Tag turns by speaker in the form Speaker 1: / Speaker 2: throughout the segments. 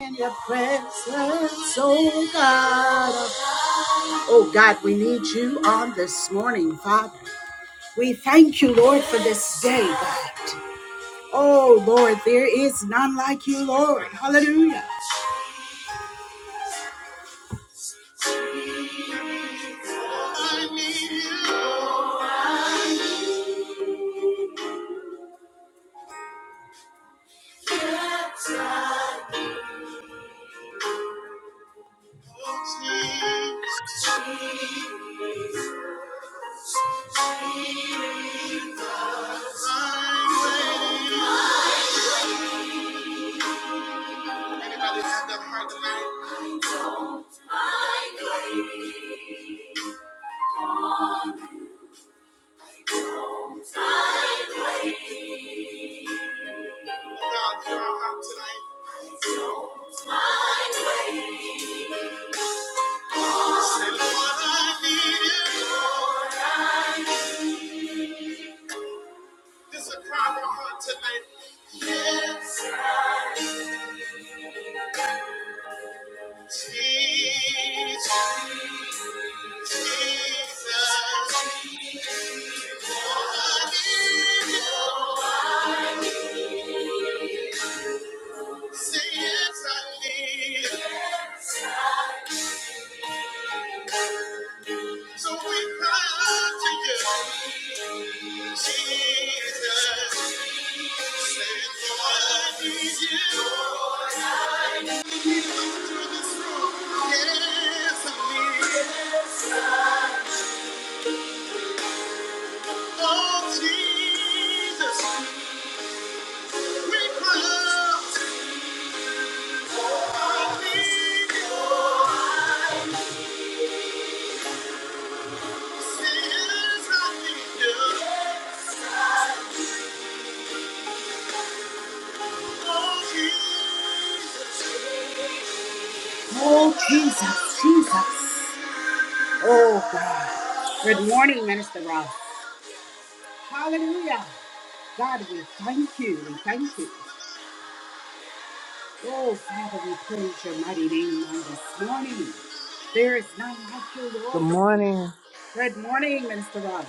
Speaker 1: in your presence, oh God. Oh God, we need you on this morning, Father. We thank you, Lord, for this day, God. Oh Lord, there is none like you, Lord. Hallelujah. Anybody have that heart tonight? Oh God, hear our heart tonight. Say, Lord, I need you. This is a cry of our heart tonight. Yes, Jesus, Jesus. Say yes, I need you. So we cry to you, Jesus. Say, Lord, I need you. Take me through this room. Yes, I need you. Oh, Jesus. We cry to you. I need you. Say yes, I need you. Oh, Jesus, Jesus. Oh, God. Good morning, Minister Ross. Hallelujah. God, we thank you. We thank you. Oh, Father, we praise your mighty name on this morning. There is none like you,
Speaker 2: Good
Speaker 1: Lord.
Speaker 2: morning.
Speaker 1: Good morning, Minister Ross.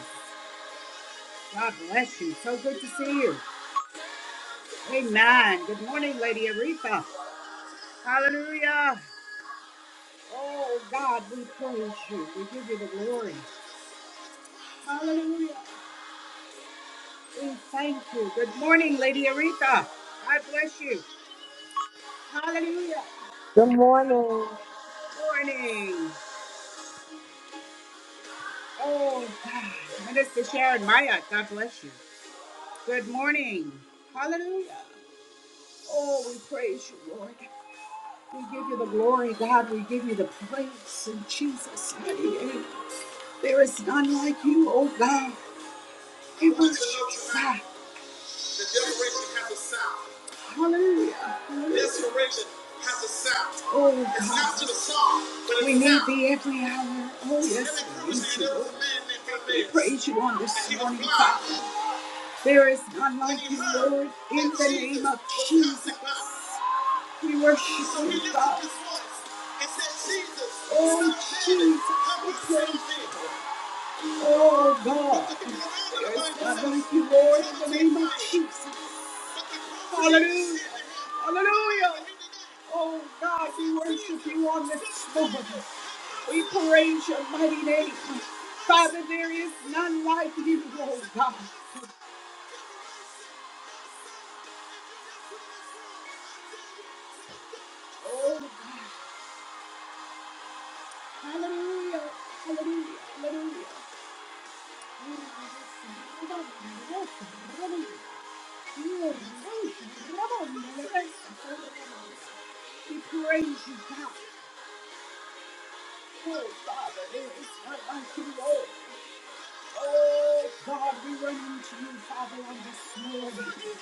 Speaker 1: God bless you. So good to see you. Amen. Good morning, Lady Aretha. Hallelujah. Oh, God, we praise you. We give you the glory. Hallelujah. We thank you. Good morning, Lady Aretha. God bless you. Hallelujah.
Speaker 3: Good morning.
Speaker 1: Good morning. Oh, God. Minister Sharon Maya, God bless you. Good morning. Hallelujah. Oh, we praise you, Lord. We give you the glory, God. We give you the praise in Jesus' mighty name. There is none like you, oh God. We worship you, God. The generation has a sound. Hallelujah. Hallelujah. This generation has a sound. Oh It's God. not God. just song, but We it's a need sound. thee every hour. Oh yes, we promise We praise you on this morning, blind. Father. There is none And like you, Lord, in the name of Jesus. We worship So you, God. Oh Jesus, we praise you. Oh God, the people there is none like you, Lord, in the name of Jesus. Hallelujah. Hallelujah. Oh God, we worship you on this morning. We praise your mighty name. Father, there is none like you, oh God. Oh God. Hallelujah. Hallelujah. Hallelujah. We praise you, God. Oh Father, there is none like you, Lord. Oh God, we run into you, Father, on this morning.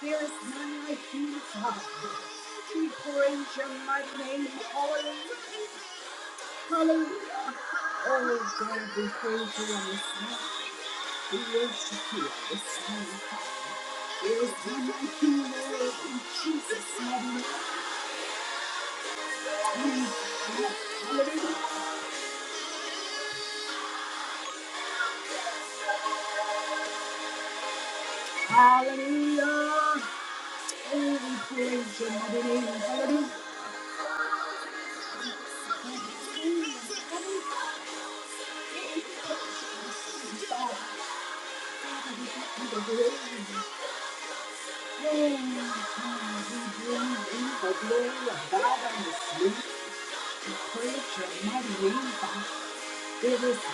Speaker 1: There is none like you, Father. We praise your mighty name. Hallelujah. Hallelujah. Oh God, we praise you on this morning. We worship you on this morning. There is none like you, Lord, in Jesus' name. We Hallelujah. Hallelujah. Oh, we praise your mighty name. Hallelujah. There is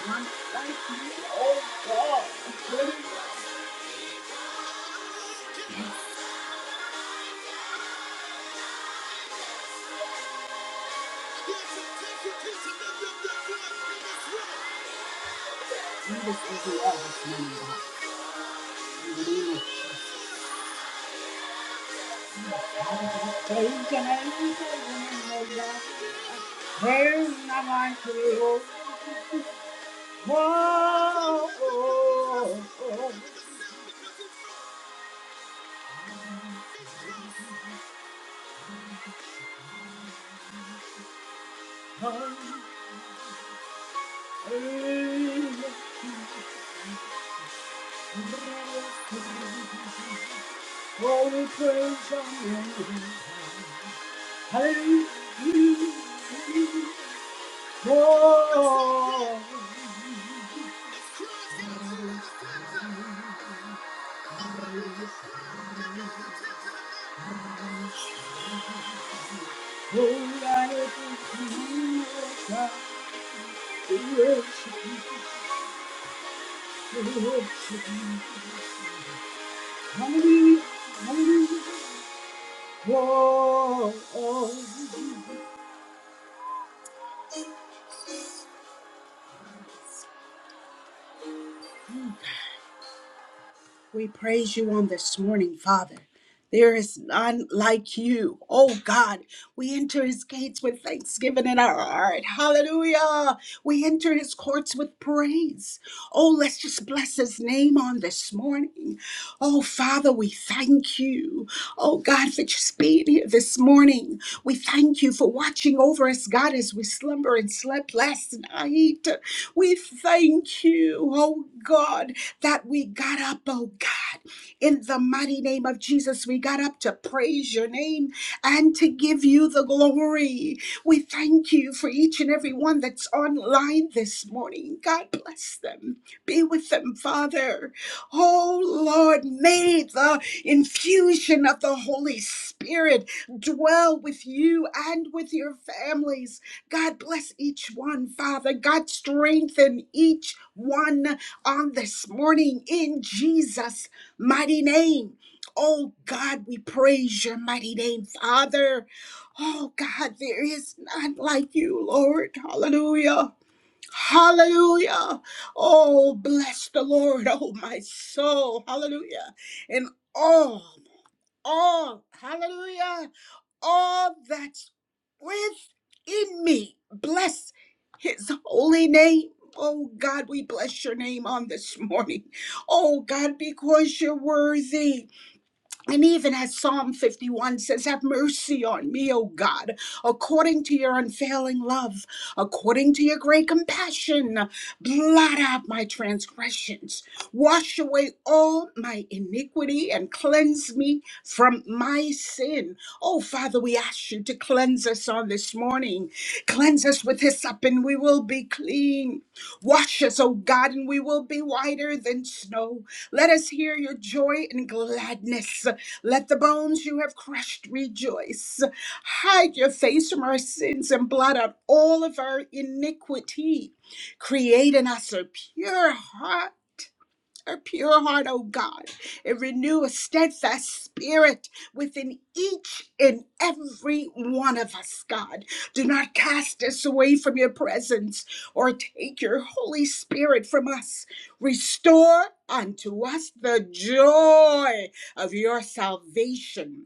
Speaker 1: one like you, oh God. Jesus is the eldest man, God. Amen. So you can have your way, Lord God. There is none like you, Lord. Whoa, oh, oh, hallelujah. Oh, we praise your name. Hallelujah. Whoa, oh, I thank you, God. We worship you, we worship you. Hallelujah, hallelujah. Whoa, oh. We praise you on this morning, Father. There is none like you. Oh God, we enter his gates with thanksgiving in our heart. Hallelujah. We enter his courts with praise. Oh, let's just bless his name on this morning. Oh, Father, we thank you. Oh, God, for just being here this morning. We thank you for watching over us, God, as we slumber and slept last night. We thank you, oh God that we got up, oh God. In the mighty name of Jesus, we got up to praise your name and to give you the glory. We thank you for each and every one that's online this morning. God bless them. Be with them, Father. Oh Lord, may the infusion of the Holy Spirit dwell with you and with your families. God bless each one, Father. God strengthen each one on this morning in Jesus' mighty name. Oh God, we praise your mighty name, Father. Oh God, there is none like you, Lord. Hallelujah. Hallelujah. Oh, bless the Lord, oh my soul. Hallelujah. And all, all, hallelujah, all that's within me. Bless his holy name. Oh God, we bless your name on this morning. Oh God, because you're worthy. And even as Psalm 51 says, Have mercy on me, O God, according to your unfailing love, according to your great compassion. Blot out my transgressions, wash away all my iniquity, and cleanse me from my sin. Oh, Father, we ask you to cleanse us on this morning. Cleanse us with hyssop, and we will be clean. Wash us, O God, and we will be whiter than snow. Let us hear your joy and gladness. Let the bones you have crushed rejoice. Hide your face from our sins and blot out all of our iniquity. Create in us a pure heart her pure heart, O God, and renew a steadfast spirit within each and every one of us, God. Do not cast us away from your presence or take your Holy Spirit from us. Restore unto us the joy of your salvation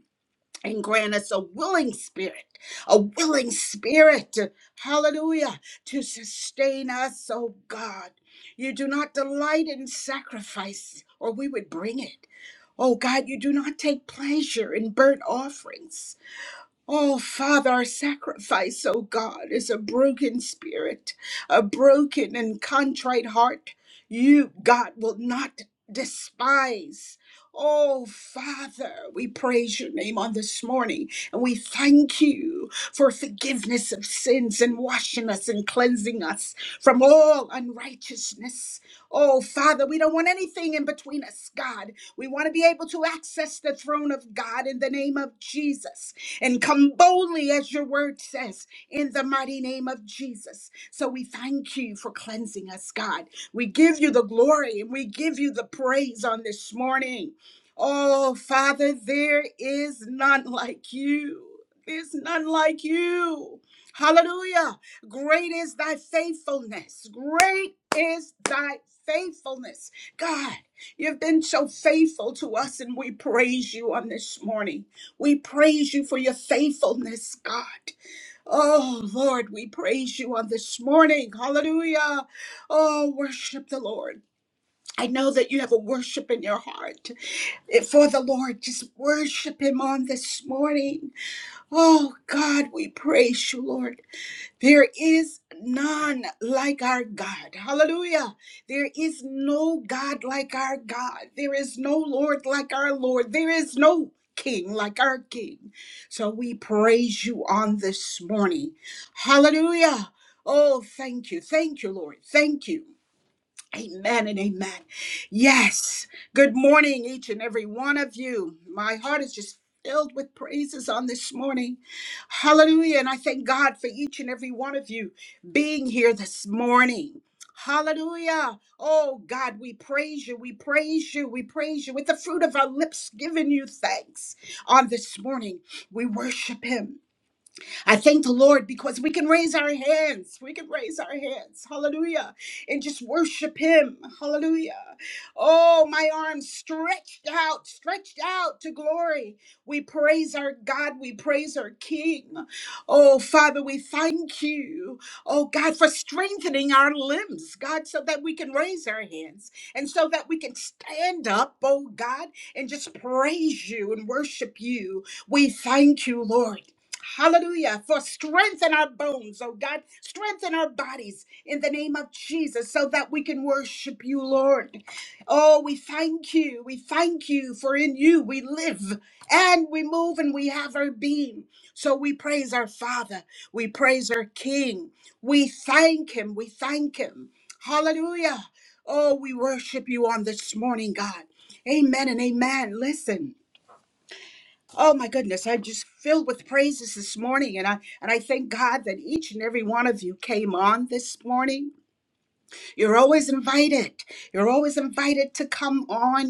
Speaker 1: and grant us a willing spirit, a willing spirit, hallelujah, to sustain us, oh God. You do not delight in sacrifice, or we would bring it. Oh God, you do not take pleasure in burnt offerings. Oh, Father, our sacrifice, oh God, is a broken spirit, a broken and contrite heart. You, God, will not despise. Oh, Father, we praise your name on this morning and we thank you for forgiveness of sins and washing us and cleansing us from all unrighteousness. Oh, Father, we don't want anything in between us, God. We want to be able to access the throne of God in the name of Jesus and come boldly as your word says in the mighty name of Jesus. So we thank you for cleansing us, God. We give you the glory and we give you the praise on this morning. Oh, Father, there is none like you. There's none like you. Hallelujah. Great is thy faithfulness. Great is thy faithfulness. God, you've been so faithful to us, and we praise you on this morning. We praise you for your faithfulness, God. Oh, Lord, we praise you on this morning. Hallelujah. Oh, worship the Lord. I know that you have a worship in your heart for the Lord. Just worship Him on this morning. Oh, God, we praise you, Lord. There is none like our God. Hallelujah. There is no God like our God. There is no Lord like our Lord. There is no King like our King. So we praise you on this morning. Hallelujah. Oh, thank you. Thank you, Lord. Thank you. Amen and amen. Yes. Good morning, each and every one of you. My heart is just filled with praises on this morning. Hallelujah. And I thank God for each and every one of you being here this morning. Hallelujah. Oh God, we praise you. We praise you. We praise you with the fruit of our lips, giving you thanks on this morning. We worship Him. I thank the Lord because we can raise our hands. We can raise our hands. Hallelujah. And just worship Him. Hallelujah. Oh, my arms stretched out, stretched out to glory. We praise our God. We praise our King. Oh, Father, we thank you. Oh, God, for strengthening our limbs, God, so that we can raise our hands and so that we can stand up, oh, God, and just praise you and worship you. We thank you, Lord. Hallelujah. For strengthen our bones, oh God. Strengthen our bodies in the name of Jesus so that we can worship you, Lord. Oh, we thank you. We thank you for in you we live and we move and we have our being. So we praise our Father. We praise our King. We thank him. We thank him. Hallelujah. Oh, we worship you on this morning, God. Amen and amen. Listen. Oh my goodness, I'm just filled with praises this morning and I and I thank God that each and every one of you came on this morning. You're always invited. You're always invited to come on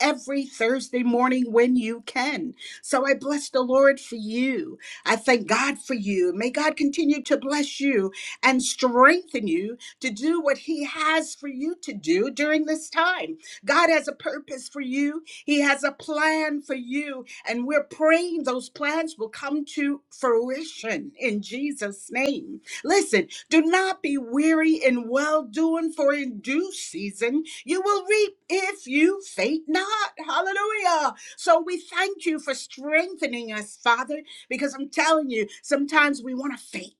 Speaker 1: every Thursday morning when you can. So I bless the Lord for you. I thank God for you. May God continue to bless you and strengthen you to do what He has for you to do during this time. God has a purpose for you, He has a plan for you, and we're praying those plans will come to fruition in Jesus' name. Listen, do not be weary in well doing, for in due season you will reap if you faint not. Hallelujah. So we thank you for strengthening us, Father, because I'm telling you, sometimes we want to faint.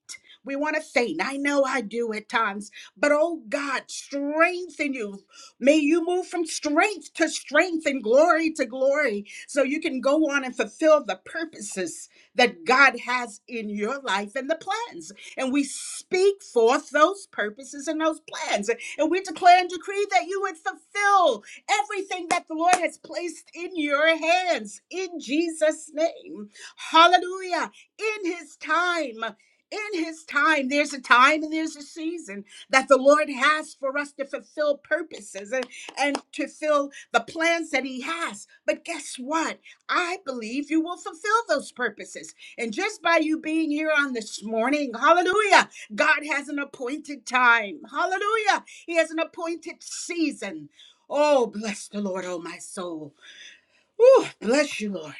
Speaker 1: We want to faint. I know I do at times, but oh God, strengthen you. May you move from strength to strength and glory to glory so you can go on and fulfill the purposes that God has in your life and the plans and we speak forth those purposes and those plans. And we declare and decree that you would fulfill everything that the Lord has placed in your hands in Jesus' name. Hallelujah. In his time. In his time, there's a time and there's a season that the Lord has for us to fulfill purposes and, and to fill the plans that he has. But guess what? I believe you will fulfill those purposes. And just by you being here on this morning, hallelujah, God has an appointed time. Hallelujah. He has an appointed season. Oh, bless the Lord, oh my soul. Ooh, bless you, Lord.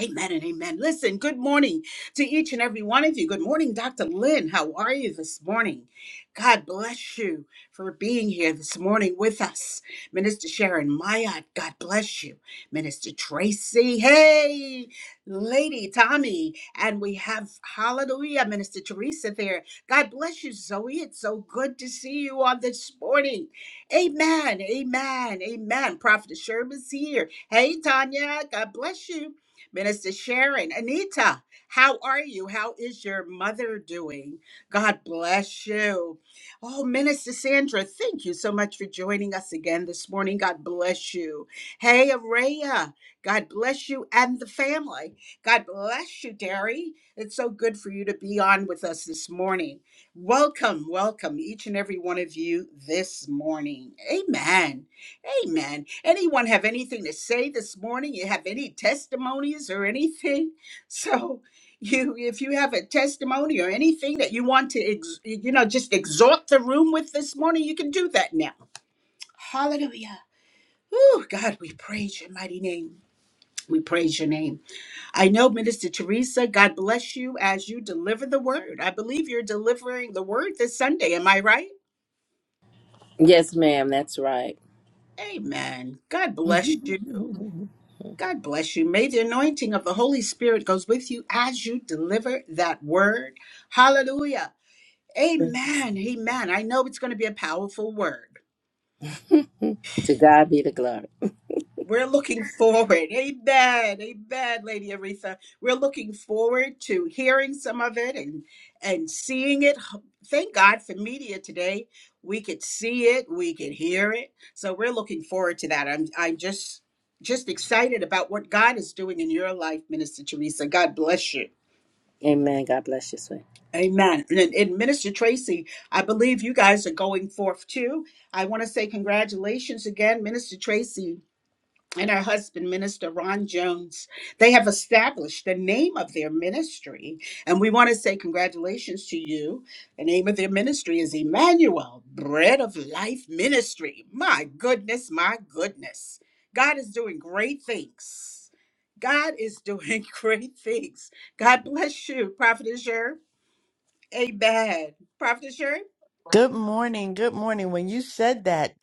Speaker 1: Amen and amen. Listen, good morning to each and every one of you. Good morning, Dr. Lynn. How are you this morning? God bless you for being here this morning with us. Minister Sharon Mayat, God bless you. Minister Tracy, hey, Lady Tommy. And we have, hallelujah, Minister Teresa there. God bless you, Zoe. It's so good to see you on this morning. Amen, amen, amen. Prophet Sherman's here. Hey, Tanya, God bless you. Minister Sharon, Anita, how are you? How is your mother doing? God bless you. Oh, Minister Sandra, thank you so much for joining us again this morning. God bless you. Hey, Araya, God bless you and the family. God bless you, Derry. It's so good for you to be on with us this morning. Welcome, welcome, each and every one of you this morning. Amen. Amen. Anyone have anything to say this morning? You have any testimonies or anything? So, you if you have a testimony or anything that you want to ex, you know just exhort the room with this morning, you can do that now. Hallelujah. Oh God, we praise your mighty name. We praise your name. I know, Minister Teresa, God bless you as you deliver the word. I believe you're delivering the word this Sunday. Am I right?
Speaker 4: Yes, ma'am. That's right.
Speaker 1: Amen. God bless you.
Speaker 4: to
Speaker 1: God bless you. May the anointing of the Holy Spirit goes with you as you deliver that word. Hallelujah. Amen. Amen. I know it's going to be a powerful word.
Speaker 4: God be the glory.
Speaker 1: We're looking forward. Amen. Amen, Lady Aretha. We're looking forward to hearing some of it and and seeing it. Thank God for media today. We could see it, we could hear it. So we're looking forward to that. I'm I'm just just excited about what God is doing in your life, Minister Teresa. God bless you.
Speaker 4: Amen. God bless you, sweet.
Speaker 1: Amen. And, then- and Minister Tracy, I believe you guys are going forth too. I want to say congratulations again, Minister Tracy and her husband, Minister Ron Jones. They have established the name of their ministry. And we want to say congratulations to you. The name of their ministry is Emmanuel, Bread of Life Ministry. My goodness, my goodness. God is doing great things. God is doing great things. God bless you, Prophet Azure. Amen. Prophet Sherry?
Speaker 5: Good morning. Good morning. When you said that,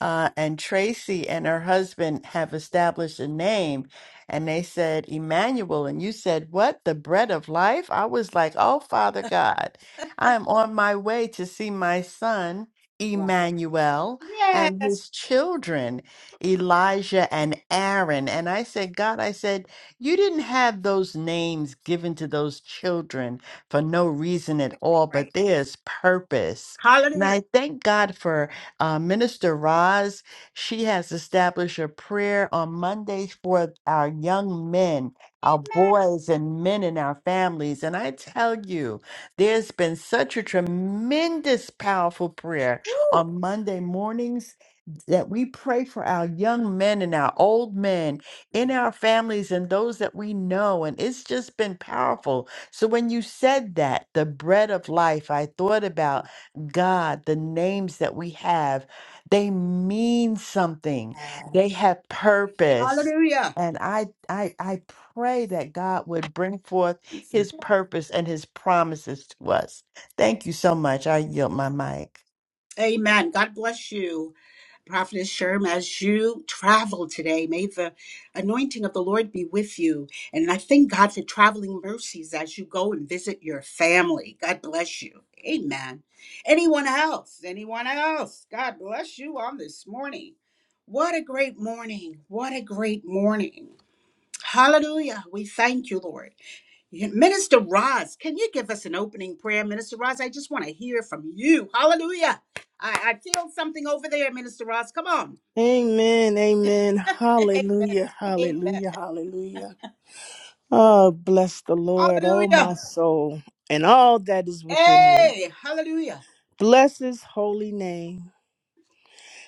Speaker 5: uh, and Tracy and her husband have established a name, and they said Emmanuel, and you said, What? The bread of life? I was like, Oh, Father God, I am on my way to see my son,
Speaker 1: Yeah.
Speaker 5: Emmanuel, and
Speaker 1: Yes.
Speaker 5: his children, Elijah and Aaron. And I said, God, I said, You didn't have those names given to those children for no reason at all,
Speaker 1: Right.
Speaker 5: but there's purpose and
Speaker 1: Hallelujah.
Speaker 5: I thank God for uh, Minister Roz. She has established a prayer on Mondays for our young men, our boys and men in our families. And I tell you, there's been such a tremendous, powerful prayer on Monday mornings that we pray for our young men and our old men in
Speaker 1: Amen.
Speaker 5: our families and those that we know. And it's just been powerful. So when you said that, the bread of life, I thought about. God, the names that we have, they mean something. They have purpose.
Speaker 1: Hallelujah.
Speaker 5: And I I I pray that God would bring forth his purpose and his promises to us. Thank you so much. I yield my mic.
Speaker 1: Amen. God bless you, Prophet Sherm, as you travel today. May the anointing of the Lord be with you. And I thank God for traveling mercies as you go and visit your family. God bless you. Amen. Anyone else? Anyone else? God bless you on this morning. What a great morning. What a great morning. Hallelujah. We thank you, Lord. Minister Roz, can you give us an opening prayer? Minister Roz, I just want to hear from you. Hallelujah. I, I feel something over there, Minister Roz. Come on.
Speaker 2: Amen, amen.
Speaker 1: Amen.
Speaker 2: Hallelujah,
Speaker 1: Amen.
Speaker 2: hallelujah, hallelujah. Oh, bless the Lord, oh my
Speaker 1: Hallelujah.
Speaker 2: soul, and all that is within me.
Speaker 1: Hey, hallelujah.
Speaker 2: Bless his holy name.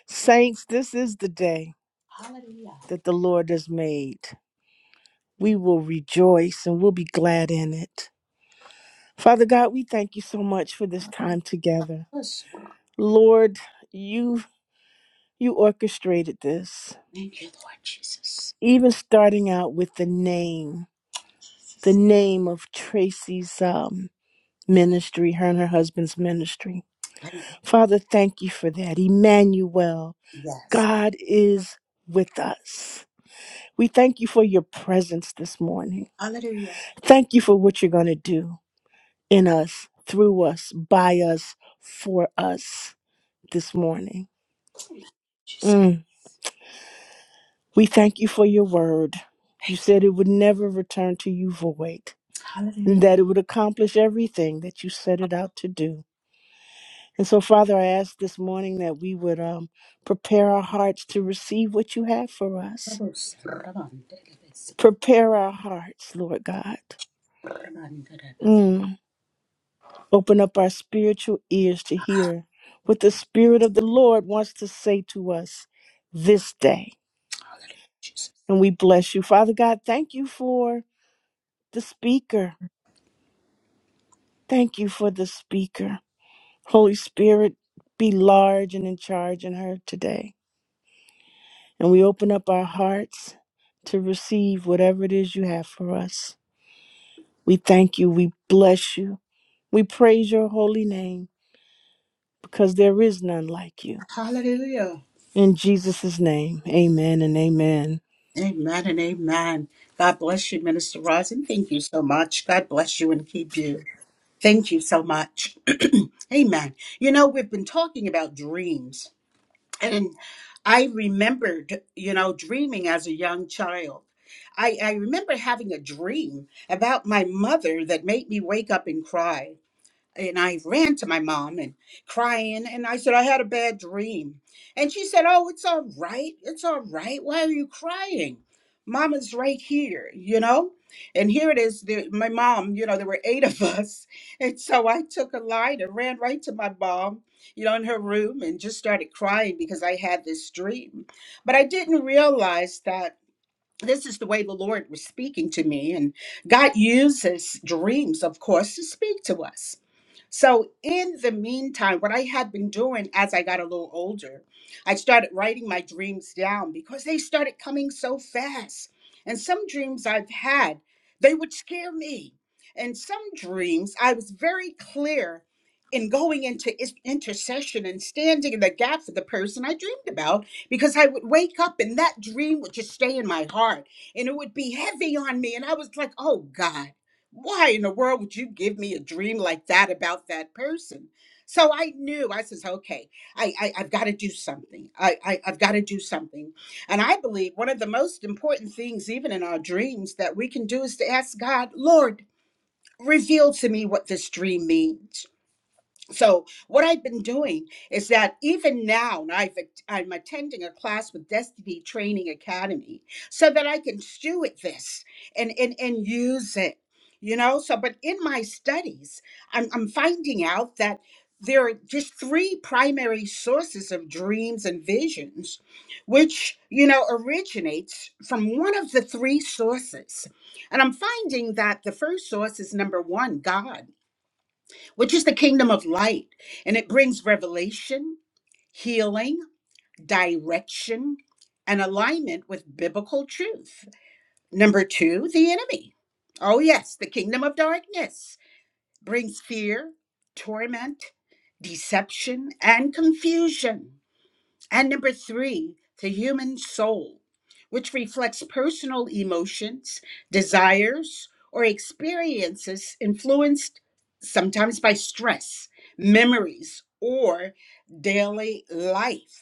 Speaker 2: Saints, this is the day
Speaker 1: Hallelujah.
Speaker 2: that the Lord has made. We will rejoice and we'll be glad in it. Father God, we thank you so much for this time together.
Speaker 1: Yes, Lord.
Speaker 2: Lord, you you orchestrated this,
Speaker 1: Thank you, Lord Jesus.
Speaker 2: even starting out with the name. the name of Tracy's um, ministry, her and her husband's ministry.
Speaker 1: Thank you.
Speaker 2: Father, thank you for that. Emmanuel,
Speaker 1: Yes.
Speaker 2: God is with us. We thank you for your presence this morning.
Speaker 1: Hallelujah.
Speaker 2: Thank you for what you're going to do in us, through us, by us, for us this morning.
Speaker 1: Jesus.
Speaker 2: Mm. We thank you for your word. You
Speaker 1: Thank you.
Speaker 2: said it would never return to you void,
Speaker 1: Hallelujah.
Speaker 2: and that it would accomplish everything that you set it out to do. And so, Father, I ask this morning that we would um, prepare our hearts to receive what you have for us. Prepare our hearts, Lord God. Mm. Open up our spiritual ears to hear what the Spirit of the Lord wants to say to us this day.
Speaker 1: Hallelujah. Jesus.
Speaker 2: And we bless you. Father God, thank you for the speaker. Thank you for the speaker. Holy Spirit, be large and in charge in her today. and we open up our hearts to receive whatever it is you have for us. We thank you. We bless you. We praise your holy name because there is none like you.
Speaker 1: Hallelujah.
Speaker 2: In Jesus' name, amen and amen.
Speaker 1: Amen and amen. God bless you, Minister Rosin. Thank you so much. God bless you and keep you. Thank you so much. amen. You know, we've been talking about dreams, and I remembered, you know, dreaming as a young child. I, I remember having a dream about my mother that made me wake up and cry. and I ran to my mom and crying and I said I had a bad dream. And she said, "Oh, it's all right. It's all right. Why are you crying? Mama's right here, you know?" And here it is, the, my mom, you know, there were 8 of us. And so I took a light and ran right to my mom, you know, in her room and just started crying because I had this dream. But I didn't realize that this is the way the Lord was speaking to me and God uses dreams, of course, to speak to us. So, in the meantime, what I had been doing as I got a little older, I started writing my dreams down because they started coming so fast. And some dreams I've had, they would scare me. And some dreams, I was very clear in going into is- intercession and standing in the gap for the person I dreamed about because I would wake up and that dream would just stay in my heart and it would be heavy on me. And I was like, oh God why in the world would you give me a dream like that about that person? So I knew I says, okay, I, I I've got to do something. I, I I've got to do something. And I believe one of the most important things, even in our dreams, that we can do is to ask God, Lord, reveal to me what this dream means so what I've been doing is that even now, and I've I'm attending a class with Destiny Training Academy, so that I can steward this and and and use it, you know. So, but in my studies, I'm I'm finding out that there are just three primary sources of dreams and visions, which you know originates from one of the three sources, and I'm finding that the first source is number one, God which is the kingdom of light. And it brings revelation, healing, direction, and alignment with biblical truth. Number two, the enemy. Oh, yes, the kingdom of darkness brings fear, torment, deception, and confusion. And number three, the human soul, which reflects personal emotions, desires, or experiences influenced sometimes by stress, memories, or daily life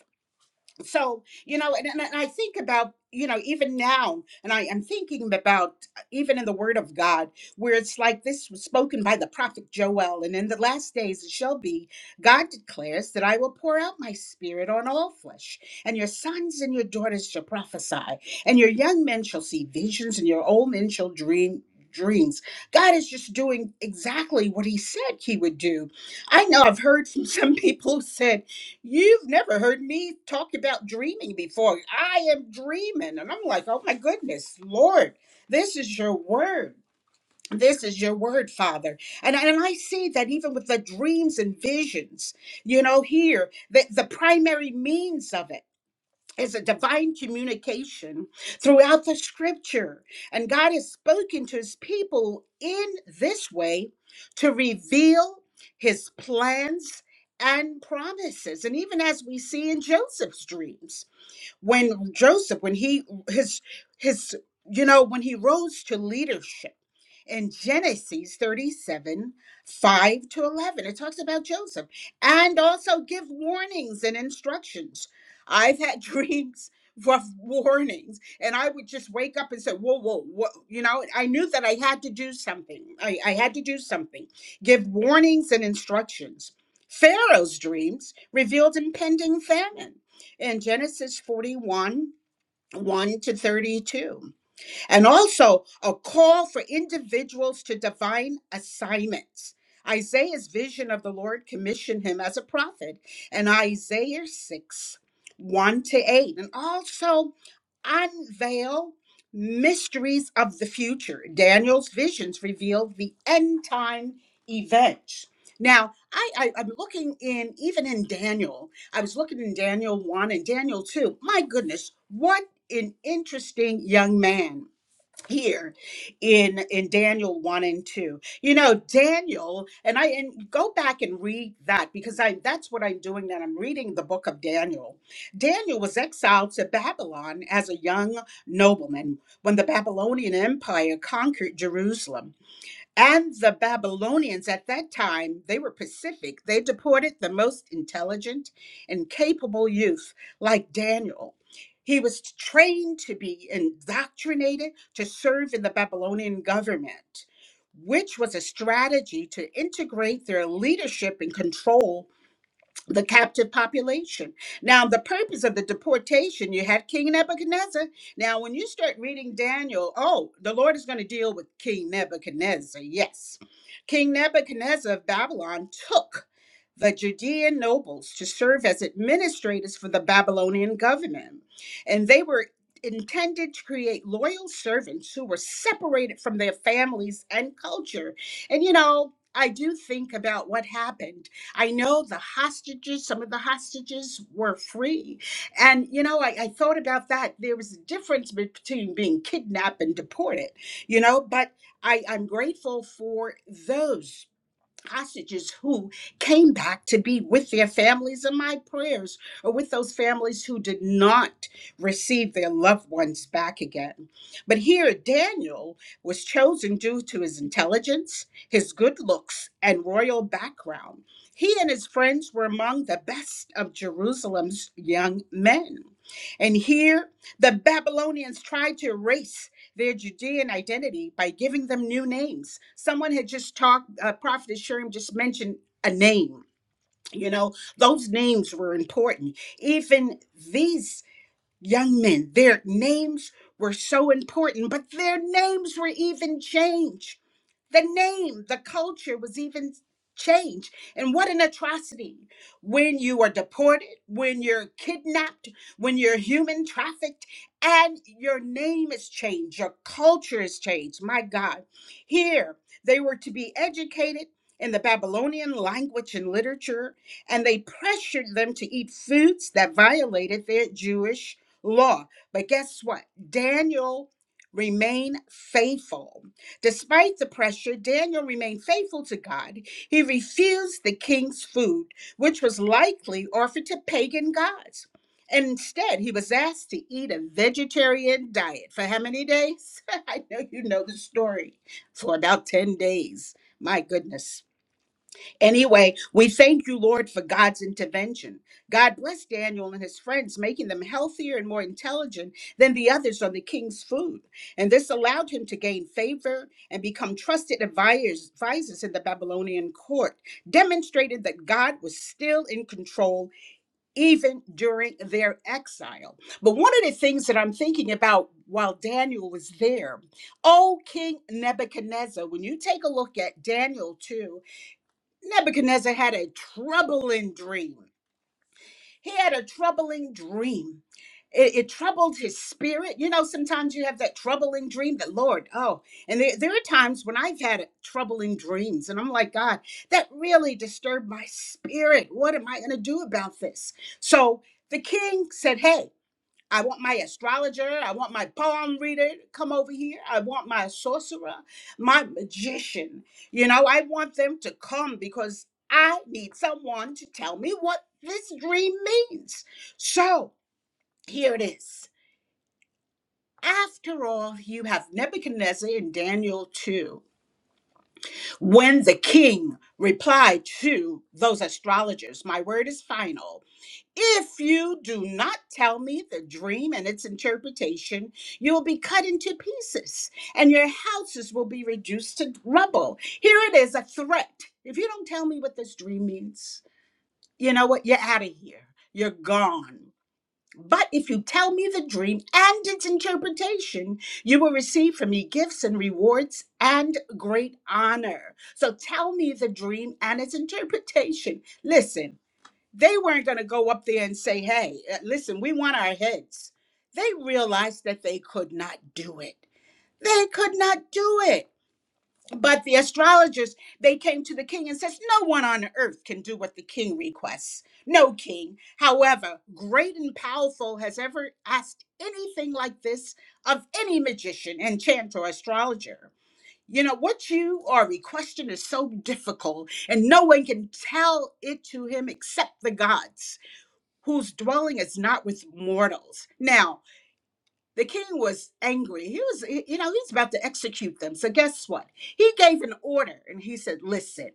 Speaker 1: so you know and, and i think about you know even now and i am thinking about uh, even in the word of god where it's like this was spoken by the prophet joel and in the last days it shall be god declares that i will pour out my spirit on all flesh and your sons and your daughters shall prophesy and your young men shall see visions and your old men shall dream dreams god is just doing exactly what he said he would do i know i've heard from some people who said You've never heard me talk about dreaming before. I am dreaming. And I'm like, oh my goodness, Lord, this is your word. This is your word, Father. And, and I see that even with the dreams and visions, you know, here, the, the primary means of it is a divine communication throughout the scripture. And God has spoken to his people in this way to reveal his plans and promises. And even as we see in Joseph's dreams. When Joseph, when he his his you know, when he rose to leadership in Genesis 37, 5 to 11, it talks about Joseph and also give warnings and instructions. I've had dreams rough warnings and i would just wake up and say whoa whoa whoa you know i knew that i had to do something I, I had to do something give warnings and instructions pharaoh's dreams revealed impending famine in Genesis 41 1 to 32, and also a call for individuals to divine assignments. Isaiah's vision of the Lord commissioned him as a prophet, and Isaiah 6 1 to 8, and also unveil mysteries of the future. Daniel's visions reveal the end time events. Now, I, I, I'm looking in, even in Daniel, I was looking in Daniel 1 and Daniel 2. My goodness, what an interesting young man here in in Daniel 1 and 2. You know, Daniel and I and go back and read that because I that's what I'm doing that I'm reading the book of Daniel. Daniel was exiled to Babylon as a young nobleman when the Babylonian empire conquered Jerusalem. And the Babylonians at that time, they were Pacific. They deported the most intelligent and capable youth like Daniel. He was trained to be indoctrinated to serve in the Babylonian government, which was a strategy to integrate their leadership and control the captive population. Now, the purpose of the deportation, you had King Nebuchadnezzar. Now, when you start reading Daniel, oh, the Lord is going to deal with King Nebuchadnezzar. Yes. King Nebuchadnezzar of Babylon took the Judean nobles to serve as administrators for the Babylonian government. And they were intended to create loyal servants who were separated from their families and culture. And, you know, I do think about what happened I know the hostages, some of the hostages were free. And, you know, I, I thought about that. There was a difference between being kidnapped and deported, you know, but I, I'm grateful for those hostages who came back to be with their families in my prayers, or with those families who did not receive their loved ones back again. But here, Daniel was chosen due to his intelligence, his good looks, and royal background. He and his friends were among the best of Jerusalem's young men. And here, the Babylonians tried to erase their Judean identity by giving them new names. Someone had just talked, uh, Prophet Sherm just mentioned a name. You know, those names were important. Even these young men, their names were so important, but their names were even changed the name, the culture was even changed. And what an atrocity when you are deported, when you're kidnapped, when you're human trafficked, and your name is changed, your culture is changed. My God. Here, they were to be educated in the Babylonian language and literature, and they pressured them to eat foods that violated their Jewish law. But guess what? Daniel remained faithful Despite the pressure, Daniel remained faithful to God. He refused the king's food, which was likely offered to pagan gods. And instead, he was asked to eat a vegetarian diet for how many days? I know you know the story. For about 10 days. My goodness. Anyway, we thank you, Lord, for God's intervention. God bless Daniel and his friends, making them healthier and more intelligent than the others on the king's food. And this allowed him to gain favor and become trusted advisors, advisors in the Babylonian court, demonstrating that God was still in control even during their exile. But one of the things that I'm thinking about while Daniel was there, oh, King Nebuchadnezzar, when you take a look at Daniel 2 Nebuchadnezzar had a troubling dream. He had a troubling dream. It, it troubled his spirit. You know, sometimes you have that troubling dream that, Lord, oh, and there, there are times when I've had troubling dreams, and I'm like, God, that really disturbed my spirit. What am I going to do about this? So the king said, Hey, I want my astrologer. I want my palm reader to come over here. I want my sorcerer, my magician. You know, I want them to come because I need someone to tell me what this dream means. So here it is. After all, you have Nebuchadnezzar in Daniel 2. When the king replied to those astrologers, My word is final. If you do not tell me the dream and its interpretation, you will be cut into pieces and your houses will be reduced to rubble. Here it is a threat. If you don't tell me what this dream means, you know what? You're out of here. You're gone. But if you tell me the dream and its interpretation, you will receive from me gifts and rewards and great honor. So tell me the dream and its interpretation. Listen they weren't going to go up there and say, hey, uh, listen, we want our heads. They realized that they could not do it. They could not do it. But the astrologers, they came to the king and says, no one on earth can do what the king requests. No king. However, great and powerful has ever asked anything like this of any magician, enchanter, or astrologer. You know, what you are requesting is so difficult, and no one can tell it to him except the gods whose dwelling is not with mortals. Now, the king was angry. He was, you know, he's about to execute them. So, guess what? He gave an order and he said, Listen,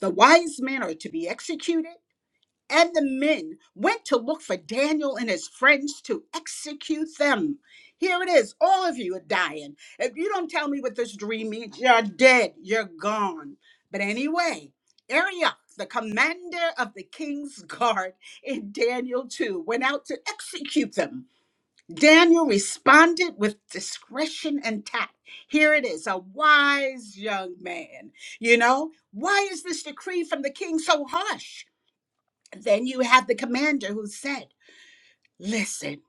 Speaker 1: the wise men are to be executed and the men went to look for Daniel and his friends to execute them. Here it is. All of you are dying. If you don't tell me what this dream means, you're dead. You're gone. But anyway, Arioch, the commander of the king's guard in Daniel 2, went out to execute them. Daniel responded with discretion and tact. Here it is, a wise young man. You know, why is this decree from the king so harsh? then you have the commander who said, Listen,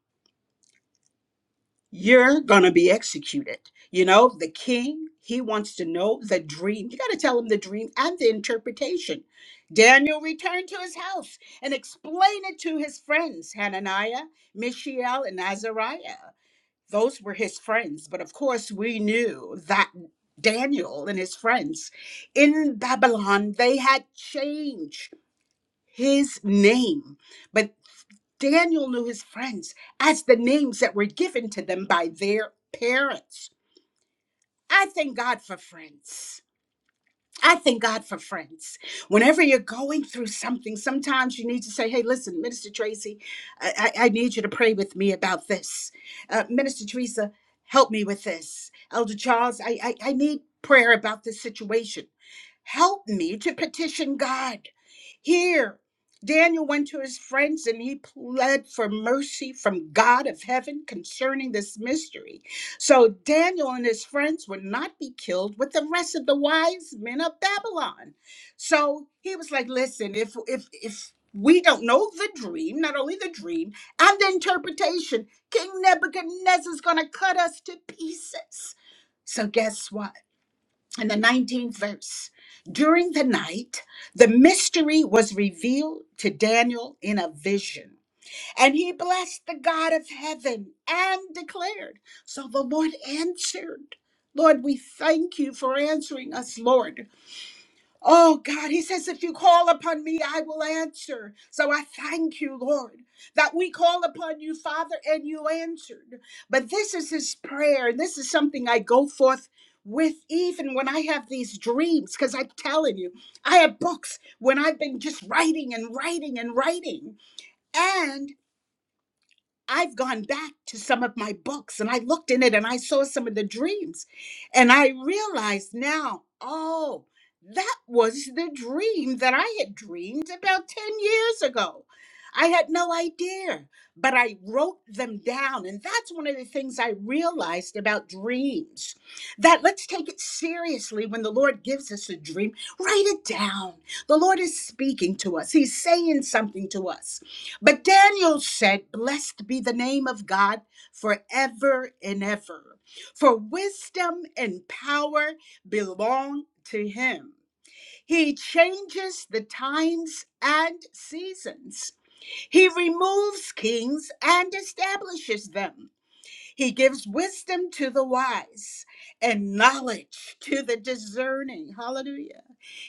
Speaker 1: you're going to be executed. You know, the king, he wants to know the dream. You got to tell him the dream and the interpretation. Daniel returned to his house and explained it to his friends, Hananiah, Mishael, and Azariah. Those were his friends. But of course, we knew that Daniel and his friends in Babylon, they had changed his name. but. Daniel knew his friends as the names that were given to them by their parents. I thank God for friends. I thank God for friends. Whenever you're going through something, sometimes you need to say, Hey, listen, Minister Tracy, I, I, I need you to pray with me about this. Uh, Minister Teresa, help me with this. Elder Charles, I, I, I need prayer about this situation. Help me to petition God. Here, Daniel went to his friends and he pled for mercy from God of heaven concerning this mystery so Daniel and his friends would not be killed with the rest of the wise men of Babylon. So he was like, listen, if if if we don't know the dream, not only the dream and the interpretation, King Nebuchadnezzar's gonna cut us to pieces. So guess what? In the 19th verse, during the night, the mystery was revealed to Daniel in a vision. And he blessed the God of heaven and declared. So the Lord answered. Lord, we thank you for answering us, Lord. Oh God, he says, if you call upon me, I will answer. So I thank you, Lord, that we call upon you, Father, and you answered. But this is his prayer, and this is something I go forth with even when I have these dreams, because I'm telling you, I have books when I've been just writing and writing and writing. and." I've gone back to some of my books and I looked in it and I saw some of the dreams. And I realized now, oh, that was the dream that I had dreamed about 10 years ago. I had no idea, but I wrote them down. And that's one of the things I realized about dreams that let's take it seriously when the Lord gives us a dream, write it down. The Lord is speaking to us, He's saying something to us. But Daniel said, Blessed be the name of God forever and ever, for wisdom and power belong to him. He changes the times and seasons. He removes kings and establishes them. He gives wisdom to the wise and knowledge to the discerning. Hallelujah.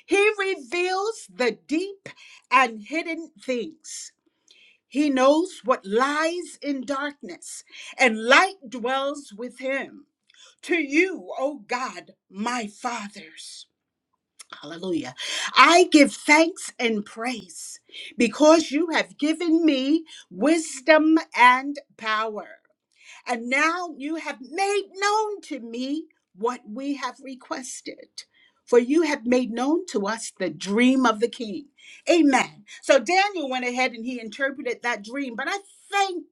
Speaker 1: He reveals the deep and hidden things. He knows what lies in darkness, and light dwells with him. To you, O God, my fathers. Hallelujah. I give thanks and praise because you have given me wisdom and power. And now you have made known to me what we have requested. For you have made known to us the dream of the king. Amen. So Daniel went ahead and he interpreted that dream. But I thank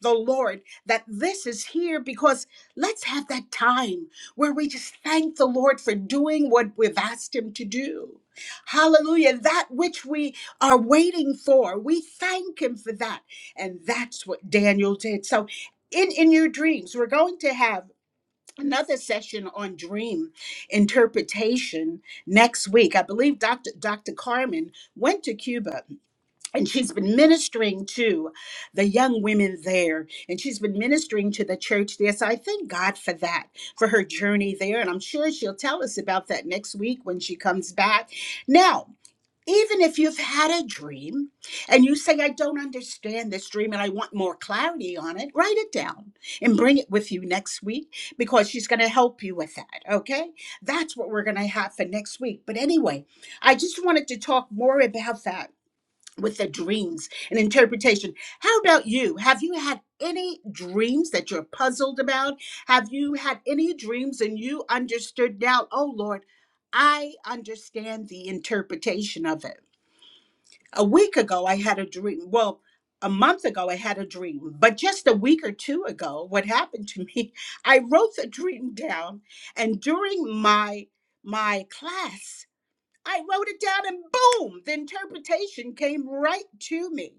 Speaker 1: the Lord that this is here because let's have that time where we just thank the Lord for doing what we've asked him to do. Hallelujah. That which we are waiting for, we thank him for that. And that's what Daniel did. So in in your dreams we're going to have another session on dream interpretation next week i believe dr dr carmen went to cuba and she's been ministering to the young women there and she's been ministering to the church there so i thank god for that for her journey there and i'm sure she'll tell us about that next week when she comes back now even if you've had a dream and you say, I don't understand this dream and I want more clarity on it, write it down and bring it with you next week because she's going to help you with that. Okay. That's what we're going to have for next week. But anyway, I just wanted to talk more about that with the dreams and interpretation. How about you? Have you had any dreams that you're puzzled about? Have you had any dreams and you understood now, oh Lord, I understand the interpretation of it? a week ago i had a dream well a month ago i had a dream but just a week or two ago what happened to me i wrote the dream down and during my my class I wrote it down and boom, the interpretation came right to me.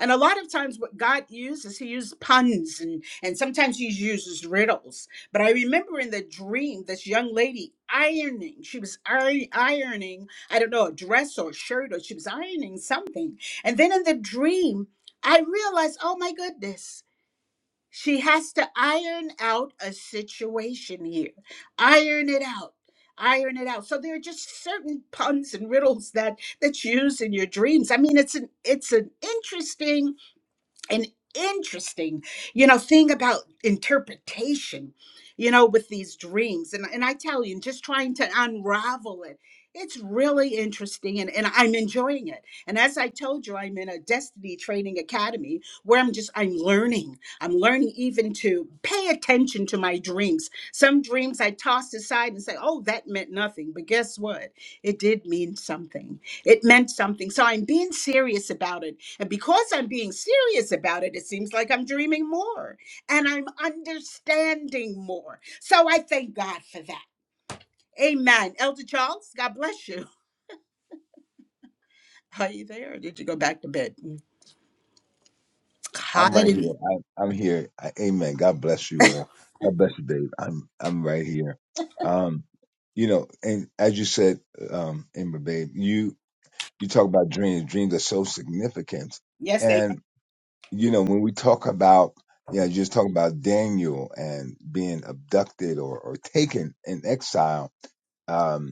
Speaker 1: And a lot of times, what God uses, He uses puns and, and sometimes He uses riddles. But I remember in the dream, this young lady ironing. She was iron, ironing, I don't know, a dress or a shirt, or she was ironing something. And then in the dream, I realized, oh my goodness, she has to iron out a situation here. Iron it out. Iron it out. So there are just certain puns and riddles that that's used in your dreams. I mean, it's an it's an interesting an interesting you know thing about interpretation you know with these dreams and, and i tell you just trying to unravel it it's really interesting and, and i'm enjoying it and as i told you i'm in a destiny training academy where i'm just i'm learning i'm learning even to pay attention to my dreams some dreams i tossed aside and say oh that meant nothing but guess what it did mean something it meant something so i'm being serious about it and because I'm being serious about it, it seems like I'm dreaming more and I'm understanding more. So I thank God for that. Amen. Elder Charles, God bless you. Are you there or did you go back to bed? Mm.
Speaker 6: I'm right here.
Speaker 1: Hallelujah.
Speaker 6: I, I'm here. I, amen. God bless you all. God bless you, Dave. I'm I'm right here. Um, you know, and as you said, um, Amber, babe, you you talk about dreams. Dreams are so significant,
Speaker 1: Yes, they are.
Speaker 6: and you know when we talk about yeah, you know, just talking about Daniel and being abducted or or taken in exile. Um,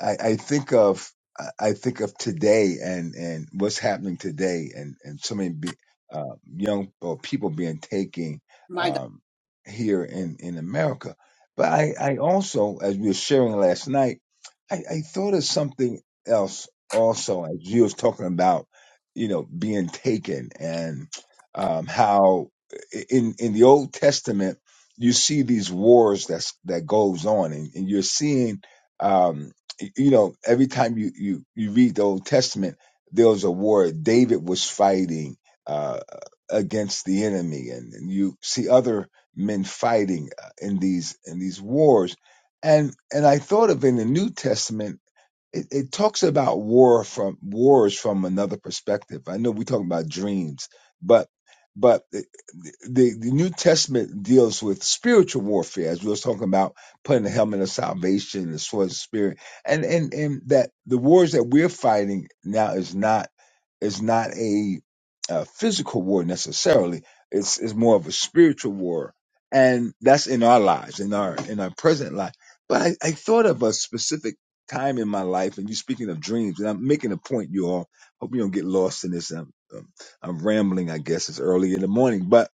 Speaker 6: I, I think of I think of today and and what's happening today and and so many be, uh, young or people being taken
Speaker 1: My God.
Speaker 6: um, here in in America. But I I also as we were sharing last night, I, I thought of something else also as you was talking about you know being taken and um, how in in the Old Testament you see these wars that's that goes on and, and you're seeing. um, y- you know, every time you you you read the Old Testament, there was a war. David was fighting uh, against the enemy, and, and you see other men fighting uh, in these in these wars. And and I thought of in the New Testament it, it talks about war from wars from another perspective. I know we're talking about dreams, but but the, the, the New Testament deals with spiritual warfare, as we was talking about putting the helmet of salvation, and the sword of the spirit, and and and that the wars that we're fighting now is not is not a, uh physical war necessarily. It's it's more of a spiritual war, and that's in our lives, in our in our present life. But I, I thought of a specific time in my life, and you are speaking of dreams, and I'm making a point, you all. Hope you don't get lost in this. I'm, um, I'm rambling, I guess. It's early in the morning, but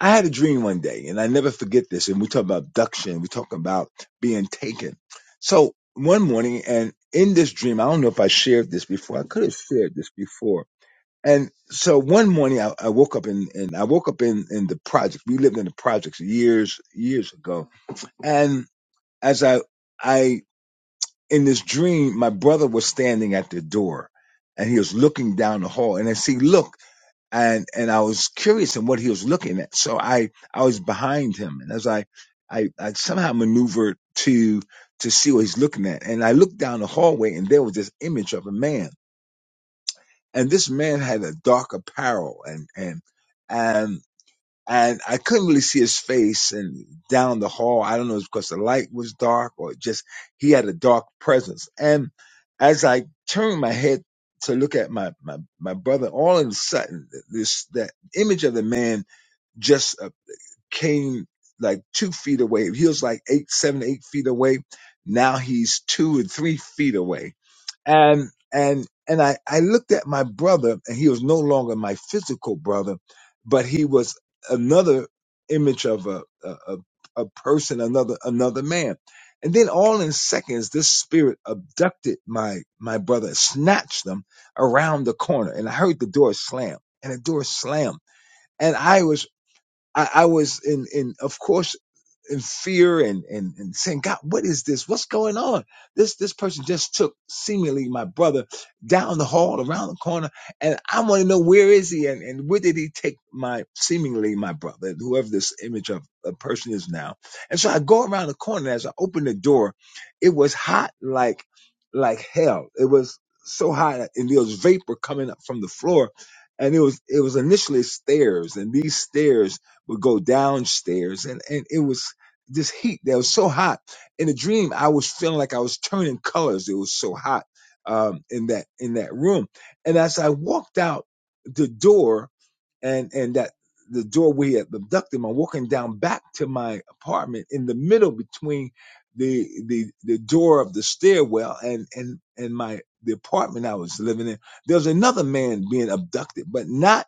Speaker 6: I had a dream one day, and I never forget this. And we talk about abduction, we talk about being taken. So one morning, and in this dream, I don't know if I shared this before. I could have shared this before. And so one morning, I, I woke up in, and I woke up in in the project. We lived in the projects years years ago, and as I I in this dream, my brother was standing at the door and he was looking down the hall and I see, look, and, and I was curious in what he was looking at. So I, I was behind him and as I, I, I somehow maneuvered to, to see what he's looking at. And I looked down the hallway and there was this image of a man and this man had a dark apparel and, and, and and I couldn't really see his face and down the hall. I don't know if it's because the light was dark or just he had a dark presence. And as I turned my head to look at my, my, my brother, all of a sudden this that image of the man just uh, came like two feet away. He was like eight, seven, eight feet away. Now he's two and three feet away. And and and I, I looked at my brother, and he was no longer my physical brother, but he was another image of a a, a a person, another another man. And then all in seconds, this spirit abducted my my brother, snatched them around the corner, and I heard the door slam, and the door slam, and I was I, I was in, in, of course, in fear and, and and saying, God, what is this? What's going on? This this person just took seemingly my brother down the hall, around the corner, and I want to know where is he and, and where did he take my seemingly my brother, whoever this image of a person is now. And so I go around the corner. and As I open the door, it was hot like like hell. It was so hot, and there was vapor coming up from the floor. And it was it was initially stairs, and these stairs would go downstairs and, and it was this heat that was so hot. In the dream, I was feeling like I was turning colors. It was so hot um, in that in that room. And as I walked out the door, and and that the door where he had abducted him, I'm walking down back to my apartment in the middle between the the the door of the stairwell and and and my the apartment I was living in. There was another man being abducted, but not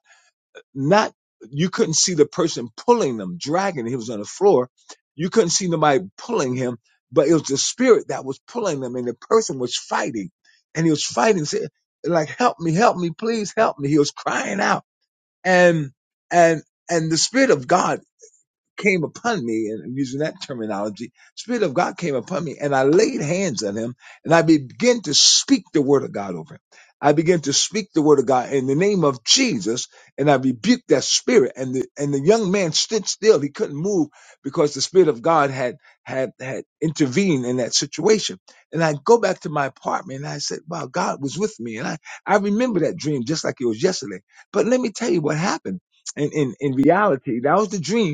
Speaker 6: not you couldn't see the person pulling them, dragging. him. He was on the floor. You couldn't see nobody pulling him, but it was the spirit that was pulling them, and the person was fighting, and he was fighting, saying, like, "Help me, help me, please help me." He was crying out, and and and the spirit of God came upon me, and I'm using that terminology, Spirit of God came upon me, and I laid hands on him, and I began to speak the word of God over him. I began to speak the word of God in the name of Jesus, and I rebuked that spirit. And the and the young man stood still; he couldn't move because the spirit of God had had had intervened in that situation. And I go back to my apartment, and I said, "Wow, God was with me." And I I remember that dream just like it was yesterday. But let me tell you what happened. In in, in reality, that was the dream.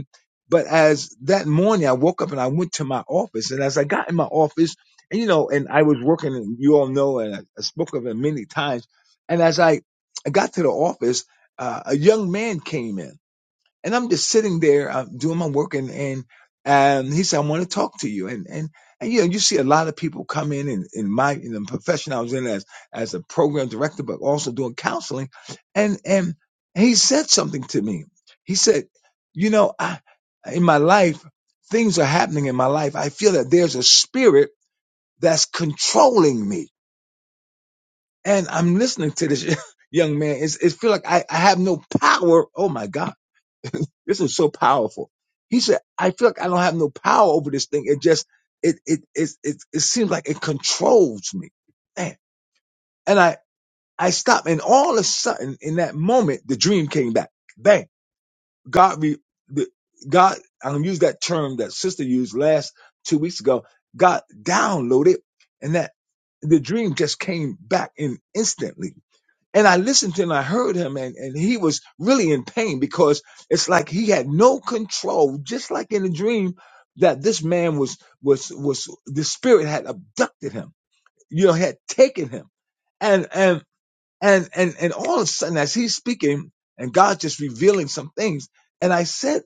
Speaker 6: But as that morning, I woke up and I went to my office. And as I got in my office, and you know, and I was working, and you all know, and I, I spoke of it many times. And as I, I got to the office, uh, a young man came in and I'm just sitting there uh, doing my work, and and um, he said, "I want to talk to you." And and and you know, you see a lot of people come in in, in my in the profession I was in as as a program director, but also doing counseling. And and he said something to me. He said, "You know, I in my life, things are happening in my life. I feel that there's a spirit that's controlling me." And I'm listening to this young man. It's, it feel like I, I have no power. Oh my God This was so powerful. He said, I feel like I don't have no power over this thing. It just, it, it, it, it, it seems like it controls me. Man. And I, I stopped and all of a sudden in that moment, the dream came back. Bang. God, re, the, God, I'm going to use that term that sister used last two weeks ago. God downloaded and that the dream just came back in instantly and I listened to him, I heard him, and, and he was really in pain because it's like he had no control, just like in a dream that this man was, was, was, the spirit had abducted him, you know, had taken him. and and. And and and all of a sudden, as he's speaking, and God's just revealing some things. And I said,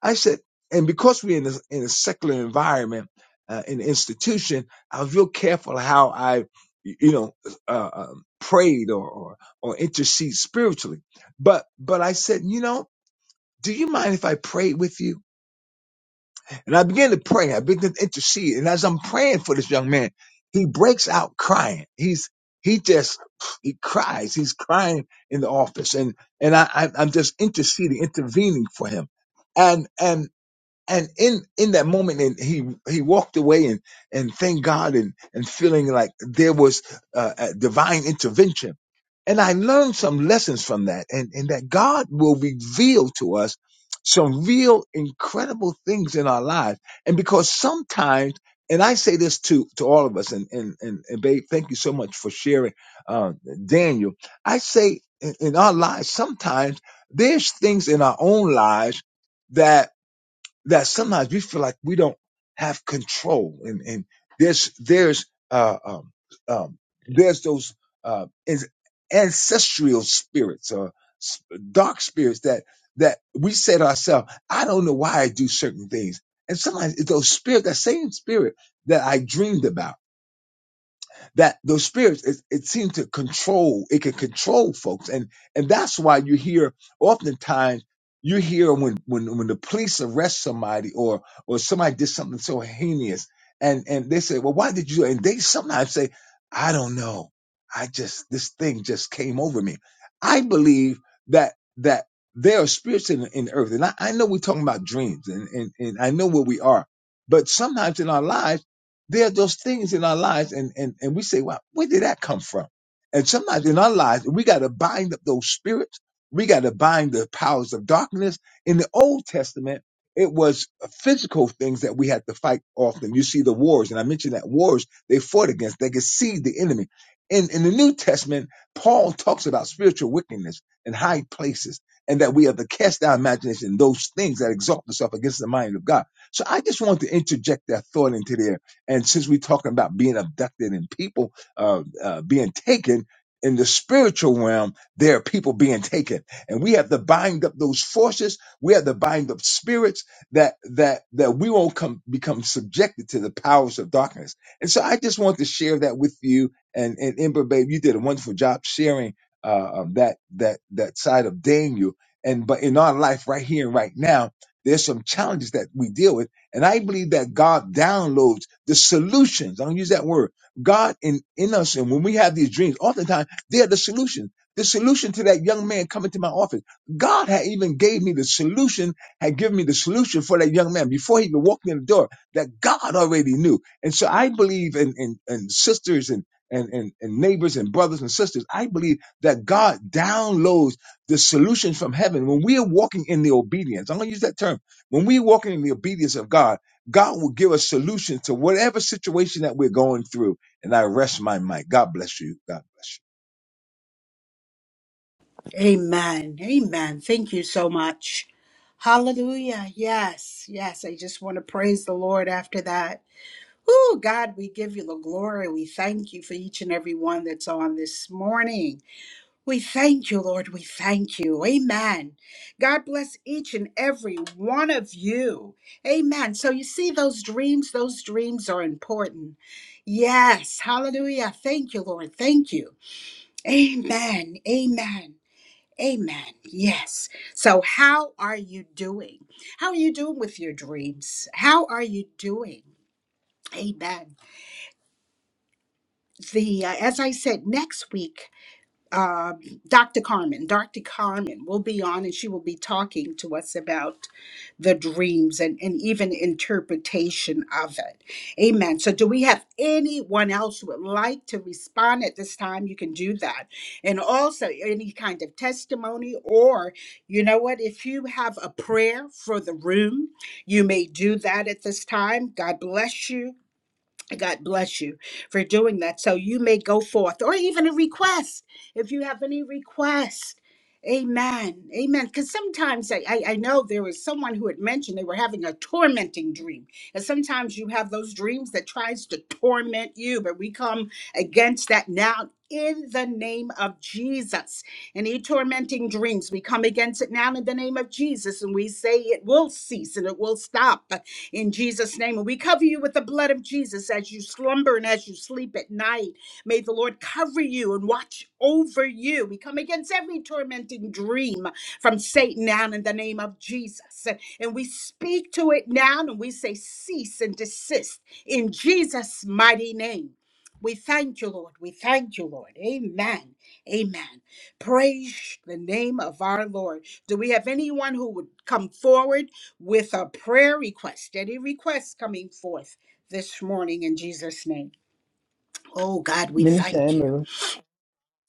Speaker 6: I said, and because we're in a, in a secular environment, uh, in an institution, I was real careful how I, you know, uh, um, prayed or, or or intercede spiritually. But but I said, you know, do you mind if I pray with you? And I began to pray. I began to intercede. And as I'm praying for this young man, he breaks out crying. He's he just he cries. He's crying in the office, and and I, I I'm just interceding, intervening for him. And and and in in that moment and he he walked away and and thank god and and feeling like there was uh, a divine intervention and i learned some lessons from that and and that god will reveal to us some real incredible things in our lives and because sometimes and I say this to, to all of us, and, and, and, and babe, thank you so much for sharing, uh, Daniel. I say in, in our lives, sometimes there's things in our own lives that that sometimes we feel like we don't have control and, and there's there's uh, um, um, there's those uh, an- ancestral spirits or s- dark spirits that that we say to ourselves i don't know why i do certain things and sometimes it's those spirit that same spirit that i dreamed about that those spirits it, it seems to control it can control folks and and that's why you hear oftentimes you hear when when when the police arrest somebody or or somebody did something so heinous and and they say well why did you and they sometimes say i don't know i just this thing just came over me i believe that that there are spirits in, in the earth and I, I know we're talking about dreams and, and and i know where we are but sometimes in our lives there are those things in our lives, and and and we say, "Wow, where did that come from?" And sometimes in our lives, we got to bind up those spirits. We got to bind the powers of darkness. In the Old Testament, it was physical things that we had to fight often. You see the wars, and I mentioned that wars they fought against. They could see the enemy. In in the New Testament, Paul talks about spiritual wickedness in high places, and that we have to cast our imagination those things that exalt themselves against the mind of God. So I just want to interject that thought into there and since we're talking about being abducted and people uh, uh, being taken in the spiritual realm, there are people being taken, and we have to bind up those forces. We have to bind up spirits that that that we won't come become subjected to the powers of darkness. And so, I just want to share that with you. And and Ember, babe, you did a wonderful job sharing uh, um, that that that side of Daniel. And but in our life, right here and right now, there's some challenges that we deal with and I believe that God downloads the solutions. I don't use that word. God in, in us, and when we have these dreams, oftentimes they are the solution. The solution to that young man coming to my office. God had even gave me the solution, had given me the solution for that young man before he even walked in the door that God already knew. And so I believe in, in, in sisters and, and, and, and neighbors and brothers and sisters. I believe that God downloads the solution from heaven when we are walking in the obedience. I'm going to use that term when we walk in the obedience of God, God will give us solutions to whatever situation that we're going through. And I rest my mind. God bless you. God bless
Speaker 1: Amen. Amen. Thank you so much. Hallelujah. Yes. Yes. I just want to praise the Lord after that. Oh, God, we give you the glory. We thank you for each and every one that's on this morning. We thank you, Lord. We thank you. Amen. God bless each and every one of you. Amen. So you see those dreams, those dreams are important. Yes. Hallelujah. Thank you, Lord. Thank you. Amen. Amen. Amen. Yes. So how are you doing? How are you doing with your dreams? How are you doing? Amen. The uh, as I said next week uh, Dr. Carmen. Dr. Carmen will be on and she will be talking to us about the dreams and, and even interpretation of it. Amen. So, do we have anyone else who would like to respond at this time? You can do that. And also, any kind of testimony, or you know what, if you have a prayer for the room, you may do that at this time. God bless you. God bless you for doing that. So you may go forth, or even a request if you have any request. Amen. Amen. Because sometimes I, I, I know there was someone who had mentioned they were having a tormenting dream. And sometimes you have those dreams that tries to torment you, but we come against that now in the name of Jesus. Any tormenting dreams, we come against it now in the name of Jesus. And we say it will cease and it will stop in Jesus' name. And we cover you with the blood of Jesus as you slumber and as you sleep at night. May the Lord cover you and watch over you. We come against every tormenting dream from Satan now in the name of Jesus. And we speak to it now and we say, cease and desist in Jesus' mighty name. We thank you, Lord. We thank you, Lord. Amen. Amen. Praise the name of our Lord. Do we have anyone who would come forward with a prayer request? Any requests coming forth this morning in Jesus' name? Oh, God, we
Speaker 7: Minister
Speaker 1: thank you.
Speaker 7: Emmer,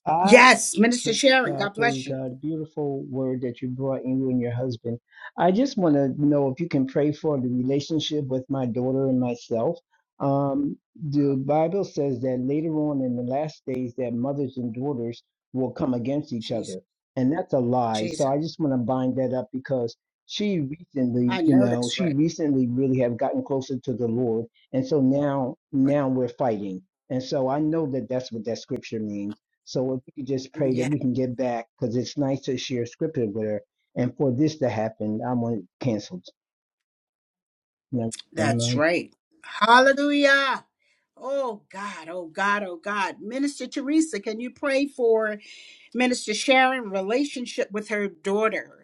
Speaker 7: I
Speaker 1: Yes, Minister
Speaker 7: Praise
Speaker 1: Sharon,
Speaker 7: God,
Speaker 1: God
Speaker 7: praise
Speaker 1: bless you.
Speaker 7: God. Beautiful word that you brought in you and your husband. I just want to know if you can pray for the relationship with my daughter and myself. Um, the
Speaker 1: Oh,
Speaker 7: Bible says that later on in the last days that mothers and daughters will come against each
Speaker 1: Jesus,
Speaker 7: other. And that's a lie. So
Speaker 1: Jesus.
Speaker 7: I just want to bind that up because she recently,
Speaker 1: I
Speaker 7: you
Speaker 1: know
Speaker 7: know,
Speaker 1: that's
Speaker 7: she
Speaker 1: right.
Speaker 7: recently really have gotten closer to the Lord. And so now
Speaker 1: Right.
Speaker 7: now we're fighting. And so I know that that's what that scripture means. So if we could just pray that
Speaker 1: Yeah,
Speaker 7: we can get back, because it's nice to share scripture with her. And for this to happen, I want it canceled. You know, I'm
Speaker 1: that's
Speaker 7: like,
Speaker 1: right. Hallelujah. Oh, God, oh, God, oh, God. Minister Teresa, can you pray for Minister Sharon relationship with her daughter?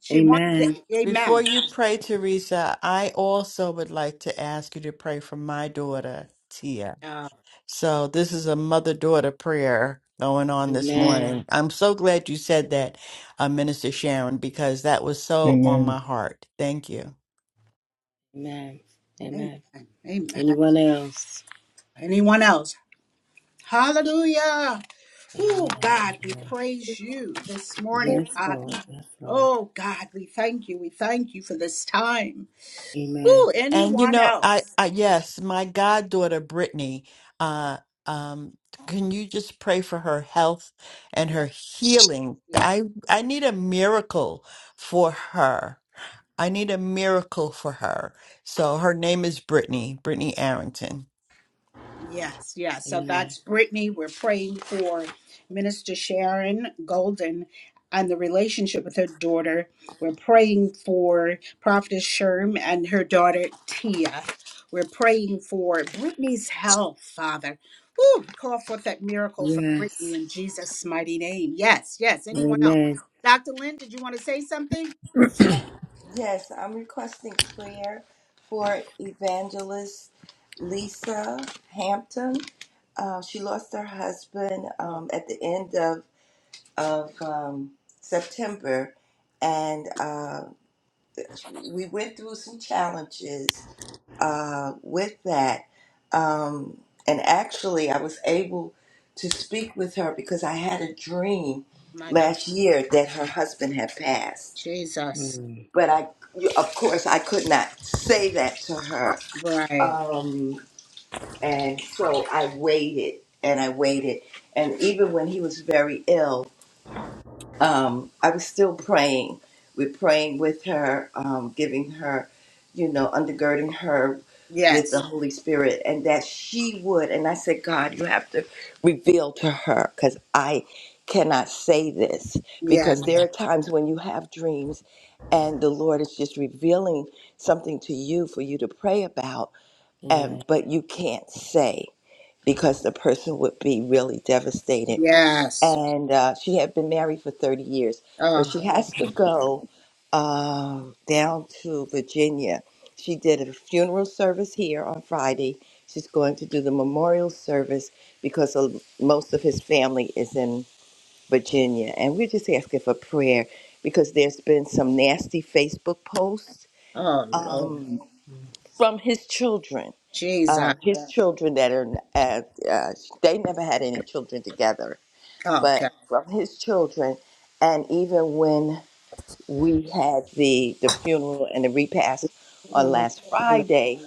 Speaker 1: She wants to,
Speaker 4: Amen.
Speaker 5: Before
Speaker 1: amen.
Speaker 5: you pray, Teresa, I also would like to ask you to pray for my daughter, Tia.
Speaker 1: Uh,
Speaker 5: So this is a mother-daughter prayer going on this
Speaker 4: Amen.
Speaker 5: morning. I'm so glad you said that, uh, Minister Sharon, because that was so on my
Speaker 7: Amen.
Speaker 5: heart. Thank you.
Speaker 4: Amen. Amen.
Speaker 1: amen. Amen.
Speaker 4: Anyone else?
Speaker 1: Anyone else? Hallelujah. Oh,
Speaker 4: Amen.
Speaker 1: God, we
Speaker 4: Amen.
Speaker 1: praise you this morning,
Speaker 8: Good
Speaker 4: Yes,
Speaker 1: Father.
Speaker 4: Lord.
Speaker 8: morning.
Speaker 4: Yes, Lord.
Speaker 1: Oh, God, we thank you. We thank you for this time.
Speaker 4: Amen.
Speaker 1: Oh,
Speaker 5: And you
Speaker 1: anyone
Speaker 5: know, I,
Speaker 1: else?
Speaker 5: I yes, my goddaughter Brittany. Uh, um, can you just pray for her health and
Speaker 1: Yeah,
Speaker 5: her healing?
Speaker 1: yeah.
Speaker 5: I I need a miracle for her. I need a miracle for her. So her name is Brittany, Brittany Arrington.
Speaker 1: Yes, yes. So
Speaker 4: Amen.
Speaker 1: that's Brittany. We're praying for Minister Sharon Golden and the relationship with her daughter. We're praying for Prophetess Sherm and her daughter Tia. We're praying for Brittany's health, Father. Ooh, we call forth that miracle for Brittany
Speaker 4: Yes.
Speaker 1: in Jesus' mighty name. Yes, yes. Anyone else?
Speaker 4: Amen.
Speaker 1: Dr. Lynn, did you want to say something?
Speaker 8: Yes, I'm requesting prayer for evangelist Lisa Hampton. Uh, she lost her husband
Speaker 1: Oh
Speaker 8: um, at the end of of um, September, and uh, we went through some challenges uh, with that. Um, and actually, I was able to speak with her because I had a dream
Speaker 1: my good
Speaker 8: last year that her husband had passed
Speaker 1: Jesus.
Speaker 4: Mm.
Speaker 8: but I, of course, I could not say that to her.
Speaker 1: Right.
Speaker 8: Um, and so I waited and I waited. And even when he was very ill, um, I was still praying. We're praying with her, um, giving her, you know, undergirding her with the
Speaker 1: Yes.
Speaker 8: Holy Spirit, and that she would. And I said, God, you have to reveal to her because I cannot say this
Speaker 1: Yeah.
Speaker 8: because there
Speaker 4: Mm.
Speaker 8: are times when you have dreams and the Lord is just revealing something to you for you to pray about, and
Speaker 4: Amen.
Speaker 8: but you can't say because the person would be really devastated
Speaker 1: Yes.
Speaker 8: and uh, she had been married for 30 years, but
Speaker 1: Oh,
Speaker 8: she has to go uh, down to Virginia. She did a funeral service here on Friday. She's going to do the memorial service because of, most of his family is in Virginia. And we're just asking for prayer because there's been some nasty Facebook posts
Speaker 1: oh Lord.
Speaker 8: um,
Speaker 4: Mm.
Speaker 8: from his children. Uh,
Speaker 1: Jesus.
Speaker 8: his children that are, uh, uh, they never had any children together but
Speaker 1: okay.
Speaker 8: from his children. And even when we had the, the funeral and the repast on
Speaker 4: Amen.
Speaker 8: last
Speaker 4: Amen.
Speaker 8: Friday,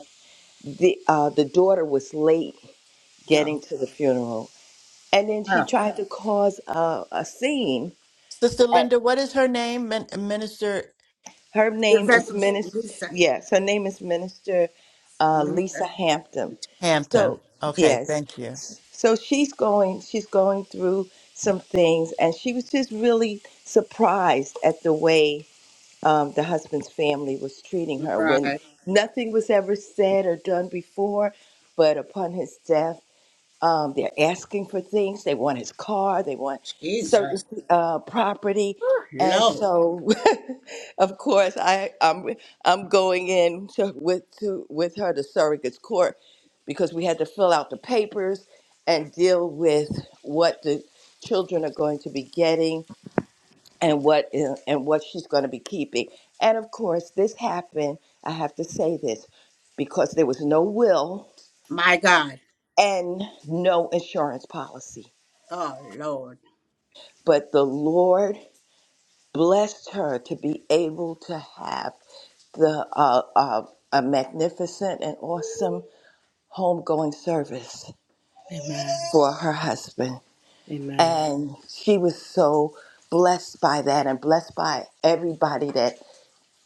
Speaker 8: the, uh, the daughter was late getting
Speaker 1: Oh,
Speaker 8: to the funeral. And then she
Speaker 1: oh.
Speaker 8: tried to cause a, a scene.
Speaker 5: Sister
Speaker 8: And
Speaker 5: Linda, what is her name? Min- Minister
Speaker 8: Her name is
Speaker 1: Evangelist
Speaker 8: Minister,
Speaker 1: Lisa.
Speaker 8: yes, her name is Minister uh,
Speaker 1: Lisa.
Speaker 8: Lisa Hampton. So,
Speaker 5: Hampton. Okay,
Speaker 8: yes.
Speaker 5: thank you.
Speaker 8: So she's going, she's going through some things, and she was just really surprised at the way um, the husband's family was treating her when
Speaker 1: Right.
Speaker 8: nothing was ever said or done before. But upon his death, um, they're asking for things. They want his car, they want certain
Speaker 1: Jesus.
Speaker 8: uh, property.
Speaker 1: Oh,
Speaker 8: And
Speaker 1: Lord.
Speaker 8: so, of course, I, I'm, I'm going in to, with, to, with her to surrogate's court because we had to fill out the papers and deal with what the children are going to be getting and what and what she's going to be keeping. And of course, this happened. I have to say this because there was no will
Speaker 1: My God.
Speaker 8: and no insurance policy.
Speaker 1: Oh Lord.
Speaker 8: But the Lord blessed her to be able to have the uh, uh, a magnificent and awesome homegoing service
Speaker 4: Amen.
Speaker 8: for her husband, and she was so blessed by that and blessed by everybody that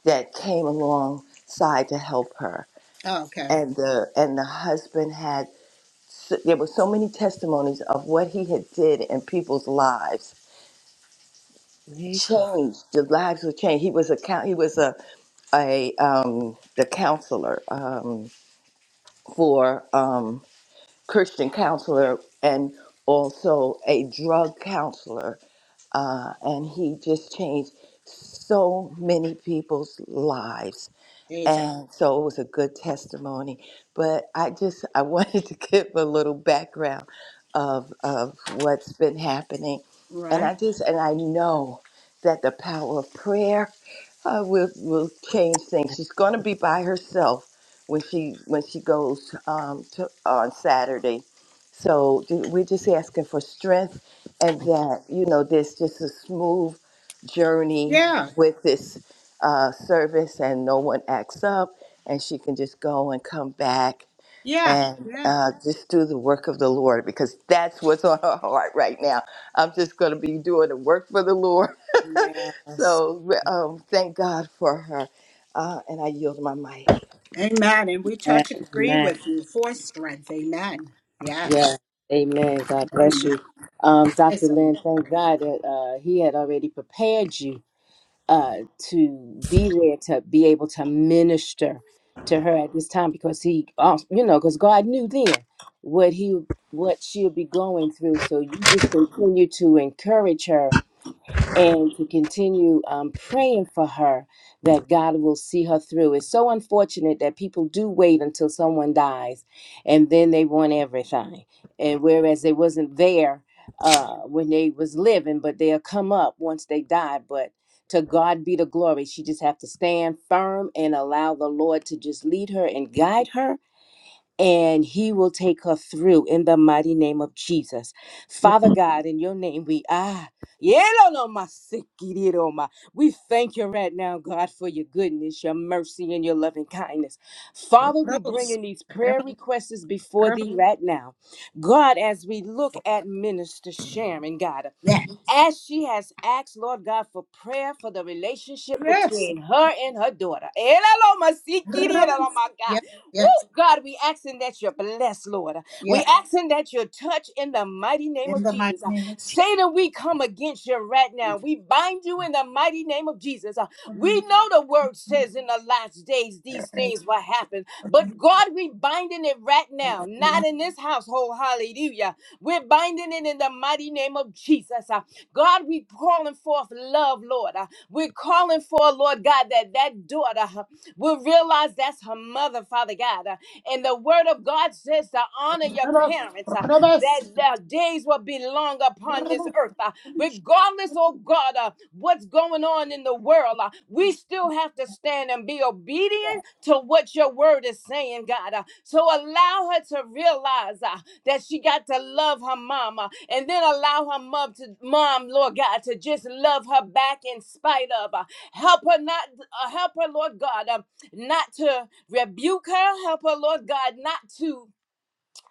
Speaker 8: that came alongside to help her.
Speaker 1: Okay.
Speaker 8: and the and the husband had so, there were so many testimonies of what he had did in people's lives changed the lives were changed he was a coun- he was a a um the counselor um for um christian counselor and also a drug counselor uh and he just changed so many people's lives
Speaker 1: Jesus.
Speaker 8: and so it was a good testimony but i just i wanted to give a little background of of what's been happening and
Speaker 1: Right.
Speaker 8: i just and i know that the power of prayer uh, will will change things she's going to be by herself when she when she goes um, to, on saturday so ju- we're just asking for strength and
Speaker 4: Amen.
Speaker 8: that you know there's just a smooth journey
Speaker 1: Yeah.
Speaker 8: with this uh, service and no one acts up, and she can just go and come back
Speaker 1: Yeah,
Speaker 8: and
Speaker 1: yeah.
Speaker 8: uh, just do the work of the Lord because that's what's on her heart right now. I'm just going to be doing the work for the Lord.
Speaker 1: Yes.
Speaker 8: So um, thank God for her. Uh, and I yield my mic.
Speaker 1: Amen. And we touch and agree
Speaker 4: Amen.
Speaker 1: with you for strength. Amen.
Speaker 4: Yeah,
Speaker 1: Yes.
Speaker 4: amen. God bless
Speaker 1: Amen.
Speaker 4: you. Um,
Speaker 1: Praise
Speaker 4: Dr.
Speaker 1: the
Speaker 4: Lynn, thank God
Speaker 1: Lord.
Speaker 4: that uh, he had already prepared you uh, to be there to be able to minister to her at this time because he, uh, you know, because God knew then what he what she'll be going through. So you just continue to encourage her and to continue um, praying for her that God will see her through. It's so unfortunate that people do wait until someone dies and then they want everything. And whereas they wasn't there uh, when they was living, but they'll come up once they die. But to God be the glory. She just have to stand firm and allow the Lord to just lead her and guide her and he will take her through in the mighty name of Jesus. Father God, in your name we ah We thank you right now, God, for your goodness, your mercy, and your loving kindness. Father, we bring
Speaker 1: Rebels.
Speaker 4: in these prayer requests before
Speaker 1: Rebels.
Speaker 4: thee right now. God, as we look at Minister Sharon, God
Speaker 1: Yes.
Speaker 4: as she has asked, Lord God, for prayer for the relationship
Speaker 1: Yes.
Speaker 4: between her and her daughter. Woo,
Speaker 1: Rebels. Yes. Yes.
Speaker 4: God, we asking that you bless, Lord. We
Speaker 1: Yes.
Speaker 4: asking that you touch in the mighty name
Speaker 1: In
Speaker 4: of
Speaker 1: the mighty
Speaker 4: Jesus. Uh,
Speaker 1: name of Jesus.
Speaker 4: Satan, we come against you right
Speaker 1: In
Speaker 4: now. We bind you in the mighty name of Jesus. Uh,
Speaker 1: the
Speaker 4: We
Speaker 1: name
Speaker 4: know the word says in the last days these things will happen, but God, we binding it right now,
Speaker 1: of
Speaker 4: not in this household. Hallelujah we're binding it in the mighty name of Jesus. Uh, God, we calling forth love, Lord. Uh, We're calling for, Lord God, that that daughter uh, will realize that's her mother, Father God. Uh, And the word of God says to honor your
Speaker 1: Rebels.
Speaker 4: parents, uh,
Speaker 1: Rebels.
Speaker 4: that their days will be long upon this
Speaker 1: Rebels.
Speaker 4: earth. Uh, Regardless, oh God, uh, uh, what's going on in the world. Uh, we still have to stand and be obedient to what your word is saying, God. Uh, so allow her to realize uh, that she got to love her mama and then allow her mom to mom, Lord God, to just love her back in spite of. Uh, help her not uh, help her, Lord God, um, not to rebuke her. Help her, Lord God, not to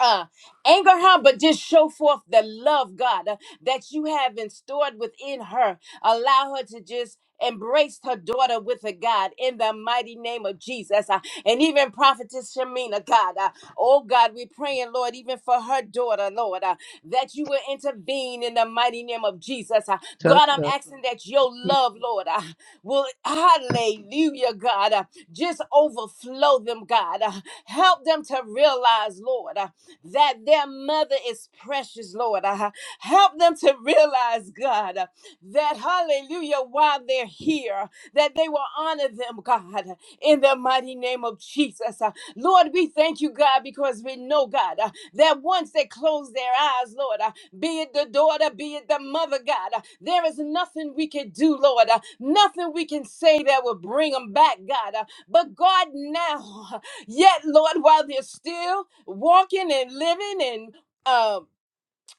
Speaker 4: uh, anger her, but just show forth the love, God, uh, that you have installed within her. Allow her to just embrace her daughter with a God in the mighty name of Jesus. Uh, and even Prophetess Shamina, God, uh, oh God, we praying, Lord, even for her daughter, Lord, uh, that you will intervene in the mighty name of Jesus. uh, God, I'm asking that your love, Lord, uh, will, hallelujah, God, uh, just overflow them, God. Uh, help them to realize, Lord, uh, that their mother is precious, Lord. Uh, help them to realize, God, uh, that, hallelujah, while they're here, that they will honor them, God, in the mighty name of Jesus. Uh, Lord, we thank you, God, because we know, God, uh, that once they close their eyes, Lord. uh, be it the daughter, be it the mother, God. Uh, There is nothing we can do, Lord. Uh, Nothing we can say that will bring them back, God. Uh, But God, now, yet, Lord, while they're still walking and living and uh,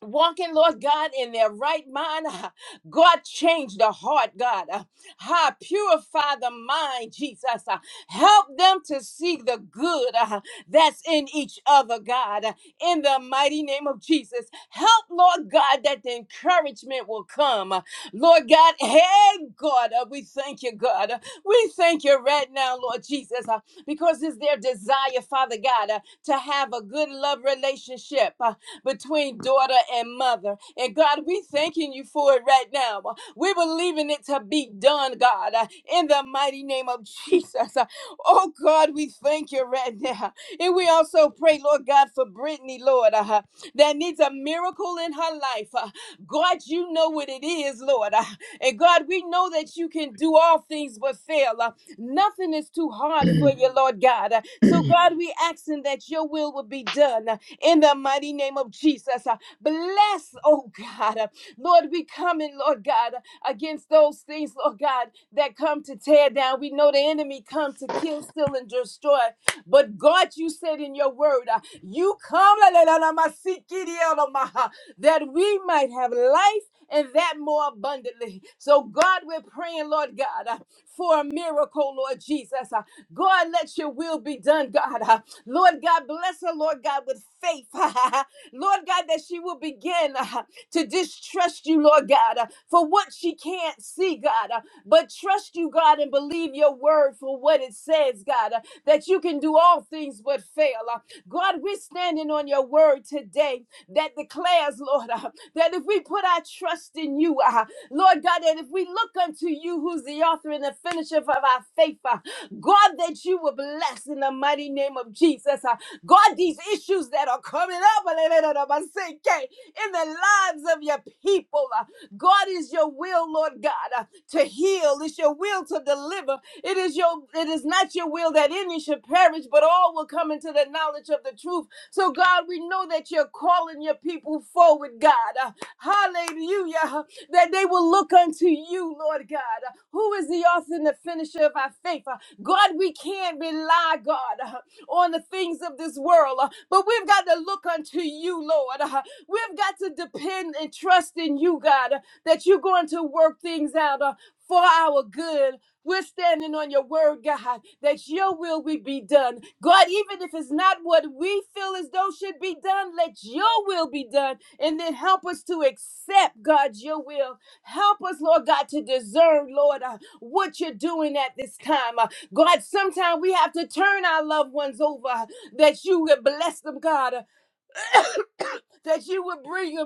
Speaker 4: walking, Lord God, in their right mind. Ah, God, change the heart, God. Ha, purify the mind, Jesus. Uh, Help them to see the good uh, that's in each other, God. Uh, In the mighty name of Jesus, help, Lord God, that the encouragement will come. Uh, Lord God, hey, God, uh, we thank you, God. Uh, We thank you right now, Lord Jesus, uh, because it's their desire, Father God, uh, to have a good love relationship. uh, between daughter and mother. And God, we thanking you for it right now. We believing it to be done, God, uh, in the mighty name of Jesus. Uh, Oh God, we thank you right now. And we also pray, Lord God, for Brittany, Lord, uh, that needs a miracle in her life. Uh, God, you know what it is, Lord. Uh, And God, we know that you can do all things but fail. Uh, Nothing is too hard for
Speaker 7: Glory
Speaker 4: you, Lord God. Uh, So, God, we asking that your will will be done in the mighty name of Jesus. Uh, Bless, oh God. Uh, Lord, we come in, Lord God, uh, against those things, Lord God, that come to tear down. We know the enemy come to kill, steal, and destroy. But God, you said in your word, uh, you come si, that we might have life and that more abundantly. So, God, we're praying, Lord God, uh, for a miracle, Lord Jesus. Uh, God, let your will be done, God. Uh, Lord God, bless her, Lord God, with faith. Lord God, that she will begin. uh, to distrust you, Lord God, uh, for what she can't see, God, uh, but trust you, God, and believe your word for what it says, God, uh, that you can do all things but fail. Uh, God, we're standing on your word today that declares, Lord, uh, that if we put our trust in you, uh, Lord God, that if we look unto you, who's the author and the finisher of our faith, uh, God, that you will bless in the mighty name of Jesus. uh, God, these issues that are coming up, in the lives of your people. Uh, God is your will, Lord God, uh, to heal. It's your will to deliver. It is your it is not your will that any should perish, but all will come into the knowledge of the truth. So God, we know that you're calling your people forward, God. Uh, Hallelujah. uh, That they will look unto you, Lord God, uh, who is the author and the finisher of our faith. Uh, God, we can't rely, God, uh, on the things of this world, uh, but we've got to look unto you, Lord. Uh, We've got to depend and trust in you, God, uh, that you're going to work things out uh, for our good. We're standing on your word, God, that your will will be done. God, even if it's not what we feel as though should be done, let your will be done. And then help us to accept, God, your will. Help us, Lord God, to discern, Lord, uh, what you're doing at this time. Uh, God, sometimes we have to turn our loved ones over uh, that you would bless them, God, uh, that you would bring them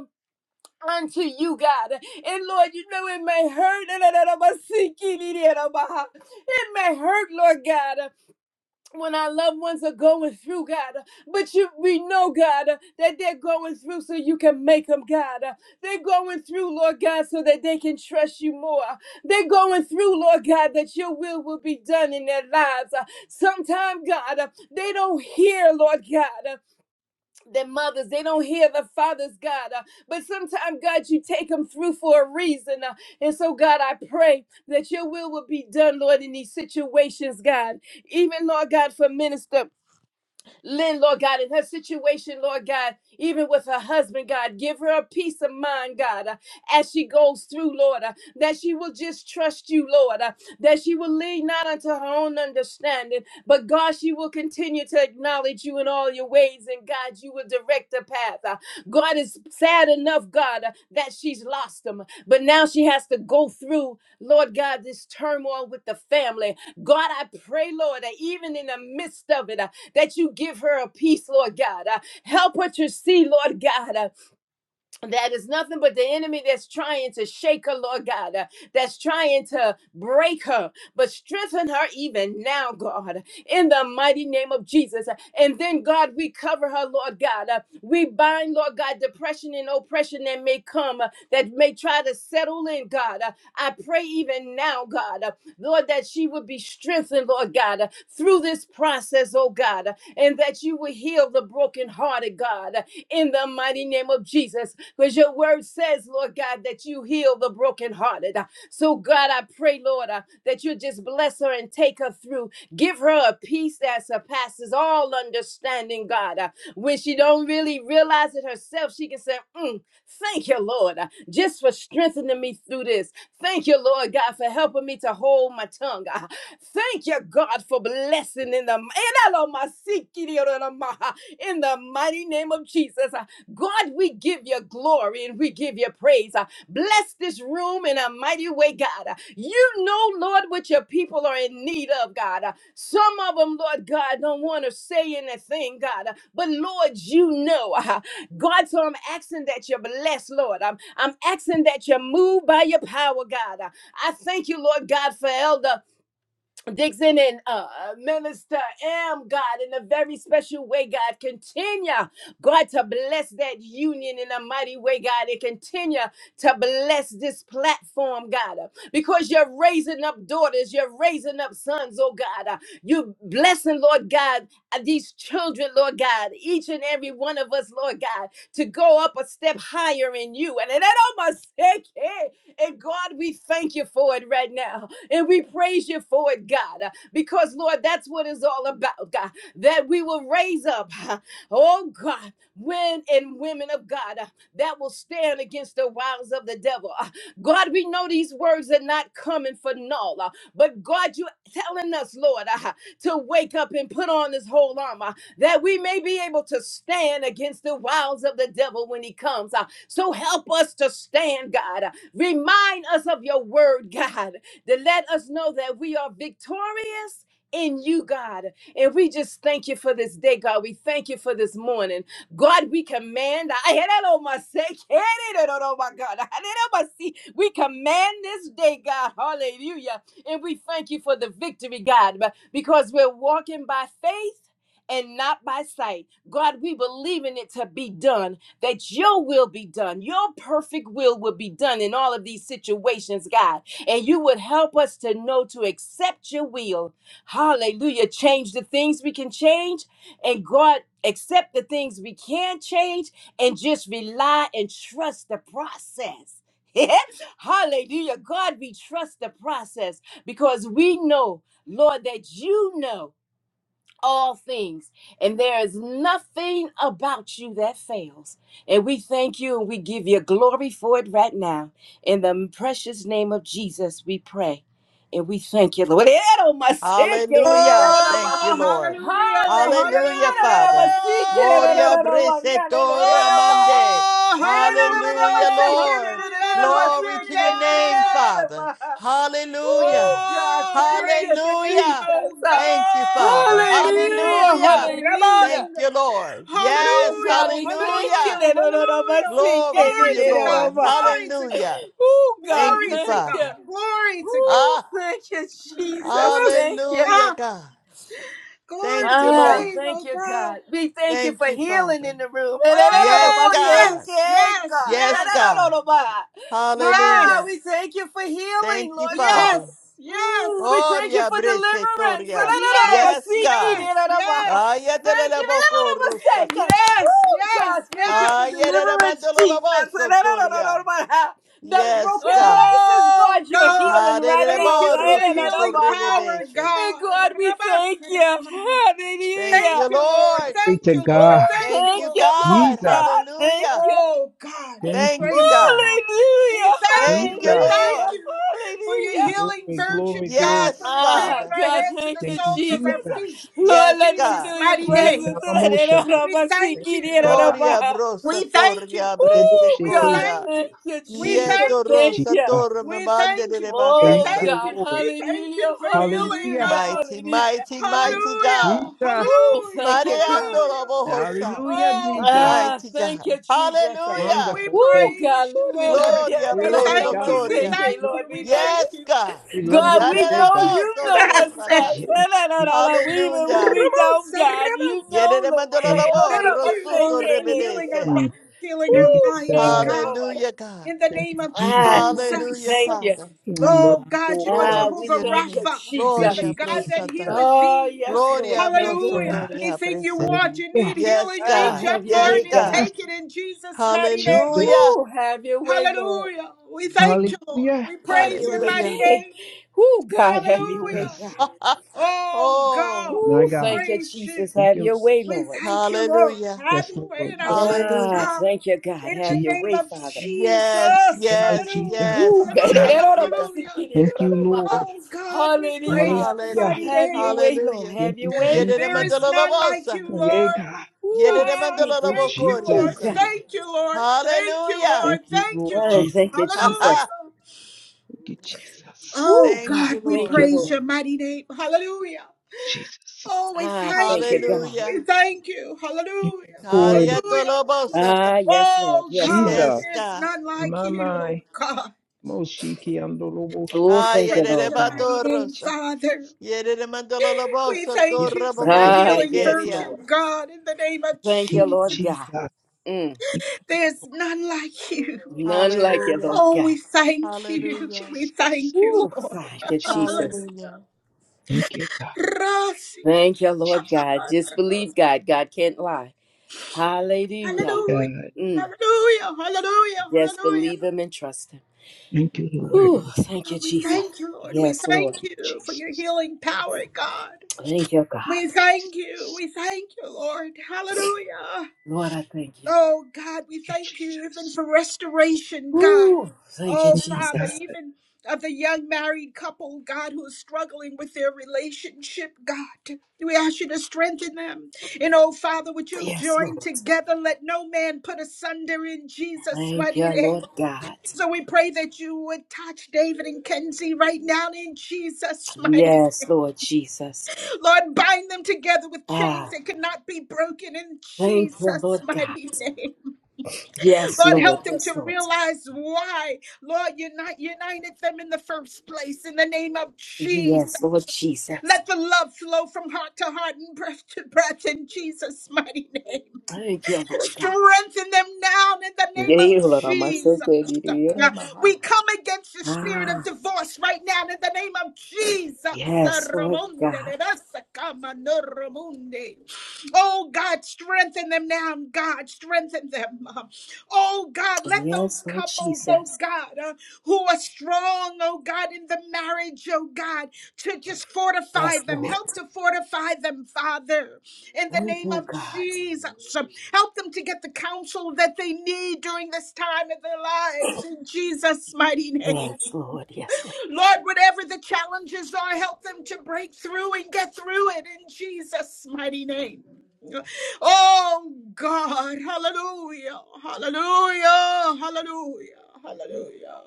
Speaker 4: unto you, God. And Lord, you know it may hurt. It may hurt, Lord God, when our loved ones are going through, God. But you, we know, God, that they're going through so you can make them, God. They're going through, Lord God, so that they can trust you more. They're going through, Lord God, that your will will be done in their lives. Sometimes, God, they don't hear, Lord God their mothers, they don't hear the fathers, God. Uh, but sometimes, God, you take them through for a reason. Uh, and so, God, I pray that your will will be done, Lord, in these situations, God. Even, Lord God, for minister. Lynn, Lord God, in her situation, Lord God, even with her husband, God, give her a peace of mind, God, uh, as she goes through, Lord, uh, that she will just trust you, Lord, uh, that she will lean not unto her own understanding, but God, she will continue to acknowledge you in all your ways, and God, you will direct the path. Uh, God is sad enough, God, uh, that she's lost him, but now she has to go through, Lord God, this turmoil with the family. God, I pray, Lord, that even in the midst of it, uh, that you give her a peace, Lord God. Uh, help her to see, Lord God, uh, that is nothing but the enemy that's trying to shake her, Lord God, uh, that's trying to break her, but strengthen her even now, God, in the mighty name of Jesus. And then, God, we cover her, Lord God. Uh, We bind, Lord God, depression and oppression that may come, uh, that may try to settle in, God. Uh, I pray even now, God, uh, Lord, that she would be strengthened, Lord God, uh, through this process, oh God, uh, and that you would heal the brokenhearted, God, uh, in the mighty name of Jesus. Because your word says, Lord God, that you heal the brokenhearted. So, God, I pray, Lord, uh, that you just bless her and take her through. Give her a peace that surpasses all understanding, God. Uh, when she don't really realize it herself, she can say, "Mm, Thank you, Lord, uh, just for strengthening me through this. Thank you, Lord God, for helping me to hold my tongue. Uh, Thank you, God, for blessing in the in the mighty name of Jesus. Uh, God, we give you glory and we give you praise. Uh, Bless Bless this room in a mighty way, God. You know, Lord, what your people are in need of, God. Some of them, Lord God, don't want to say anything, God. But Lord, you know. God, so I'm asking that you bless, Lord. I'm, I'm asking that you move by your power, God. I thank you, Lord God, for Elder. Dixon and uh, uh, Minister M, God, in a very special way, God. Continue, God, to bless that union in a mighty way, God, and continue to bless this platform, God, uh, because you're raising up daughters, you're raising up sons, oh God. uh, you blessing, Lord God, uh, these children, Lord God, each and every one of us, Lord God, to go up a step higher in you. And it almost, and God, we thank you for it right now. And we praise you for it, God, because, Lord, that's what it's all about, God, that we will raise up, oh God, men and women of God that will stand against the wiles of the devil. God, we know these words are not coming for null, uh, but God, you're telling us, Lord, uh, to wake up and put on this whole armor that we may be able to stand against the wiles of the devil when he comes. uh. So help us to stand, God. Remind us of your word, God that let us know that we are victorious in you, God. And we just thank you for this day, God. We thank you for this morning. God, we command, I had that on my sake. had it on- oh my God, I had it on my seat. We command this day, God. Hallelujah. And we thank you for the victory, God, but- because we're walking by faith and not by sight. God, we believe in it to be done, that your will be done. Your perfect will will be done in all of these situations, God and you would help us to know to accept your will. Hallelujah. Change the things we can change, and God, accept the things we can change, and just rely and trust the process. Hallelujah. God, we trust the process because we know, Lord, that you know all things, and there is nothing about you that fails. And we thank you and we give you glory for it right now. In the precious name of Jesus, we pray. And we thank you, Lord.
Speaker 5: Hallelujah. Thank you,
Speaker 1: Oh,
Speaker 5: Lord.
Speaker 1: hallelujah.
Speaker 5: Hallelujah, Father. Gloria
Speaker 1: Hallelujah.
Speaker 5: Briseto Ramande.
Speaker 1: Oh,
Speaker 5: Hallelujah,
Speaker 1: hallelujah,
Speaker 5: Lord.
Speaker 1: hallelujah,
Speaker 5: Glory to
Speaker 1: hallelujah.
Speaker 5: your name, Father. Hallelujah.
Speaker 4: Oh, God,
Speaker 1: Oh,
Speaker 4: thank you,
Speaker 1: praise your name,
Speaker 5: Hallelujah.
Speaker 1: oh
Speaker 4: Jesus. Uh,
Speaker 5: Thank you, Father.
Speaker 1: God.
Speaker 4: Hallelujah,
Speaker 5: Hallelujah.
Speaker 4: hallelujah.
Speaker 5: Thank
Speaker 1: Rabboni.
Speaker 5: you, Lord.
Speaker 4: Oh,
Speaker 5: Yes,
Speaker 4: God,
Speaker 1: Hallelujah,
Speaker 4: we thank you.
Speaker 5: hallelujah.
Speaker 1: hallelujah, hallelujah.
Speaker 5: Glory to
Speaker 1: Glory
Speaker 5: you,
Speaker 1: to God,
Speaker 5: Lord.
Speaker 1: glory to God,
Speaker 5: Hallelujah.
Speaker 4: Oh, God,
Speaker 5: Thank you,
Speaker 1: glory to
Speaker 4: thank
Speaker 5: Father.
Speaker 4: you.
Speaker 1: God, glory to God.
Speaker 4: Oh,
Speaker 5: Ah,
Speaker 4: thank you, Jesus.
Speaker 1: Rabboni.
Speaker 4: Thank you.
Speaker 5: hallelujah,
Speaker 1: Ah,
Speaker 5: God.
Speaker 1: Glory
Speaker 5: Thank
Speaker 1: to
Speaker 5: you,
Speaker 1: your
Speaker 4: Ah,
Speaker 5: Lord.
Speaker 1: name,
Speaker 4: thank
Speaker 1: oh
Speaker 4: you,
Speaker 1: God.
Speaker 4: God. We thank you
Speaker 5: Thank
Speaker 4: for
Speaker 5: you,
Speaker 4: healing
Speaker 5: Father.
Speaker 4: in the room. And I don't know
Speaker 5: Yes,
Speaker 4: my
Speaker 1: Oh,
Speaker 5: God.
Speaker 1: yes,
Speaker 4: second
Speaker 1: yes,
Speaker 4: God.
Speaker 5: Yes,
Speaker 4: And
Speaker 1: yes,
Speaker 4: I don't
Speaker 5: God.
Speaker 4: know my- Ah,
Speaker 5: Hallelujah.
Speaker 4: we
Speaker 1: yes.
Speaker 4: thank you for
Speaker 5: Thank
Speaker 4: healing,
Speaker 5: you,
Speaker 4: Lord
Speaker 1: Yes,
Speaker 4: God.
Speaker 5: Father.
Speaker 4: Mm,
Speaker 1: yes,
Speaker 4: we thank you
Speaker 5: Oria
Speaker 4: for deliverance. And
Speaker 5: bresetoria.
Speaker 4: I don't know my
Speaker 1: yes,
Speaker 5: Yes,
Speaker 4: seeking.
Speaker 5: God.
Speaker 4: And
Speaker 1: yes,
Speaker 4: I do my- Thank
Speaker 5: Ayatelele
Speaker 4: you. And I don't
Speaker 5: boko
Speaker 4: know my
Speaker 5: rusa.
Speaker 1: yes,
Speaker 4: second.
Speaker 1: yes,
Speaker 4: Oh
Speaker 1: yes,
Speaker 4: God, thank you
Speaker 1: yes.
Speaker 4: for
Speaker 5: Ayerere
Speaker 4: deliverance,
Speaker 5: mandolo Ayatelelebokorusa.
Speaker 4: Jesus. I said, "No, no, no, no,
Speaker 5: Ayeremandololobosotoria.
Speaker 4: no, no, no." Them
Speaker 5: Yes,
Speaker 4: broken
Speaker 5: God.
Speaker 4: places, God,
Speaker 1: Oh
Speaker 4: you're
Speaker 1: God,
Speaker 4: healing right
Speaker 5: Hallelujah.
Speaker 1: thank
Speaker 4: now.
Speaker 1: you for
Speaker 4: No,
Speaker 1: your
Speaker 4: no, no, no,
Speaker 1: healing
Speaker 4: no.
Speaker 1: power,
Speaker 4: And
Speaker 1: God.
Speaker 4: God, we thank you.
Speaker 1: Rabasarama.
Speaker 5: Thank
Speaker 1: Thank
Speaker 5: you,
Speaker 4: Hallelujah.
Speaker 1: you, Lord.
Speaker 5: Lord.
Speaker 1: Thank
Speaker 7: to
Speaker 1: you, Lord.
Speaker 7: God.
Speaker 4: Woo,
Speaker 1: Thank you,
Speaker 5: Thank
Speaker 4: thank
Speaker 5: you,
Speaker 1: Lord.
Speaker 4: you, Lord
Speaker 5: God.
Speaker 7: Jesus.
Speaker 4: God. Thank
Speaker 5: Hallelujah.
Speaker 4: you.
Speaker 1: Oh God, we
Speaker 7: Thank you,
Speaker 5: Thank you,
Speaker 1: praise you,
Speaker 5: God.
Speaker 1: God. We
Speaker 4: Hallelujah.
Speaker 1: thank
Speaker 5: Thank
Speaker 1: you.
Speaker 5: you,
Speaker 1: We
Speaker 7: Jesus.
Speaker 1: thank
Speaker 4: Hallelujah.
Speaker 5: Lord.
Speaker 1: you for your
Speaker 4: Hallelujah.
Speaker 1: healing
Speaker 7: Glory,
Speaker 1: virtue,
Speaker 7: glory,
Speaker 1: God,
Speaker 7: glory.
Speaker 1: from
Speaker 5: Yes,
Speaker 1: the crown
Speaker 4: Ah,
Speaker 1: of
Speaker 5: Father.
Speaker 1: our
Speaker 4: God,
Speaker 1: head to
Speaker 4: thank
Speaker 1: the
Speaker 4: you,
Speaker 7: Thank you,
Speaker 1: soles of
Speaker 4: Jesus.
Speaker 1: our feet.
Speaker 7: Jesus.
Speaker 1: In
Speaker 4: Lord,
Speaker 5: Yes,
Speaker 4: let them
Speaker 1: Jesus'
Speaker 5: God.
Speaker 4: feel your
Speaker 1: mighty
Speaker 7: Thank you,
Speaker 1: name.
Speaker 4: presence.
Speaker 7: God.
Speaker 1: We
Speaker 7: Thank
Speaker 1: thank you.
Speaker 5: Oria
Speaker 1: We
Speaker 5: brosa
Speaker 1: thank you.
Speaker 5: toria
Speaker 7: you,
Speaker 5: brese
Speaker 4: Oh,
Speaker 1: We
Speaker 4: God,
Speaker 5: coria.
Speaker 1: thank
Speaker 4: thank
Speaker 1: you.
Speaker 4: you,
Speaker 1: We
Speaker 4: Jesus.
Speaker 5: Yeto
Speaker 1: thank you.
Speaker 4: Thank
Speaker 5: rosa
Speaker 4: you.
Speaker 7: Jesus.
Speaker 5: torre me
Speaker 1: We
Speaker 5: mande
Speaker 1: thank you.
Speaker 5: de
Speaker 1: We
Speaker 7: Thank
Speaker 4: Oh,
Speaker 5: bacasa.
Speaker 7: you,
Speaker 1: thank
Speaker 4: God,
Speaker 1: you.
Speaker 7: Lord.
Speaker 1: We thank you
Speaker 4: hallelujah,
Speaker 1: for healing,
Speaker 7: Hallelujah.
Speaker 4: hallelujah,
Speaker 1: God.
Speaker 5: Mighty,
Speaker 4: hallelujah.
Speaker 5: mighty,
Speaker 7: Thank
Speaker 5: mighty God.
Speaker 7: you,
Speaker 1: Hallelujah.
Speaker 7: Jesus.
Speaker 4: Oh,
Speaker 1: Hallelujah.
Speaker 4: thank you, God.
Speaker 5: Mareando la
Speaker 1: Hallelujah.
Speaker 5: bohosa.
Speaker 7: Hallelujah,
Speaker 1: Oh,
Speaker 7: Jesus.
Speaker 1: God.
Speaker 4: Ah,
Speaker 5: Mighty
Speaker 4: thank
Speaker 5: God.
Speaker 4: you, Jesus.
Speaker 5: Hallelujah.
Speaker 1: We
Speaker 7: Wonderful Savior.
Speaker 4: Oh, God,
Speaker 1: praise you,
Speaker 4: Lord, we love
Speaker 1: Lord.
Speaker 4: you.
Speaker 5: Gloria
Speaker 1: We
Speaker 4: And I
Speaker 7: Yeah,
Speaker 4: love
Speaker 5: broso
Speaker 1: thank
Speaker 4: my
Speaker 1: you.
Speaker 7: God.
Speaker 1: We
Speaker 5: toria.
Speaker 7: Thank
Speaker 4: Savior,
Speaker 7: you,
Speaker 1: thank
Speaker 7: Lord.
Speaker 4: Lord,
Speaker 1: you.
Speaker 4: we
Speaker 1: We
Speaker 4: love
Speaker 1: thank
Speaker 4: you.
Speaker 5: Yes,
Speaker 1: you.
Speaker 5: God.
Speaker 7: We love you
Speaker 4: God, we
Speaker 7: today,
Speaker 4: know
Speaker 7: God.
Speaker 4: you
Speaker 5: Zareraboto lo
Speaker 4: know what's
Speaker 5: bosata.
Speaker 4: best. And
Speaker 7: Yes,
Speaker 4: I know,
Speaker 7: Jesus.
Speaker 4: know, Even
Speaker 5: Hallelujah.
Speaker 4: when we don't, God, you know, Lord. And I
Speaker 7: Thank
Speaker 4: know,
Speaker 7: you.
Speaker 5: Yereremadalabo,
Speaker 1: Thank
Speaker 4: my
Speaker 1: you,
Speaker 5: rosuto
Speaker 4: Savior,
Speaker 1: Lord, for healing our
Speaker 5: rebebese.
Speaker 1: bodies,
Speaker 7: Mm.
Speaker 4: Lord.
Speaker 1: healing
Speaker 7: Thank
Speaker 1: our
Speaker 7: you,
Speaker 4: Oh,
Speaker 1: minds,
Speaker 4: thank you,
Speaker 7: God.
Speaker 1: God.
Speaker 4: Lord.
Speaker 5: Hallelujah, God.
Speaker 1: In the
Speaker 7: Thank you,
Speaker 1: name of
Speaker 7: Jesus.
Speaker 4: Ah, God, we
Speaker 5: Hallelujah,
Speaker 1: Jesus.
Speaker 4: thank you.
Speaker 5: Father.
Speaker 7: We love
Speaker 1: Oh
Speaker 7: you,
Speaker 1: God,
Speaker 7: Lord
Speaker 1: you are
Speaker 7: God.
Speaker 4: Ah,
Speaker 5: Glory
Speaker 4: we
Speaker 5: to
Speaker 1: Jehovah
Speaker 5: your
Speaker 4: thank you,
Speaker 5: name.
Speaker 1: Rapha. You're
Speaker 4: Jesus.
Speaker 1: the
Speaker 5: Gloria
Speaker 7: Appreciate
Speaker 1: God
Speaker 7: you,
Speaker 1: that
Speaker 5: brosata.
Speaker 1: healeth
Speaker 7: Jesus.
Speaker 4: Oh,
Speaker 1: thee. Uh,
Speaker 4: yes, Lord.
Speaker 5: Gloria
Speaker 4: Thank you, God.
Speaker 1: Hallelujah.
Speaker 7: God.
Speaker 5: brosotoria
Speaker 1: Anything you
Speaker 5: prese.
Speaker 1: want, you
Speaker 7: Hallelujah.
Speaker 1: need
Speaker 5: Yes,
Speaker 1: healing,
Speaker 4: Ah,
Speaker 1: reach
Speaker 5: God.
Speaker 4: have
Speaker 1: up
Speaker 4: your
Speaker 1: for
Speaker 5: Yes,
Speaker 1: it
Speaker 4: way,
Speaker 1: and
Speaker 5: God.
Speaker 4: God.
Speaker 1: take
Speaker 7: Jesus.
Speaker 1: it in Jesus' mighty name.
Speaker 5: Hallelujah.
Speaker 7: Jesus.
Speaker 4: Woo, have your way, Lord.
Speaker 1: Hallelujah. We thank you, Lord.
Speaker 7: Hallelujah.
Speaker 1: We
Speaker 4: Have
Speaker 1: praise
Speaker 4: your
Speaker 1: your
Speaker 4: way.
Speaker 1: mighty
Speaker 5: Hallelujah.
Speaker 1: name.
Speaker 4: Woo, God, have your way,
Speaker 1: Hallelujah.
Speaker 7: Jesus.
Speaker 4: God.
Speaker 1: Oh
Speaker 5: oh,
Speaker 1: God,
Speaker 7: My
Speaker 4: Woo,
Speaker 1: we
Speaker 7: God.
Speaker 4: thank you,
Speaker 1: praise you.
Speaker 4: Jesus.
Speaker 7: Thank
Speaker 4: Have
Speaker 7: you,
Speaker 4: your way,
Speaker 7: Lord.
Speaker 1: We
Speaker 4: Lord.
Speaker 1: thank you, Lord.
Speaker 5: hallelujah.
Speaker 1: Have
Speaker 7: Yes,
Speaker 1: your way
Speaker 7: Lord.
Speaker 1: in our
Speaker 7: Yes, Lord.
Speaker 1: lives,
Speaker 4: Ah,
Speaker 5: Hallelujah.
Speaker 1: God.
Speaker 4: thank you, God.
Speaker 1: In the
Speaker 4: Have your
Speaker 1: name
Speaker 4: way,
Speaker 1: of
Speaker 7: Jesus.
Speaker 4: Father.
Speaker 1: Jesus.
Speaker 5: Yes,
Speaker 7: In the name of
Speaker 5: yes,
Speaker 1: Hallelujah.
Speaker 7: Jesus. Thank
Speaker 4: Woo,
Speaker 5: yes.
Speaker 7: you,
Speaker 4: God.
Speaker 7: God.
Speaker 5: Thank
Speaker 1: Hallelujah.
Speaker 5: you, God.
Speaker 1: Hallelujah.
Speaker 7: Thank you, Lord.
Speaker 1: Oh, God, we praise
Speaker 4: Hallelujah.
Speaker 1: your
Speaker 7: Hallelujah.
Speaker 1: mighty
Speaker 5: Hallelujah.
Speaker 4: Have your
Speaker 1: name.
Speaker 4: way, Lord.
Speaker 5: Hallelujah.
Speaker 4: Have
Speaker 7: Thank
Speaker 4: your
Speaker 7: you,
Speaker 4: way.
Speaker 5: Yedere
Speaker 1: There
Speaker 7: Jesus.
Speaker 1: is none like
Speaker 5: mandololobosa,
Speaker 1: you,
Speaker 7: Yeah,
Speaker 1: Lord.
Speaker 7: God.
Speaker 4: Woo,
Speaker 5: Yedere
Speaker 1: God,
Speaker 4: speak, Lord.
Speaker 1: thank you,
Speaker 4: Woo,
Speaker 1: Lord.
Speaker 7: Jesus.
Speaker 5: mandalolobokoriasa.
Speaker 4: God.
Speaker 1: Thank you, Lord. Thank you,
Speaker 5: Hallelujah.
Speaker 1: Lord.
Speaker 7: Thank you,
Speaker 1: Thank you,
Speaker 7: Lord
Speaker 4: Ah,
Speaker 1: Lord.
Speaker 7: Jesus.
Speaker 4: thank you,
Speaker 5: Ha
Speaker 4: Jesus.
Speaker 5: ha.
Speaker 1: Hallelujah.
Speaker 7: Thank you, Jesus.
Speaker 1: Oh,
Speaker 4: Woo,
Speaker 5: Thank
Speaker 4: God,
Speaker 1: God,
Speaker 5: you,
Speaker 1: we
Speaker 7: Thank
Speaker 4: thank
Speaker 7: you,
Speaker 5: Lord.
Speaker 4: you,
Speaker 7: Lord
Speaker 1: praise
Speaker 4: Lord.
Speaker 1: your mighty name. Hallelujah.
Speaker 7: Jesus.
Speaker 1: Oh, we
Speaker 4: Ah,
Speaker 1: thank
Speaker 4: thank you,
Speaker 7: Jesus.
Speaker 1: you.
Speaker 4: God.
Speaker 1: We
Speaker 5: Hallelujah.
Speaker 1: thank you.
Speaker 7: Thank you,
Speaker 1: Hallelujah.
Speaker 7: Lord
Speaker 1: Hallelujah.
Speaker 5: Ariatolobosata.
Speaker 4: Ah, yes, Lord.
Speaker 1: Oh
Speaker 4: Yes,
Speaker 1: God,
Speaker 4: Lord.
Speaker 7: Jesus.
Speaker 5: Yes,
Speaker 1: there's
Speaker 5: God.
Speaker 1: none like
Speaker 7: My,
Speaker 1: you, oh
Speaker 7: my.
Speaker 1: God.
Speaker 7: Moshiki and
Speaker 4: Oh,
Speaker 1: We
Speaker 5: Ah,
Speaker 7: Loroboshaya.
Speaker 4: thank you,
Speaker 1: praise
Speaker 5: yedere
Speaker 4: Lord
Speaker 1: your
Speaker 4: God.
Speaker 1: mighty name,
Speaker 5: batorosa.
Speaker 1: Father.
Speaker 7: Jesus. Jesus.
Speaker 5: Yedere
Speaker 1: We
Speaker 5: mandalolobosa
Speaker 1: thank you
Speaker 7: Yes,
Speaker 1: for your
Speaker 7: Lord.
Speaker 4: Ah,
Speaker 1: healing
Speaker 4: yes,
Speaker 5: toraboboshekeria.
Speaker 1: virtue,
Speaker 4: Lord.
Speaker 1: God, in the name of
Speaker 4: Thank you,
Speaker 7: Thank you,
Speaker 1: Jesus.
Speaker 4: Lord
Speaker 7: Jesus.
Speaker 4: God.
Speaker 7: Thank
Speaker 4: Mm,
Speaker 7: you,
Speaker 1: There's
Speaker 7: Lord.
Speaker 1: none like you.
Speaker 7: Thank you,
Speaker 4: none
Speaker 7: Jesus.
Speaker 4: like you,
Speaker 5: Hallelujah.
Speaker 4: Lord
Speaker 1: Oh,
Speaker 4: God.
Speaker 1: we thank
Speaker 7: Thank you,
Speaker 1: you.
Speaker 5: Hallelujah.
Speaker 1: We
Speaker 7: Jesus.
Speaker 1: thank you,
Speaker 4: Woo,
Speaker 1: Lord.
Speaker 7: Thank
Speaker 4: thank
Speaker 7: you,
Speaker 4: you,
Speaker 7: Jesus.
Speaker 1: Hallelujah.
Speaker 4: Jesus.
Speaker 5: Hallelujah.
Speaker 7: Thank you, God.
Speaker 4: Thank you, Lord
Speaker 7: Jesus.
Speaker 4: God. Just believe God. God can't lie. Hallelujah.
Speaker 7: God.
Speaker 4: Mm,
Speaker 1: Hallelujah, hallelujah,
Speaker 4: just
Speaker 1: hallelujah.
Speaker 4: believe Him and trust Him.
Speaker 7: Thank you, Lord.
Speaker 4: Woo,
Speaker 7: Thank
Speaker 4: thank you,
Speaker 1: Oh, we
Speaker 4: Jesus.
Speaker 1: thank you, Lord. We
Speaker 4: Yes,
Speaker 1: thank
Speaker 4: Lord.
Speaker 7: you,
Speaker 1: you for your
Speaker 7: Jesus.
Speaker 1: healing power, God.
Speaker 4: Thank you,
Speaker 1: We
Speaker 4: God.
Speaker 7: Thank you,
Speaker 1: thank
Speaker 7: Jesus.
Speaker 1: you. We thank you, Lord. Hallelujah.
Speaker 4: Lord, I thank you.
Speaker 1: Oh, God, we
Speaker 7: Thank you,
Speaker 1: thank you even
Speaker 7: Jesus.
Speaker 1: for restoration, God.
Speaker 4: Woo, thank you,
Speaker 1: Oh,
Speaker 7: Thank you,
Speaker 4: Jesus.
Speaker 1: Father,
Speaker 7: God.
Speaker 1: even of the young married couple, God, who is struggling with their relationship, God. We ask you to strengthen them. And oh, Father, what you've
Speaker 4: Yes,
Speaker 1: joined
Speaker 4: Lord.
Speaker 1: together, let no man put asunder in Jesus'
Speaker 4: Thank you,
Speaker 1: mighty name.
Speaker 4: Lord God.
Speaker 1: So we pray that you would touch David and Kenzie right now in Jesus' mighty
Speaker 4: Yes, Lord Jesus.
Speaker 1: Lord, bind them together with chains
Speaker 4: Ah,
Speaker 1: that could not be broken in
Speaker 4: thank you,
Speaker 1: Jesus'
Speaker 4: Lord God.
Speaker 1: mighty name.
Speaker 4: Yes,
Speaker 1: Lord, help
Speaker 4: Lord.
Speaker 1: them to
Speaker 4: Yes, Lord.
Speaker 1: realize why. Lord, you not united them in the first place in the name of Jesus.
Speaker 4: Yes, Lord Jesus.
Speaker 1: Let the love flow from heart to heart and breath to breath in Jesus' mighty name.
Speaker 4: Thank you, Lord God.
Speaker 1: Strengthen them now in the name of
Speaker 4: Yea, Lord, I'm a so
Speaker 1: Jesus.
Speaker 4: good leader, yeah, my heart.
Speaker 1: We come against the spirit of
Speaker 4: Ah,
Speaker 1: divorce right now in the name of Jesus.
Speaker 4: yes, Lord God.
Speaker 1: Oh God, strengthen them now. God, strengthen them. Oh God, let those
Speaker 4: Yes, Lord
Speaker 1: couples, oh
Speaker 4: Jesus.
Speaker 1: God, uh, who are strong, oh God, in the marriage, oh God, to just
Speaker 4: Yes,
Speaker 1: fortify them.
Speaker 4: Lord.
Speaker 1: Help to fortify them, Father in the
Speaker 4: Thank
Speaker 1: name
Speaker 4: you,
Speaker 1: of
Speaker 4: God.
Speaker 1: Jesus. Help them to get the counsel that they need during this time in their lives in Jesus' mighty name.
Speaker 4: Yes, Lord. Yes, Lord.
Speaker 1: Lord, whatever the challenges are, help them to break through and get through it in Jesus' mighty name. Oh God, hallelujah, hallelujah, hallelujah, hallelujah.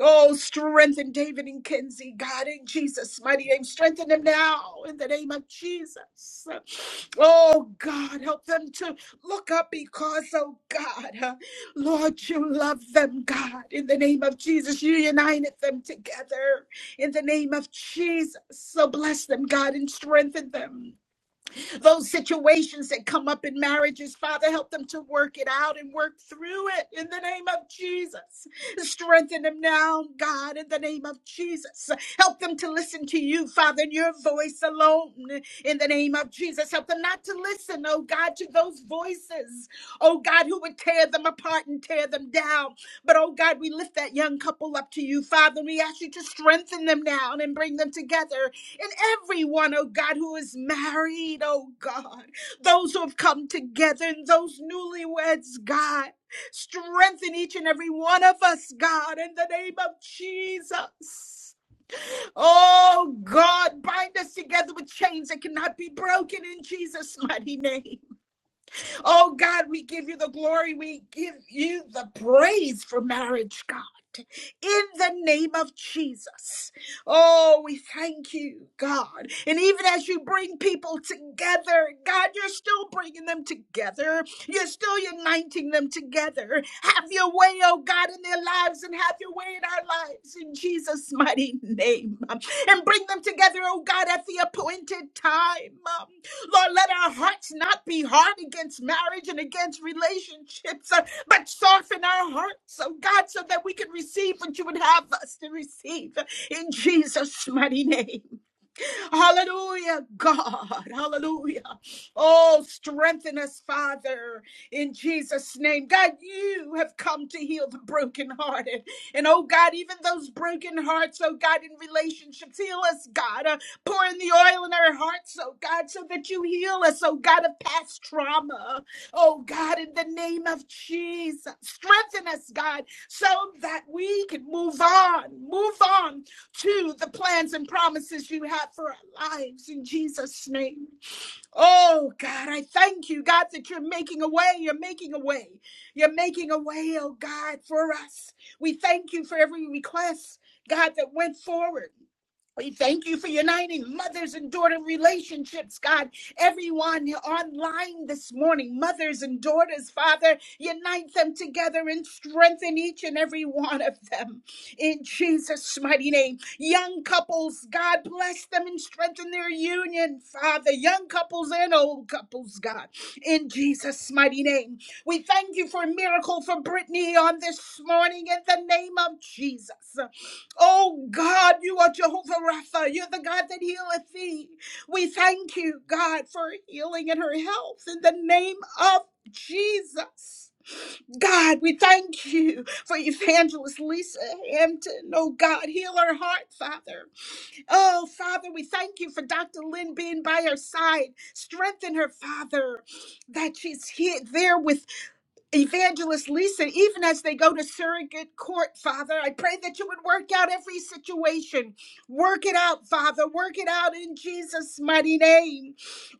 Speaker 1: Oh, strengthen David and Kenzie, God, in Jesus' mighty name. Strengthen them now in the name of Jesus. Oh God, help them to look up because, oh God. Lord, you love them, God. In the name of Jesus, you united them together. In the name of Jesus, so bless them, God, and strengthen them. Those situations that come up in marriages, Father, help them to work it out and work through it in the name of Jesus. Strengthen them now, God, in the name of Jesus. Help them to listen to you, Father, and your voice alone in the name of Jesus. Help them not to listen, oh God, to those voices, oh God, who would tear them apart and tear them down. But oh God, we lift that young couple up to you, Father, we ask you to strengthen them now and bring them together and everyone, oh God, who is married, oh God, those who have come together and those newlyweds, God. Strengthen each and every one of us, God, in the name of Jesus. Oh God, bind us together with chains that cannot be broken in Jesus' mighty name. Oh God, we give you the glory. We give you the praise for marriage, God. In the name of Jesus. Oh, we thank you, God. And even as you bring people together, God, you're still bringing them together. You're still uniting them together. Have your way, oh God, in their lives and have your way in our lives in Jesus' mighty name. And bring them together, oh God, at the appointed time. Lord, let our hearts not be hard against marriage and against relationships, uh, but soften our hearts, oh God, so that we can receive what you would have us to receive in Jesus' mighty name. Hallelujah, God. Hallelujah. Oh, strengthen us, Father, in Jesus' name. God, you have come to heal the brokenhearted. And oh, God, even those broken hearts, oh, God, in relationships, heal us, God. Uh, pour in the oil in our hearts, oh, God, so that you heal us, oh, God, of past trauma. Oh, God, in the name of Jesus, strengthen us, God, so that we can move on, move on to the plans and promises you have for our lives in Jesus' name. Oh God, I thank you, God, that you're making a way. You're making a way. You're making a way, oh God, for us. We thank you for every request, God, that went forward. We thank you for uniting mothers and daughter relationships, God. Everyone online this morning, mothers and daughters, Father, unite them together and strengthen each and every one of them. In Jesus' mighty name, young couples, God bless them and strengthen their union, Father. Young couples and old couples, God. In Jesus' mighty name, we thank you for a miracle for Brittany on this morning in the name of Jesus. Oh God, you are Jehovah Rapha. You're the God that healeth thee. We thank you, God, for her healing and her health in the name of Jesus. God, we thank you for evangelist Lisa Hampton. Oh God, heal her heart, Father. Oh Father, we thank you for Dr. Lynn being by her side. Strengthen her, Father, that she's here there with Evangelist Lisa, even as they go to surrogate court, Father, I pray that you would work out every situation. Work it out, Father. Work it out in Jesus' mighty name.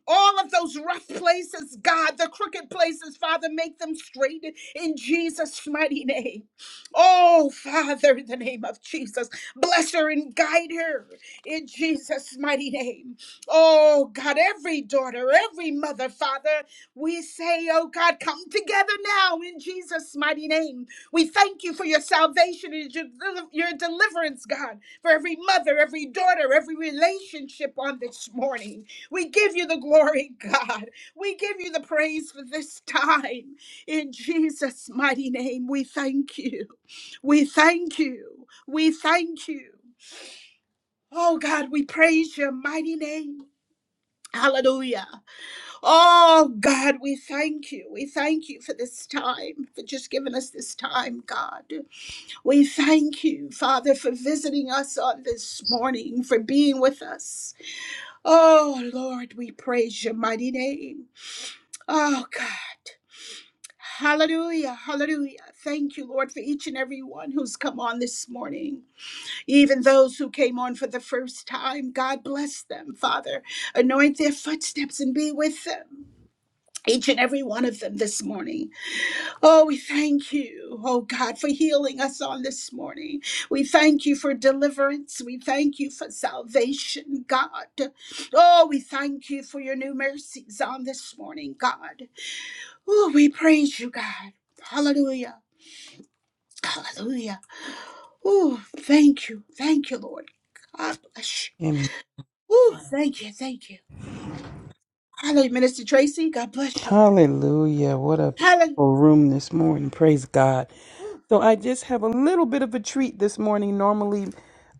Speaker 1: All of those rough places, God, the crooked places, Father, make them straight in Jesus' mighty name. Oh, Father, in the name of Jesus, bless her and guide her in Jesus' mighty name. Oh, God, every daughter, every mother, Father. We say, oh God, come together now in Jesus' mighty name. We thank you for your salvation and your, deli- your deliverance, God, for every mother, every daughter, every relationship on this morning. We give you the glory, God. We give you the praise for this time. In Jesus' mighty name, we thank you. We thank you. We thank you. Oh God, we praise your mighty name. Hallelujah. Oh, God, we thank you. We thank you for this time, for just giving us this time, God. We thank you, Father, for visiting us on this morning, for being with us. Oh, Lord, we praise your mighty name. Oh, God. Hallelujah. Hallelujah. Thank you, Lord, for each and every one who's come on this morning. Even those who came on for the first time, God bless them, Father. Anoint their footsteps and be with them each and every one of them this morning. Oh, we thank you, oh God, for healing us on this morning. We thank you for deliverance. We thank you for salvation, God. Oh, we thank you for your new mercies on this morning, God. Oh, we praise you, God. Hallelujah. Hallelujah. Oh, thank you. Thank you, Lord. God bless you.
Speaker 9: And
Speaker 1: Oh, thank you. Thank you. Hallelujah, Minister Tracy. God bless you.
Speaker 9: hallelujah. What a
Speaker 1: Hallelujah.
Speaker 9: beautiful room this morning. Praise God.
Speaker 1: Ooh,
Speaker 9: So I just have a little bit of a treat this morning. Normally,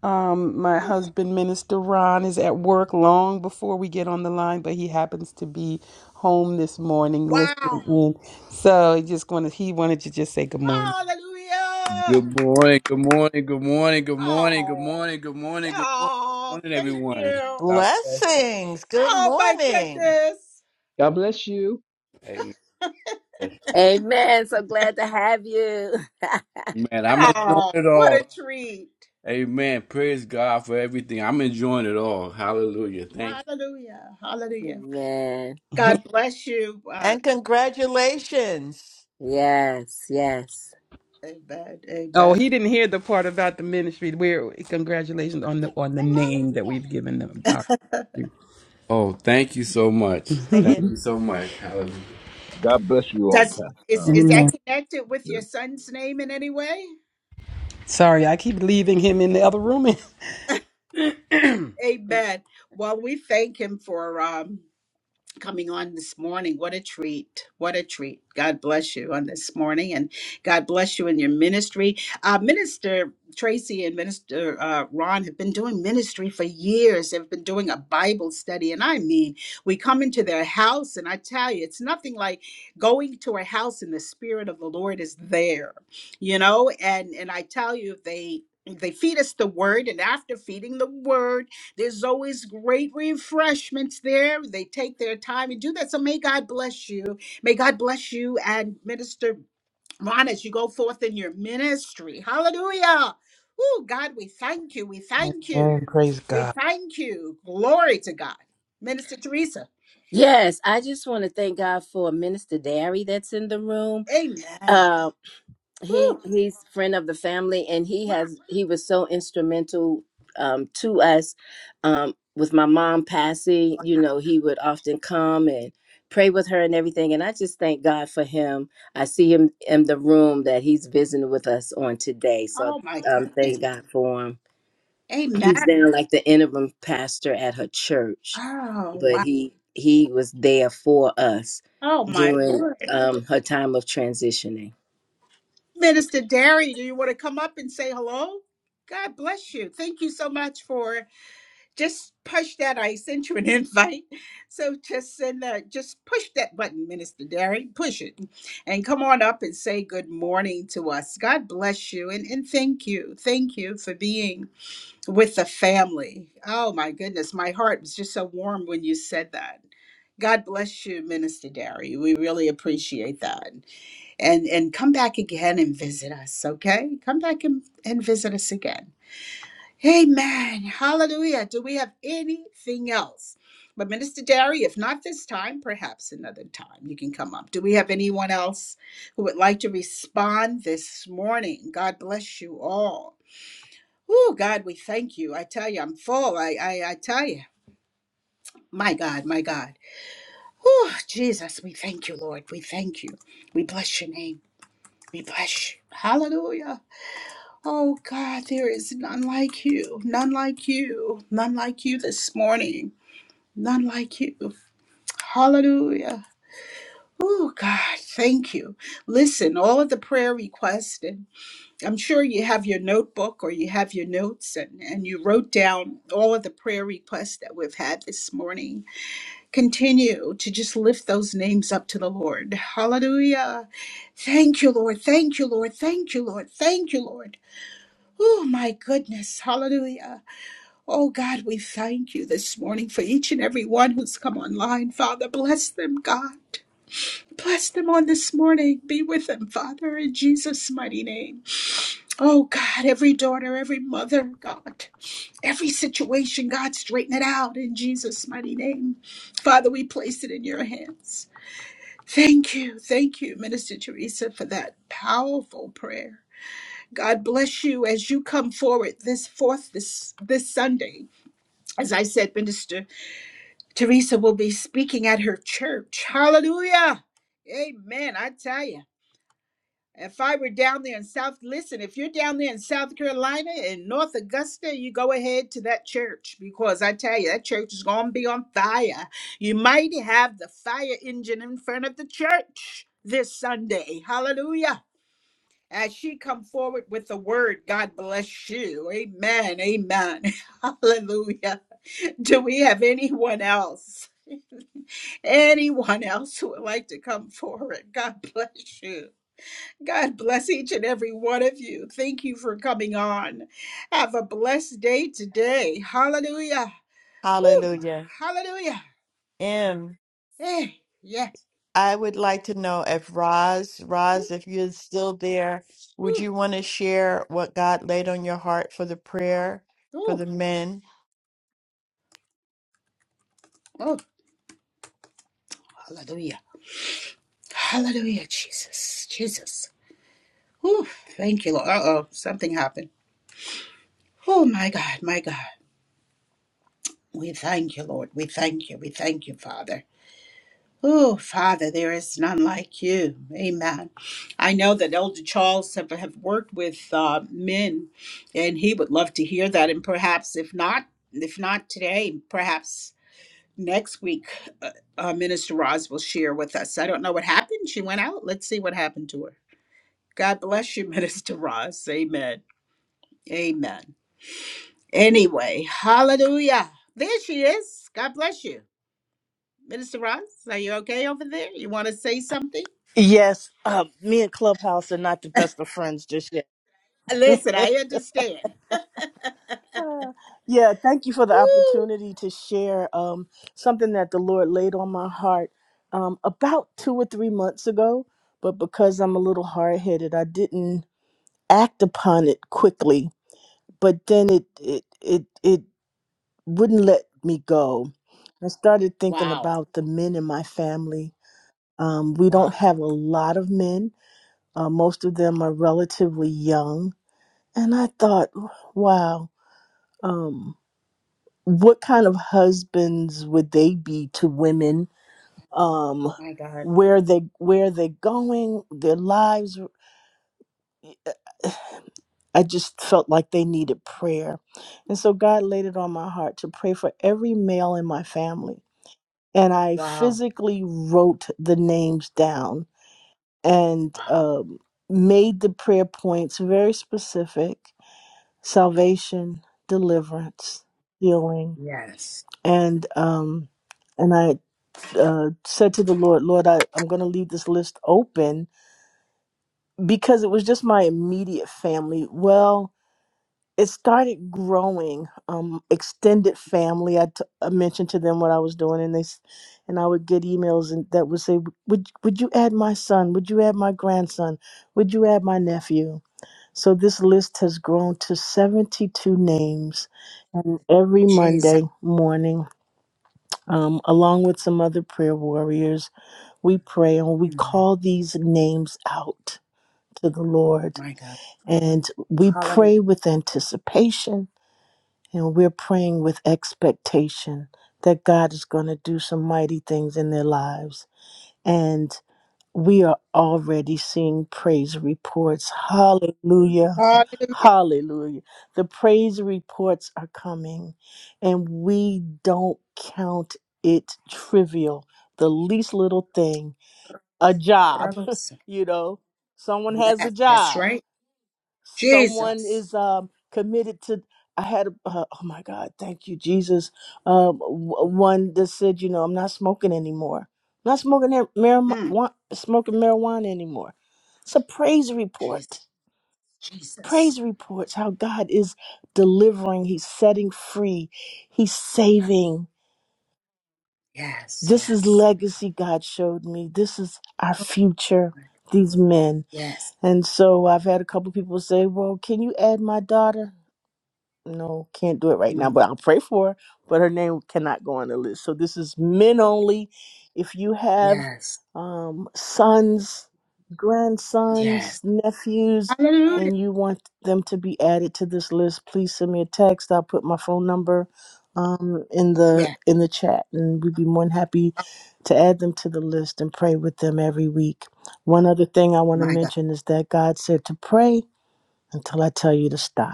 Speaker 9: um, my
Speaker 1: ooh.
Speaker 9: husband, Minister Ron, is at work long before we get on the line, but he happens to be home this morning listening
Speaker 1: Wow.
Speaker 9: in. So he just wanted he wanted to just say good morning.
Speaker 1: Hallelujah.
Speaker 9: Good morning, good morning, good morning, good morning, good
Speaker 1: Oh.
Speaker 9: morning, good morning, good morning, good
Speaker 1: Oh,
Speaker 9: morning,
Speaker 1: thank
Speaker 9: everyone.
Speaker 1: you.
Speaker 9: I-
Speaker 5: Blessings. Good
Speaker 1: Oh, my
Speaker 5: morning.
Speaker 1: goodness.
Speaker 7: God bless you.
Speaker 4: Amen. So glad to have you.
Speaker 9: Man, I'm enjoying
Speaker 1: Oh,
Speaker 9: it
Speaker 1: what
Speaker 9: all.
Speaker 1: a treat.
Speaker 9: Amen. Praise God for everything. I'm enjoying it all. Hallelujah. Thank
Speaker 1: Hallelujah. Hallelujah.
Speaker 4: Amen.
Speaker 9: you.
Speaker 1: God bless you. Uh,
Speaker 5: And congratulations.
Speaker 4: Yes, yes.
Speaker 1: amen.
Speaker 9: Oh,
Speaker 1: Amen.
Speaker 9: he didn't hear the part about the ministry. We're congratulations on the on the name that we've given them. Our you. you. Oh, thank you so much.
Speaker 5: Stay
Speaker 9: Thank
Speaker 5: here.
Speaker 9: you so much. Hallelujah.
Speaker 6: you. God bless you all,
Speaker 1: Does
Speaker 6: Pastor.
Speaker 1: is is
Speaker 6: Um,
Speaker 9: Amen.
Speaker 1: that connected with your son's name in any way?
Speaker 9: Sorry, I keep leaving him in the other room.
Speaker 1: Amen. Well, we thank him for um coming on this morning. What a treat. What a treat. God bless you on this morning and God bless you in your ministry. Uh, Minister Tracy and Minister uh, Ron have been doing ministry for years. They've been doing a Bible study. And I mean, we come into their house, and I tell you, it's nothing like going to a house and the Spirit of the Lord is there, you know? And, and I tell you, they they feed us the word, and after feeding the word, there's always great refreshments there. They take their time and do that. So may God bless you. May God bless you and Minister Ron as you go forth in your ministry. Hallelujah. Oh, God, we thank you. We thank you.
Speaker 9: Oh, praise
Speaker 1: We
Speaker 9: God.
Speaker 1: thank you. Glory to God. Minister Teresa.
Speaker 4: Yes, I just want to thank God for Minister Derry that's in the room.
Speaker 1: Amen.
Speaker 4: Uh, he
Speaker 1: Ooh,
Speaker 4: he's friend of the family, and he
Speaker 1: wow.
Speaker 4: has he was so instrumental um, to us um, with my mom passing. You know, he would often come and pray with her and everything. And I just thank God for him. I see him in the room that he's visiting with us on today. So
Speaker 1: Oh, my
Speaker 4: um,
Speaker 1: goodness.
Speaker 4: thank God for him. He's
Speaker 1: Amen.
Speaker 4: now like the interim pastor at her church
Speaker 1: Oh,
Speaker 4: but
Speaker 1: wow.
Speaker 4: he he was there for us
Speaker 1: Oh, my
Speaker 4: during
Speaker 1: Lord.
Speaker 4: um, her time of transitioning.
Speaker 1: Minister Derry, do you want to come up and say hello? God bless you. Thank you so much for just push that. I sent you an invite. So just send that, just push that button, Minister Derry. Push it. And come on up and say good morning to us. God bless you. And, and thank you. Thank you for being with the family. Oh my goodness. My heart was just so warm when you said that. God bless you, Minister Derry. We really appreciate that and and come back again and visit us okay come back and, and visit us again amen hallelujah do we have anything else but minister derry if not this time perhaps another time you can come up do we have anyone else who would like to respond this morning god bless you all oh god we thank you i tell you i'm full i i, I tell you my god my god oh jesus we thank you lord we thank you we bless your name we bless you hallelujah Oh God, there is none like you, none like you, none like you this morning, none like you. Hallelujah. Oh God, thank you. Listen, all of the prayer requests, and I'm sure you have your notebook or you have your notes, and, and you wrote down all of the prayer requests that we've had this morning. Continue to just lift those names up to the Lord. Hallelujah. Thank you, Lord. Thank you, Lord. Thank you, Lord. Thank you, Lord. Oh my goodness. Hallelujah. Oh God, we thank you this morning for each and every one who's come online. Father, bless them, God. Bless them on this morning. Be with them, Father, in Jesus' mighty name. Oh God, every daughter, every mother, God, every situation, God, straighten it out in Jesus' mighty name. Father, we place it in your hands. Thank you, thank you, Minister Teresa, for that powerful prayer. God bless you as you come forward this fourth this this Sunday. As I said, Minister. Teresa will be speaking at her church. Hallelujah. Amen. I tell you. If I were down there in South, listen, if you're down there in South Carolina and North Augusta, you go ahead to that church because I tell you, that church is going to be on fire. You might have the fire engine in front of the church this Sunday. Hallelujah. As she come forward with the word, God bless you. Amen. Amen. Hallelujah. Do we have anyone else? Anyone else who would like to come forward, God bless you. God bless each and every one of you. Thank you for coming on. Have a blessed day today. Hallelujah. Woo.
Speaker 5: Hallelujah.
Speaker 1: Hallelujah.
Speaker 5: M,
Speaker 1: Hey, yes.
Speaker 5: I would like to know if Roz, Roz, if you're still there, would
Speaker 1: Ooh,
Speaker 5: you want to share what God laid on your heart for the prayer for
Speaker 1: ooh,
Speaker 5: the men?
Speaker 1: oh, hallelujah. Hallelujah, Jesus. Jesus. Ooh, thank you, Lord. Uh oh, something happened. Oh, my God, my God. We thank you, Lord. We thank you. We thank you, Father. Oh, Father, there is none like you. Amen. I know that Elder Charles have, have worked with uh, men, and he would love to hear that. And perhaps, if not, if not today, perhaps next week, uh, uh, Minister Roz will share with us. I don't know what happened. She went out. Let's see what happened to her. God bless you, Minister Roz. Amen. Amen. Anyway, hallelujah. There she is. God bless you. Minister Roz, are you okay over there? You want to say something?
Speaker 2: Yes, uh, me and Clubhouse are not the best of friends just yet.
Speaker 1: Listen, I understand.
Speaker 2: Uh, yeah, thank you for the
Speaker 1: Woo.
Speaker 2: opportunity to share um, something that the Lord laid on my heart um, about two or three months ago. But because I'm a little hard headed, I didn't. act upon it quickly, but then it it it it wouldn't let me go. I started thinking
Speaker 1: Wow.
Speaker 2: about the men in my family. Um, we don't
Speaker 1: Wow.
Speaker 2: have a lot of men. Uh, most of them are relatively young, and I thought, wow, um, what kind of husbands would they be to women? Um,
Speaker 1: My God.
Speaker 2: where they where they're going, their lives. I just felt like they needed prayer. And so God laid it on my heart to pray for every male in my family. And I
Speaker 1: Wow.
Speaker 2: physically wrote the names down and
Speaker 1: Wow.
Speaker 2: um, made the prayer points very specific salvation, deliverance, healing.
Speaker 1: Yes.
Speaker 2: And, um, and I uh, said to the Lord, Lord, I, I'm going to leave this list open because it was just my immediate family. Well, it started growing um extended family I, t- I mentioned to them what i was doing and they s- and i would get emails and that would say would would you add my son would you add my grandson would you add my nephew so this list has grown to 72 names and every
Speaker 1: Jesus.
Speaker 2: monday morning um, along with some other prayer warriors we pray and we
Speaker 1: My
Speaker 2: call these names out to the lord
Speaker 1: God.
Speaker 2: and we
Speaker 1: Hallelujah.
Speaker 2: pray with anticipation and we're praying with expectation that God is going to do some mighty things in their lives. And we are already seeing praise reports. Hallelujah.
Speaker 1: Hallelujah.
Speaker 2: Hallelujah. The praise reports are coming, and we don't count it trivial. The least little thing, a job,
Speaker 1: Rabosa.
Speaker 2: you know, someone has a
Speaker 1: Yes, that's
Speaker 2: job
Speaker 1: right.
Speaker 2: someone
Speaker 1: Jesus.
Speaker 2: is um, committed to i had a- uh, oh my god thank you jesus um, w- one that said you know i'm not smoking anymore I'm not smoking that
Speaker 1: Mm.
Speaker 2: marijuana smoking marijuana anymore it's a praise
Speaker 1: Jesus.
Speaker 2: report
Speaker 1: Jesus.
Speaker 2: praise reports how god is delivering he's setting free he's saving
Speaker 1: Yes.
Speaker 2: this is
Speaker 1: Yes.
Speaker 2: legacy god showed me this is our future these men
Speaker 1: Yes.
Speaker 2: and so i've had a couple people say well can you add my daughter no, can't do it right now,
Speaker 1: Mm.
Speaker 2: but I'll pray for her. But her name cannot go on the list. So this is men only. If you have
Speaker 1: Yes.
Speaker 2: um, sons, grandsons,
Speaker 1: Yes.
Speaker 2: nephews,
Speaker 1: Hallelujah.
Speaker 2: and you want them to be added to this list, please send me a text. I'll put my phone number um, in the
Speaker 1: Yes.
Speaker 2: in the chat, and we'd be more than happy
Speaker 1: Oh,
Speaker 2: to add them to the list and pray with them every week. One other thing I want to
Speaker 1: my God.
Speaker 2: mention is that God said to pray until I tell you to stop.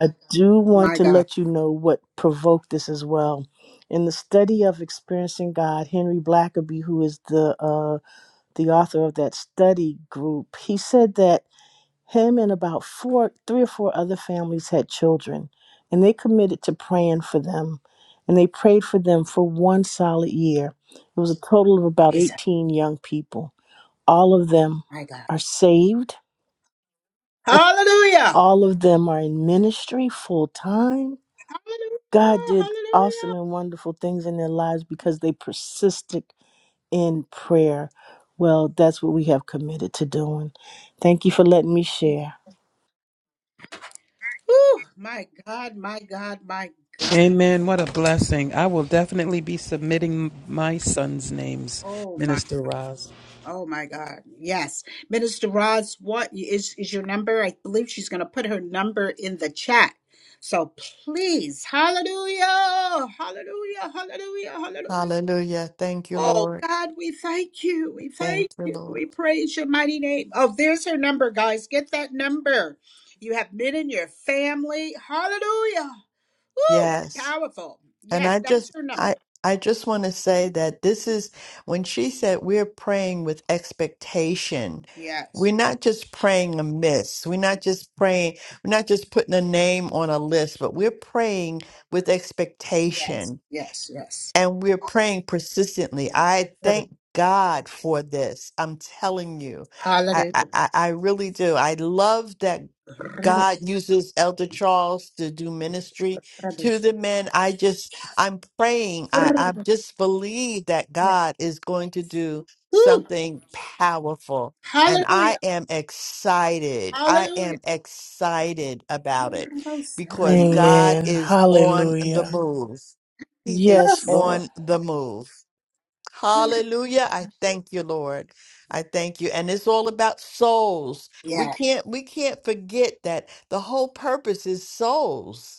Speaker 2: I do want
Speaker 1: My
Speaker 2: to
Speaker 1: God.
Speaker 2: let you know what provoked this as well. In the study of experiencing God, Henry Blackaby, who is the uh, the author of that study group, he said that him and about four, three or four other families had children, and they committed to praying for them, and they prayed for them for one solid year. It was a total of about
Speaker 1: Jesus.
Speaker 2: eighteen young people. All of them
Speaker 1: My God.
Speaker 2: are saved.
Speaker 1: Hallelujah.
Speaker 2: All of them are in ministry full time God
Speaker 1: Hallelujah.
Speaker 2: did awesome
Speaker 1: Hallelujah.
Speaker 2: and wonderful things in their lives because they persisted in prayer. Well, that's what we have committed to doing. Thank you for letting me share.
Speaker 1: Whew, my God, my God, my God.
Speaker 9: Amen. What a blessing. I will definitely be submitting my son's names,
Speaker 1: Oh my,
Speaker 9: Minister Roz.
Speaker 1: oh my God. Yes, Minister Roz, what is is your number? I believe she's going to put her number in the chat. So please, Hallelujah, Hallelujah, Hallelujah, Hallelujah.
Speaker 5: Hallelujah. Thank you,
Speaker 1: Oh
Speaker 5: Lord.
Speaker 1: God, we thank you, we thank
Speaker 5: Thank you,
Speaker 1: you,
Speaker 5: Lord.
Speaker 1: we praise your mighty name. Oh, there's her number, guys. Get that number. You have men in your family. Hallelujah. Woo,
Speaker 5: Yes.
Speaker 1: powerful.
Speaker 5: And
Speaker 1: Yes,
Speaker 5: I
Speaker 1: that's
Speaker 5: just
Speaker 1: her number.
Speaker 5: I I just want to say that this is when she said we're praying with expectation.
Speaker 1: Yes.
Speaker 5: We're not just praying amiss. We're not just praying, we're not just putting a name on a list, but we're praying with
Speaker 1: Yes,
Speaker 5: expectation
Speaker 1: yes, yes.
Speaker 5: and we're praying persistently. I
Speaker 1: Hallelujah.
Speaker 5: thank God for this. I'm telling you. I
Speaker 1: Hallelujah.
Speaker 5: I, I I really do. I love that
Speaker 1: Rubble,
Speaker 5: God uses Elder Charles to do ministry
Speaker 1: rubble,
Speaker 5: to the men. I just, I'm praying. I, I
Speaker 1: rubble,
Speaker 5: just believe that
Speaker 1: yeah.
Speaker 5: God is going to do
Speaker 1: Woo.
Speaker 5: something powerful. And I
Speaker 1: Hallelujah.
Speaker 5: am excited. I
Speaker 1: Hallelujah.
Speaker 5: am excited about it
Speaker 1: Rubble,
Speaker 5: because God
Speaker 2: Amen.
Speaker 5: is on the
Speaker 2: Hallelujah.
Speaker 5: move. He is
Speaker 2: Yes, Lord.
Speaker 5: on the move.
Speaker 1: rubble.
Speaker 5: Hallelujah. I thank you, Lord. I thank you. And it's all about souls. We
Speaker 1: Yeah.
Speaker 5: can't we can't forget that the whole purpose is souls.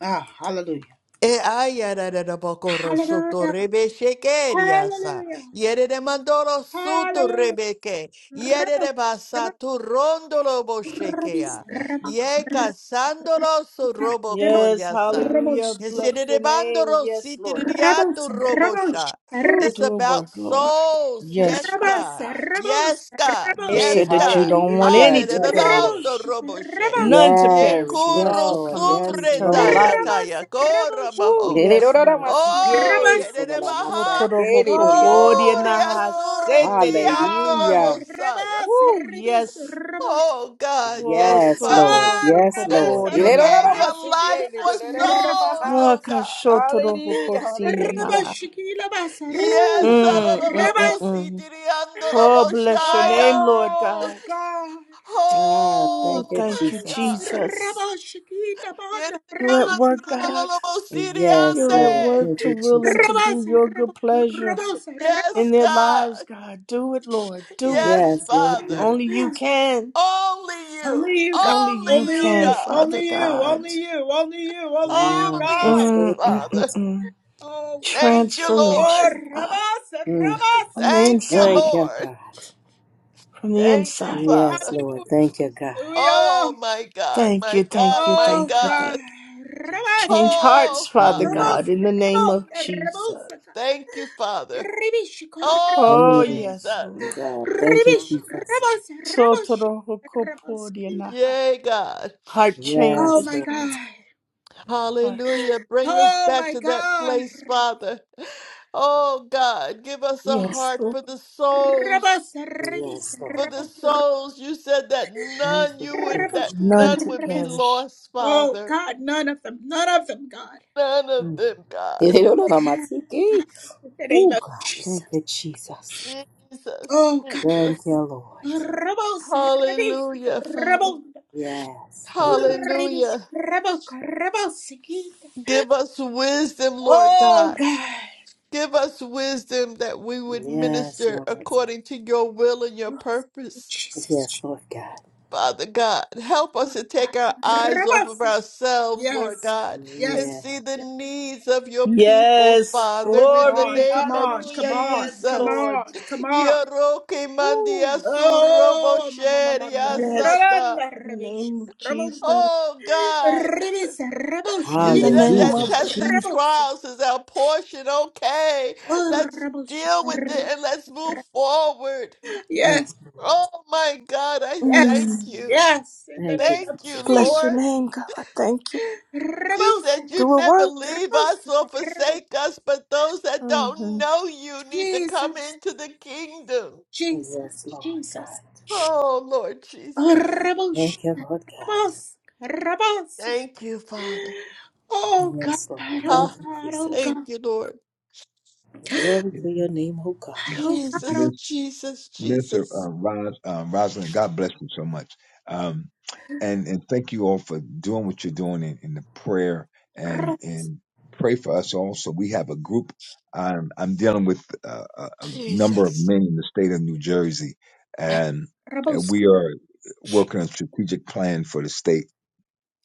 Speaker 1: Ah, hallelujah.
Speaker 5: E ayarara da bokoro soto
Speaker 1: Hallelujah.
Speaker 5: rebe shekeria
Speaker 1: Hallelujah.
Speaker 5: Yere de mandoro suto
Speaker 1: Hallelujah.
Speaker 5: rebeke. Yere
Speaker 1: Rubble,
Speaker 5: de
Speaker 1: rubble,
Speaker 5: basato rondolo bo
Speaker 1: rubble, rubble, rubble,
Speaker 5: shekea.
Speaker 1: rubble,
Speaker 5: Ye casandolo so robo
Speaker 2: Yes,
Speaker 5: koria
Speaker 1: rubble,
Speaker 2: hallelujah.
Speaker 5: Yesere
Speaker 2: Bless
Speaker 5: de
Speaker 2: your name.
Speaker 5: bandoro
Speaker 2: Yes,
Speaker 5: siti de
Speaker 2: Lord
Speaker 5: diato
Speaker 2: God.
Speaker 5: robo sha.
Speaker 2: Ooh,
Speaker 5: It's
Speaker 2: do a
Speaker 5: about
Speaker 2: work, Lord.
Speaker 5: souls.
Speaker 1: rubble,
Speaker 2: Yes,
Speaker 5: Yes,
Speaker 2: Father
Speaker 1: rubble,
Speaker 5: God.
Speaker 2: God.
Speaker 1: rubble,
Speaker 5: Yes, God.
Speaker 1: rubble,
Speaker 2: You
Speaker 1: rubble,
Speaker 4: Hey,
Speaker 5: Yes,
Speaker 2: said that you
Speaker 5: God.
Speaker 2: don't want any
Speaker 4: hallelujah.
Speaker 2: to
Speaker 4: Yes,
Speaker 5: Hallelujah.
Speaker 4: Lord.
Speaker 2: perish,
Speaker 1: Rabosh,
Speaker 5: Robo she.
Speaker 1: Rabos,
Speaker 2: none to
Speaker 5: Ye
Speaker 2: perish,
Speaker 4: Yes,
Speaker 2: but
Speaker 4: yes,
Speaker 5: kuru
Speaker 2: all
Speaker 4: Lord.
Speaker 2: come into
Speaker 4: Yes,
Speaker 2: eternal
Speaker 5: sumbrenda
Speaker 4: Lord.
Speaker 2: life.
Speaker 1: Rabos,
Speaker 5: yataya kora
Speaker 1: Rabos,
Speaker 2: Ooh,
Speaker 5: maho.
Speaker 2: yes, Lord.
Speaker 1: Rabos,
Speaker 5: Oh, ye
Speaker 1: Rabos.
Speaker 5: de de baha.
Speaker 2: Sotoro hokoporia
Speaker 5: Uria
Speaker 2: naha
Speaker 1: Oh
Speaker 2: setere heke.
Speaker 5: surrendiandolo
Speaker 1: God,
Speaker 4: Hallelujah.
Speaker 5: wosaya.
Speaker 1: Rabos,
Speaker 2: Woo,
Speaker 1: Ribis,
Speaker 2: yes.
Speaker 1: Rabos.
Speaker 5: Oh God,
Speaker 2: Oh,
Speaker 5: yes,
Speaker 4: Yes,
Speaker 5: Father.
Speaker 4: Lord.
Speaker 2: sotoro
Speaker 1: Oh
Speaker 4: Yes,
Speaker 1: Rabos,
Speaker 4: Lord.
Speaker 2: hokoporia
Speaker 5: You gave
Speaker 2: naha.
Speaker 5: your life
Speaker 1: Rabashikila
Speaker 5: for
Speaker 1: Bas, Rabos,
Speaker 5: souls,
Speaker 2: Ah,
Speaker 5: oh God.
Speaker 2: kashotoro
Speaker 4: Hallelujah.
Speaker 2: hokosini
Speaker 4: Hallelujah.
Speaker 2: naha.
Speaker 1: Rabashikila Bas, Rabos,
Speaker 4: Ooh,
Speaker 5: Yes,
Speaker 4: God.
Speaker 2: Mm, mm, mm,
Speaker 1: Rabos.
Speaker 2: mm.
Speaker 5: alalabositiriandolo
Speaker 2: Oh, bless your name,
Speaker 5: boshaya.
Speaker 2: Lord
Speaker 1: Oh
Speaker 2: God.
Speaker 1: God,
Speaker 4: Ah,
Speaker 5: Oh
Speaker 2: Oh,
Speaker 4: thank you,
Speaker 2: thank
Speaker 5: my
Speaker 2: you,
Speaker 4: Jesus.
Speaker 5: God.
Speaker 2: Jesus.
Speaker 1: Raboshikila
Speaker 5: Ye de
Speaker 1: Bas,
Speaker 5: de
Speaker 2: You're at
Speaker 5: baha,
Speaker 1: Rabosh,
Speaker 2: work, God.
Speaker 4: Yes,
Speaker 2: You're at
Speaker 4: Lord.
Speaker 5: alalabosiriande.
Speaker 2: work
Speaker 4: Thank
Speaker 2: to
Speaker 4: you,
Speaker 2: will and to
Speaker 4: Jesus.
Speaker 2: do
Speaker 1: Rabas,
Speaker 2: your good
Speaker 1: Rabos,
Speaker 2: pleasure
Speaker 1: Rabos, Rabos,
Speaker 2: in
Speaker 5: Yes,
Speaker 2: their lives,
Speaker 5: God.
Speaker 2: God. Do it, Lord. Do it.
Speaker 5: Yes,
Speaker 4: Yes, Lord
Speaker 5: Father.
Speaker 4: God.
Speaker 2: Only you can.
Speaker 5: Only you.
Speaker 1: Only you, God.
Speaker 2: Only you
Speaker 5: Only
Speaker 1: Only
Speaker 5: you,
Speaker 2: can,
Speaker 1: you.
Speaker 5: God.
Speaker 2: Father
Speaker 1: Only you.
Speaker 2: God.
Speaker 1: Only you. Only you. Only you,
Speaker 4: Ah,
Speaker 5: Only
Speaker 1: God.
Speaker 4: yes,
Speaker 5: you,
Speaker 4: Lord
Speaker 2: Mm, mm,
Speaker 4: God.
Speaker 5: Father.
Speaker 2: mm, mm.
Speaker 1: Oh, we thank
Speaker 5: Thank
Speaker 1: you.
Speaker 5: you, Lord.
Speaker 1: Oh,
Speaker 2: Transformation, God,
Speaker 1: Rabasa,
Speaker 4: Mm.
Speaker 1: Rabasa.
Speaker 2: from the
Speaker 5: Thank you,
Speaker 2: inside,
Speaker 4: Thank
Speaker 2: out,
Speaker 4: you,
Speaker 5: Lord.
Speaker 4: God.
Speaker 2: from the
Speaker 5: Thank you,
Speaker 2: inside. out.
Speaker 4: Yes,
Speaker 5: Father.
Speaker 4: Lord. Thank you, God.
Speaker 1: Hallelujah.
Speaker 5: Oh, my God.
Speaker 2: Thank you,
Speaker 5: My God.
Speaker 2: thank you,
Speaker 5: My
Speaker 1: Oh,
Speaker 2: thank you,
Speaker 1: God.
Speaker 2: thank
Speaker 5: God.
Speaker 2: you.
Speaker 1: Rabasa,
Speaker 2: Change hearts,
Speaker 5: Oh,
Speaker 2: Father
Speaker 5: Father.
Speaker 4: Yes.
Speaker 2: God,
Speaker 1: rabos,
Speaker 2: in the name
Speaker 1: rabos,
Speaker 2: of Jesus.
Speaker 1: rabosaka.
Speaker 5: Thank you, Father.
Speaker 1: Ribish,
Speaker 5: Oh,
Speaker 2: Oh,
Speaker 4: Mm.
Speaker 2: yes, Lord.
Speaker 5: Jesus.
Speaker 4: God. Thank you,
Speaker 1: Ribish,
Speaker 4: Jesus.
Speaker 1: rabos, Rabasa, Rabasa.
Speaker 2: Sotorohokopodianaha.
Speaker 5: Yay, God.
Speaker 2: Heart
Speaker 1: Oh,
Speaker 4: Yes,
Speaker 2: changes,
Speaker 1: my
Speaker 4: Lord.
Speaker 1: God.
Speaker 2: Lord. Heart changes.
Speaker 5: Hallelujah. Bring us
Speaker 1: Oh,
Speaker 5: back
Speaker 1: my
Speaker 5: to that
Speaker 1: God.
Speaker 5: place, Father. Oh, God. Give us a
Speaker 2: Yes,
Speaker 5: heart
Speaker 2: Lord.
Speaker 5: for the souls.
Speaker 1: Rabasa, Rabasa,
Speaker 4: Yes,
Speaker 5: for
Speaker 4: Lord.
Speaker 5: the
Speaker 1: Rabasa.
Speaker 5: souls. You said that
Speaker 4: Thank
Speaker 5: none
Speaker 4: you,
Speaker 5: you would that
Speaker 4: Jesus.
Speaker 2: None
Speaker 5: none
Speaker 2: to
Speaker 5: would be
Speaker 2: perish.
Speaker 5: lost,
Speaker 1: Oh
Speaker 5: Father.
Speaker 1: God, none of them, none of them, God.
Speaker 5: None of
Speaker 4: Mm.
Speaker 5: them, God.
Speaker 4: Elelololamatiki.
Speaker 1: In the name
Speaker 4: Ooh,
Speaker 1: of
Speaker 4: God.
Speaker 1: Jesus.
Speaker 4: Thank you, Jesus.
Speaker 5: Jesus,
Speaker 1: Oh God.
Speaker 4: Thank
Speaker 5: Jesus.
Speaker 4: you, Lord.
Speaker 1: Rebels, rebels,
Speaker 5: Hallelujah, Father.
Speaker 1: rebels,
Speaker 4: Yes. Thank you.
Speaker 1: rebels,
Speaker 5: Hallelujah.
Speaker 1: rebels, rebels,
Speaker 5: Give us wisdom, Lord
Speaker 1: Oh
Speaker 5: God.
Speaker 1: God.
Speaker 5: Give us wisdom that we would
Speaker 4: Yes,
Speaker 5: minister
Speaker 4: Lord.
Speaker 5: according to your will and your
Speaker 1: Oh, thank you,
Speaker 5: purpose.
Speaker 4: Yes,
Speaker 1: Jesus.
Speaker 4: Lord God.
Speaker 5: Father God, help us to take our eyes off of
Speaker 1: Rebels.
Speaker 5: ourselves, Lord
Speaker 1: Yes.
Speaker 5: God,
Speaker 1: Yes.
Speaker 5: and
Speaker 4: Yeah.
Speaker 5: see the needs of your people,
Speaker 2: Yes,
Speaker 5: Father,
Speaker 1: Come
Speaker 5: in the
Speaker 1: on,
Speaker 2: glory,
Speaker 1: come
Speaker 5: name of
Speaker 1: on, come
Speaker 2: hallelujah.
Speaker 1: on,
Speaker 2: Yes,
Speaker 1: come
Speaker 5: Jesus.
Speaker 2: Lord.
Speaker 1: on, come on.
Speaker 5: Yoroke
Speaker 2: Woo.
Speaker 5: mandia surobo
Speaker 1: Oh, mama, mama,
Speaker 5: sheria
Speaker 2: Yes,
Speaker 1: run,
Speaker 5: sata.
Speaker 2: in the
Speaker 1: rubbish,
Speaker 2: name of Jesus.
Speaker 5: Oh God,
Speaker 1: Ribis, rebels,
Speaker 2: In
Speaker 5: you
Speaker 2: the
Speaker 1: shakina,
Speaker 5: said
Speaker 2: name
Speaker 1: horse,
Speaker 5: that
Speaker 4: Hallelujah.
Speaker 2: of
Speaker 5: tests and
Speaker 2: Jesus.
Speaker 1: rebels,
Speaker 5: trials is our portion. Okay,
Speaker 1: oh,
Speaker 5: let's
Speaker 1: rebels,
Speaker 5: deal with it
Speaker 1: shakina.
Speaker 5: and let's move forward.
Speaker 4: Yes,
Speaker 1: Yes,
Speaker 4: Lord.
Speaker 5: Oh my God, I thank
Speaker 2: Mm.
Speaker 1: yes,
Speaker 5: you.
Speaker 1: yes, in the
Speaker 4: Thank you,
Speaker 1: name
Speaker 5: Thank
Speaker 1: of
Speaker 5: you,
Speaker 4: Jesus.
Speaker 2: Bless
Speaker 1: Jesus.
Speaker 2: your
Speaker 5: Lord.
Speaker 2: name, God. Thank you.
Speaker 5: You
Speaker 1: Rebels,
Speaker 5: said you'd
Speaker 2: Do a
Speaker 5: never
Speaker 2: work.
Speaker 5: leave
Speaker 1: rebels,
Speaker 5: us or
Speaker 1: rebels,
Speaker 5: forsake us, but those that don't
Speaker 2: hmm
Speaker 5: know you need to come
Speaker 1: Jesus,
Speaker 5: into the kingdom.
Speaker 1: Jesus,
Speaker 4: Yes, Lord
Speaker 1: Jesus.
Speaker 4: God.
Speaker 5: Oh, Lord
Speaker 1: Oh,
Speaker 5: Jesus.
Speaker 1: rebels,
Speaker 4: Thank you, Lord God.
Speaker 1: rebels, rebels.
Speaker 5: Thank you, Father.
Speaker 1: Oh God,
Speaker 4: Yes, Lord.
Speaker 1: oh
Speaker 4: Thank
Speaker 5: Ah,
Speaker 4: you,
Speaker 1: God, oh
Speaker 4: Jesus.
Speaker 1: God,
Speaker 5: thank you, Lord.
Speaker 4: Glory
Speaker 6: yeah,
Speaker 4: to your name, oh God.
Speaker 1: oh God,
Speaker 5: Jesus,
Speaker 1: oh
Speaker 6: yes.
Speaker 5: Jesus,
Speaker 6: Mr.
Speaker 5: Jesus,
Speaker 6: Uh, Ros, uh, Rosalind, God bless you so much. Um, and, and thank you all for doing what you're doing in, in the prayer and,
Speaker 1: God.
Speaker 6: and pray for us also. We have a group. I'm, I'm dealing with uh, a, a number of
Speaker 5: Jesus.
Speaker 6: men in the state of New Jersey and, and
Speaker 1: Rebels,
Speaker 6: we are working on a strategic plan for the state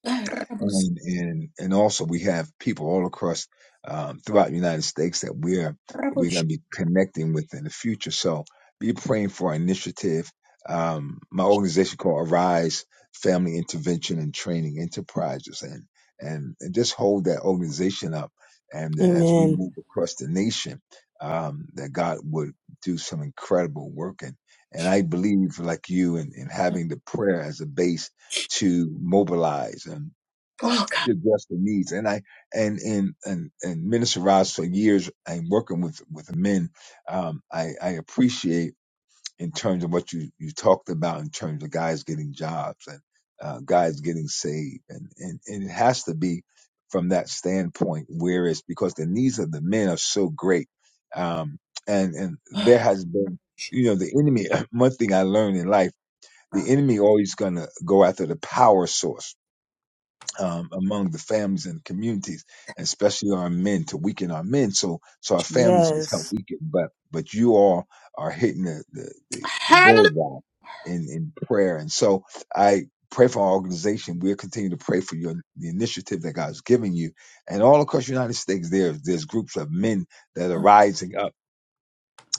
Speaker 1: rebels,
Speaker 6: and and and also we have people all across um, throughout the United States that we're we're going
Speaker 1: rebels.
Speaker 6: to be connecting with in the future. So be praying for our initiative. Um, my organization called Arise Family Intervention and Training Enterprises, and and, and just hold that organization up. And that as we
Speaker 2: Amen.
Speaker 6: move across the nation, um, that God would do some incredible work. And and I believe, like you, in, in having the prayer as a base to mobilize
Speaker 1: Oh
Speaker 6: to address the needs. And I and and and and Minister Ross for years I'm working with with men. Um, I I appreciate in terms of what you you talked about in terms of guys getting jobs and uh, guys getting saved, and and and it has to be from that standpoint. Whereas because the needs of the men are so great, um, and and
Speaker 1: God.
Speaker 6: there has been you know the enemy. One thing I learned in life. The enemy always gonna go after the power source um, among the families and communities, and especially our men, to weaken our men, so so our families become
Speaker 2: Yes,
Speaker 6: weakened. But but you all are hitting the the, the, the
Speaker 1: Hallelujah.
Speaker 6: bullseye in in prayer, and so I pray for our organization. We'll continue to pray for your the initiative that God's giving you, and all across the United States, there's there's groups of men that are rising up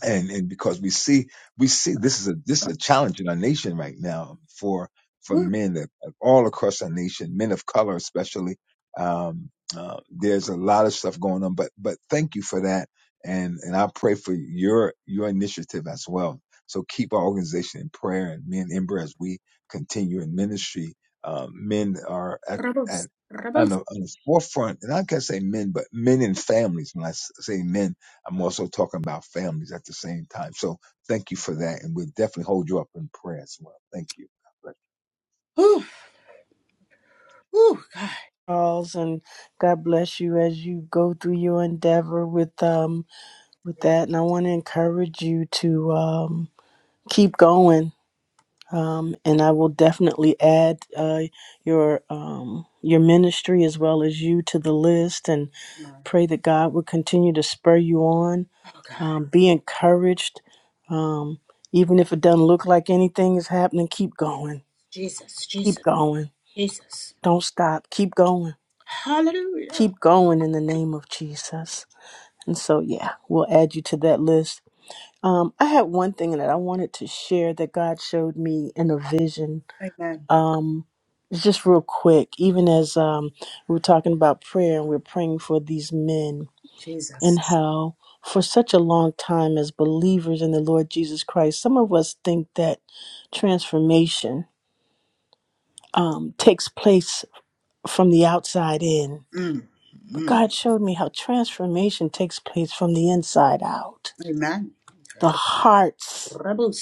Speaker 6: and and because we see we see this is a this is a challenge in our nation right now for for men that all across our nation, men of color especially. Um, uh, there's a lot of stuff going on, but but thank you for that, and and I pray for your your initiative as well. So keep our organization in prayer, and me and Ember as we continue in ministry. Um, men are at at
Speaker 1: Rebels.
Speaker 6: on
Speaker 1: Rebels.
Speaker 6: the, on the forefront, and I can not say men, but men and families. When I s- say men, I'm also talking about families at the same time. So thank you for that. And we'll definitely hold you up in prayer as well. Thank you. But
Speaker 1: Ooh, ooh, God.
Speaker 2: Charles, and God bless you as you go through your endeavor with um with
Speaker 1: Yeah.
Speaker 2: that. And I want to encourage you to um keep going. Um, and I will definitely add uh, your um, your ministry as well as you to the list. and.
Speaker 1: No.
Speaker 2: Pray that God will continue to spur you on.
Speaker 1: Oh, God.
Speaker 2: Um, be encouraged. Um, even if it doesn't look like anything is happening, keep
Speaker 1: It's
Speaker 2: going.
Speaker 1: Jesus,
Speaker 2: Keep
Speaker 1: Jesus,
Speaker 2: going.
Speaker 1: Jesus.
Speaker 2: Don't stop. Keep going.
Speaker 1: Hallelujah.
Speaker 2: Keep going in the name of Jesus. And so, yeah, we'll add you to that list. Um, I had one thing that I wanted to share that God showed me in a vision.
Speaker 1: Amen.
Speaker 2: Um, it's just real quick, even as um, we we're talking about prayer and we we're praying for these men and
Speaker 1: Jesus.
Speaker 2: how for such a long time as believers in the Lord Jesus Christ, some of us think that transformation um, takes place from the outside in.
Speaker 1: Mm,
Speaker 2: But
Speaker 1: mm.
Speaker 2: God showed me how transformation takes place from the inside out.
Speaker 1: Amen.
Speaker 2: The hearts,
Speaker 1: Rebel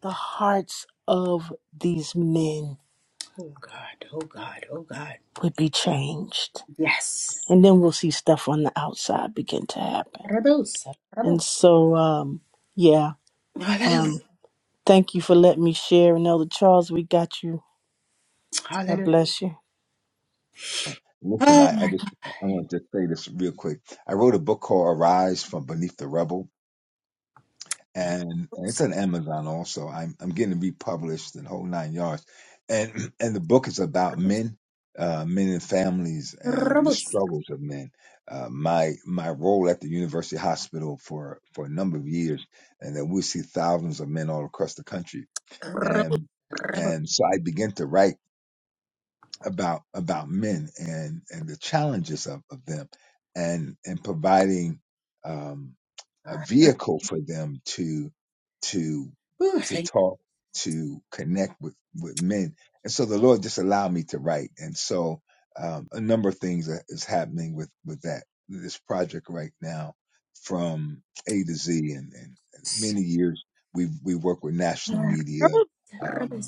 Speaker 2: the hearts of these men
Speaker 1: Oh, God. Oh, God. Oh, God.
Speaker 2: would be changed.
Speaker 1: Yes.
Speaker 2: And then we'll see stuff on the outside begin to happen.
Speaker 1: Rebel sucker.
Speaker 2: And so, um, yeah,
Speaker 1: Hallelujah.
Speaker 2: um, thank you for letting me share. And Elder Charles, we got you God
Speaker 1: Hallelujah.
Speaker 2: bless you.
Speaker 6: listen,
Speaker 1: Oh,
Speaker 6: I, I
Speaker 1: my
Speaker 6: just,
Speaker 1: God.
Speaker 6: I want to just say this real quick. I wrote a book called Arise from Beneath the Rubble, and,
Speaker 1: Rebel
Speaker 6: and it's on Amazon also. I'm, I'm getting republished in whole nine yards. And, and the book is about men, uh, men and families and the
Speaker 1: sucker.
Speaker 6: struggles of men. Uh, my, my role at the university hospital for, for a number of years, and that we see thousands of men all across the country
Speaker 1: Rebel.
Speaker 6: and
Speaker 1: Rebel.
Speaker 6: and so I began to write about about men and and the challenges of, of them and and providing um, a
Speaker 1: God.
Speaker 6: vehicle for them to to
Speaker 1: Ooh,
Speaker 6: to
Speaker 1: thank you.
Speaker 6: talk to connect with with men and so the Lord just allowed me to write and so um, a number of things that is happening with with that this project right now from A to Z and, and many years we we work with national media
Speaker 1: Rebel. Rebel
Speaker 6: um,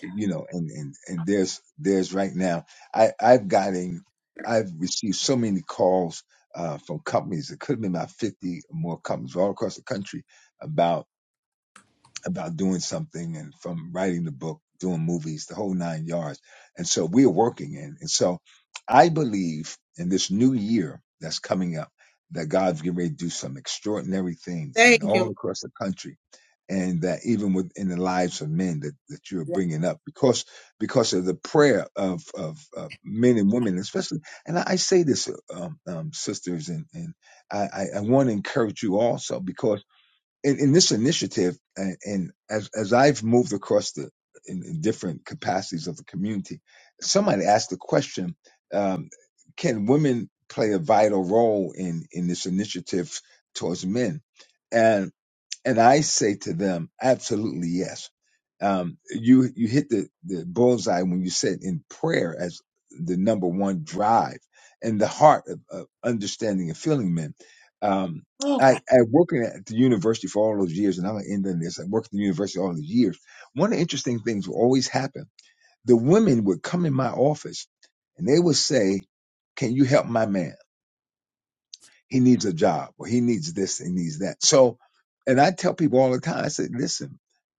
Speaker 6: you know, and, and, and there's, there's right now, I, I've gotten, I've received so many calls, uh, from companies. It could have been about 50 or more companies all across the country about about doing something and from writing the book, doing movies, the whole nine yards. And so we're working in. And so I believe in this new year that's coming up that God's getting ready to do some extraordinary things and
Speaker 1: Thank you.
Speaker 6: all
Speaker 1: Lord.
Speaker 6: across the country. And that even within the lives of men that, that you're
Speaker 1: Yeah.
Speaker 6: bringing up, because because of the prayer of of, of men and women, especially, and I, I say this, um, um, sisters, and and I, I I want to encourage you also in, in this initiative and, and as as I've moved across the in, in different capacities of the community, somebody asked the question, um, can women play a vital role in in this initiative towards men? And I say to them, absolutely yes. Um, you you hit the, the bullseye when you said in prayer as the number one drive and the heart of, of understanding and feeling men. Um,
Speaker 1: Oh, God.
Speaker 6: I, I working at the university for all those years, and I'm gonna end on this. I worked at the university all those years. One of the interesting things would always happen. The women would come in my office and they would say, "Can you help my man?" He needs a job or he needs this He needs that. So, and I tell people all the time, I said, listen,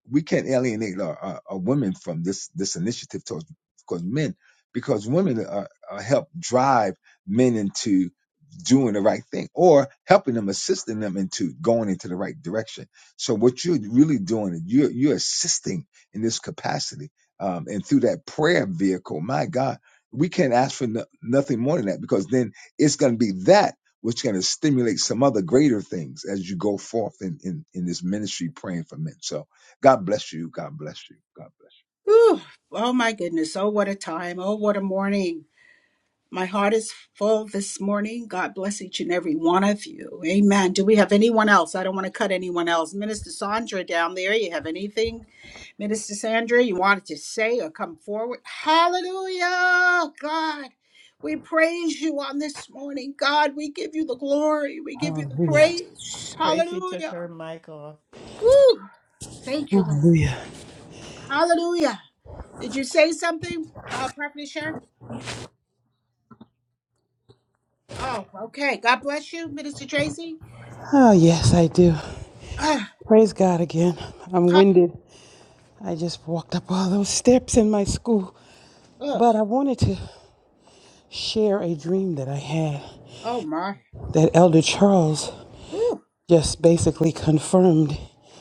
Speaker 6: we can't alienate our, our, our women from this, this initiative towards, towards men because women are, are help drive men into doing the right thing or helping them, assisting them into going into the right direction. So what you're really doing, is you're, you're assisting in this capacity. Um, and through that prayer vehicle, my God, we can't ask for no, nothing more than that because then it's going to be that which going to stimulate some other greater things as you go forth in, in, in this ministry praying for men. So God bless you. God bless you. God bless.
Speaker 1: Whew. Oh my goodness. Oh, what a time. Oh, what a morning. My heart is full this morning. God bless each and every one of you. Amen. Do we have anyone else? I don't want to cut anyone else. Minister Sandra down there, you have anything, Minister Sandra, you wanted to say or come forward? Hallelujah. God, we praise you on this morning. God, we give you the glory. We give you the
Speaker 9: Hallelujah.
Speaker 1: praise.
Speaker 5: Tracy took
Speaker 1: Hallelujah.
Speaker 5: her
Speaker 1: Woo. Thank you, Lord.
Speaker 9: Hallelujah.
Speaker 1: Hallelujah. Did you say something, uh, Prophet Sharon? Oh, okay. God bless you, Minister Tracy.
Speaker 9: Oh, yes, I do.
Speaker 1: Uh,
Speaker 9: Praise God again. I'm winded. I just walked up all those steps in my school.
Speaker 1: oh,
Speaker 9: But I wanted to share a dream that I had
Speaker 1: oh my.
Speaker 9: that Elder Charles
Speaker 1: Ooh,
Speaker 9: just basically confirmed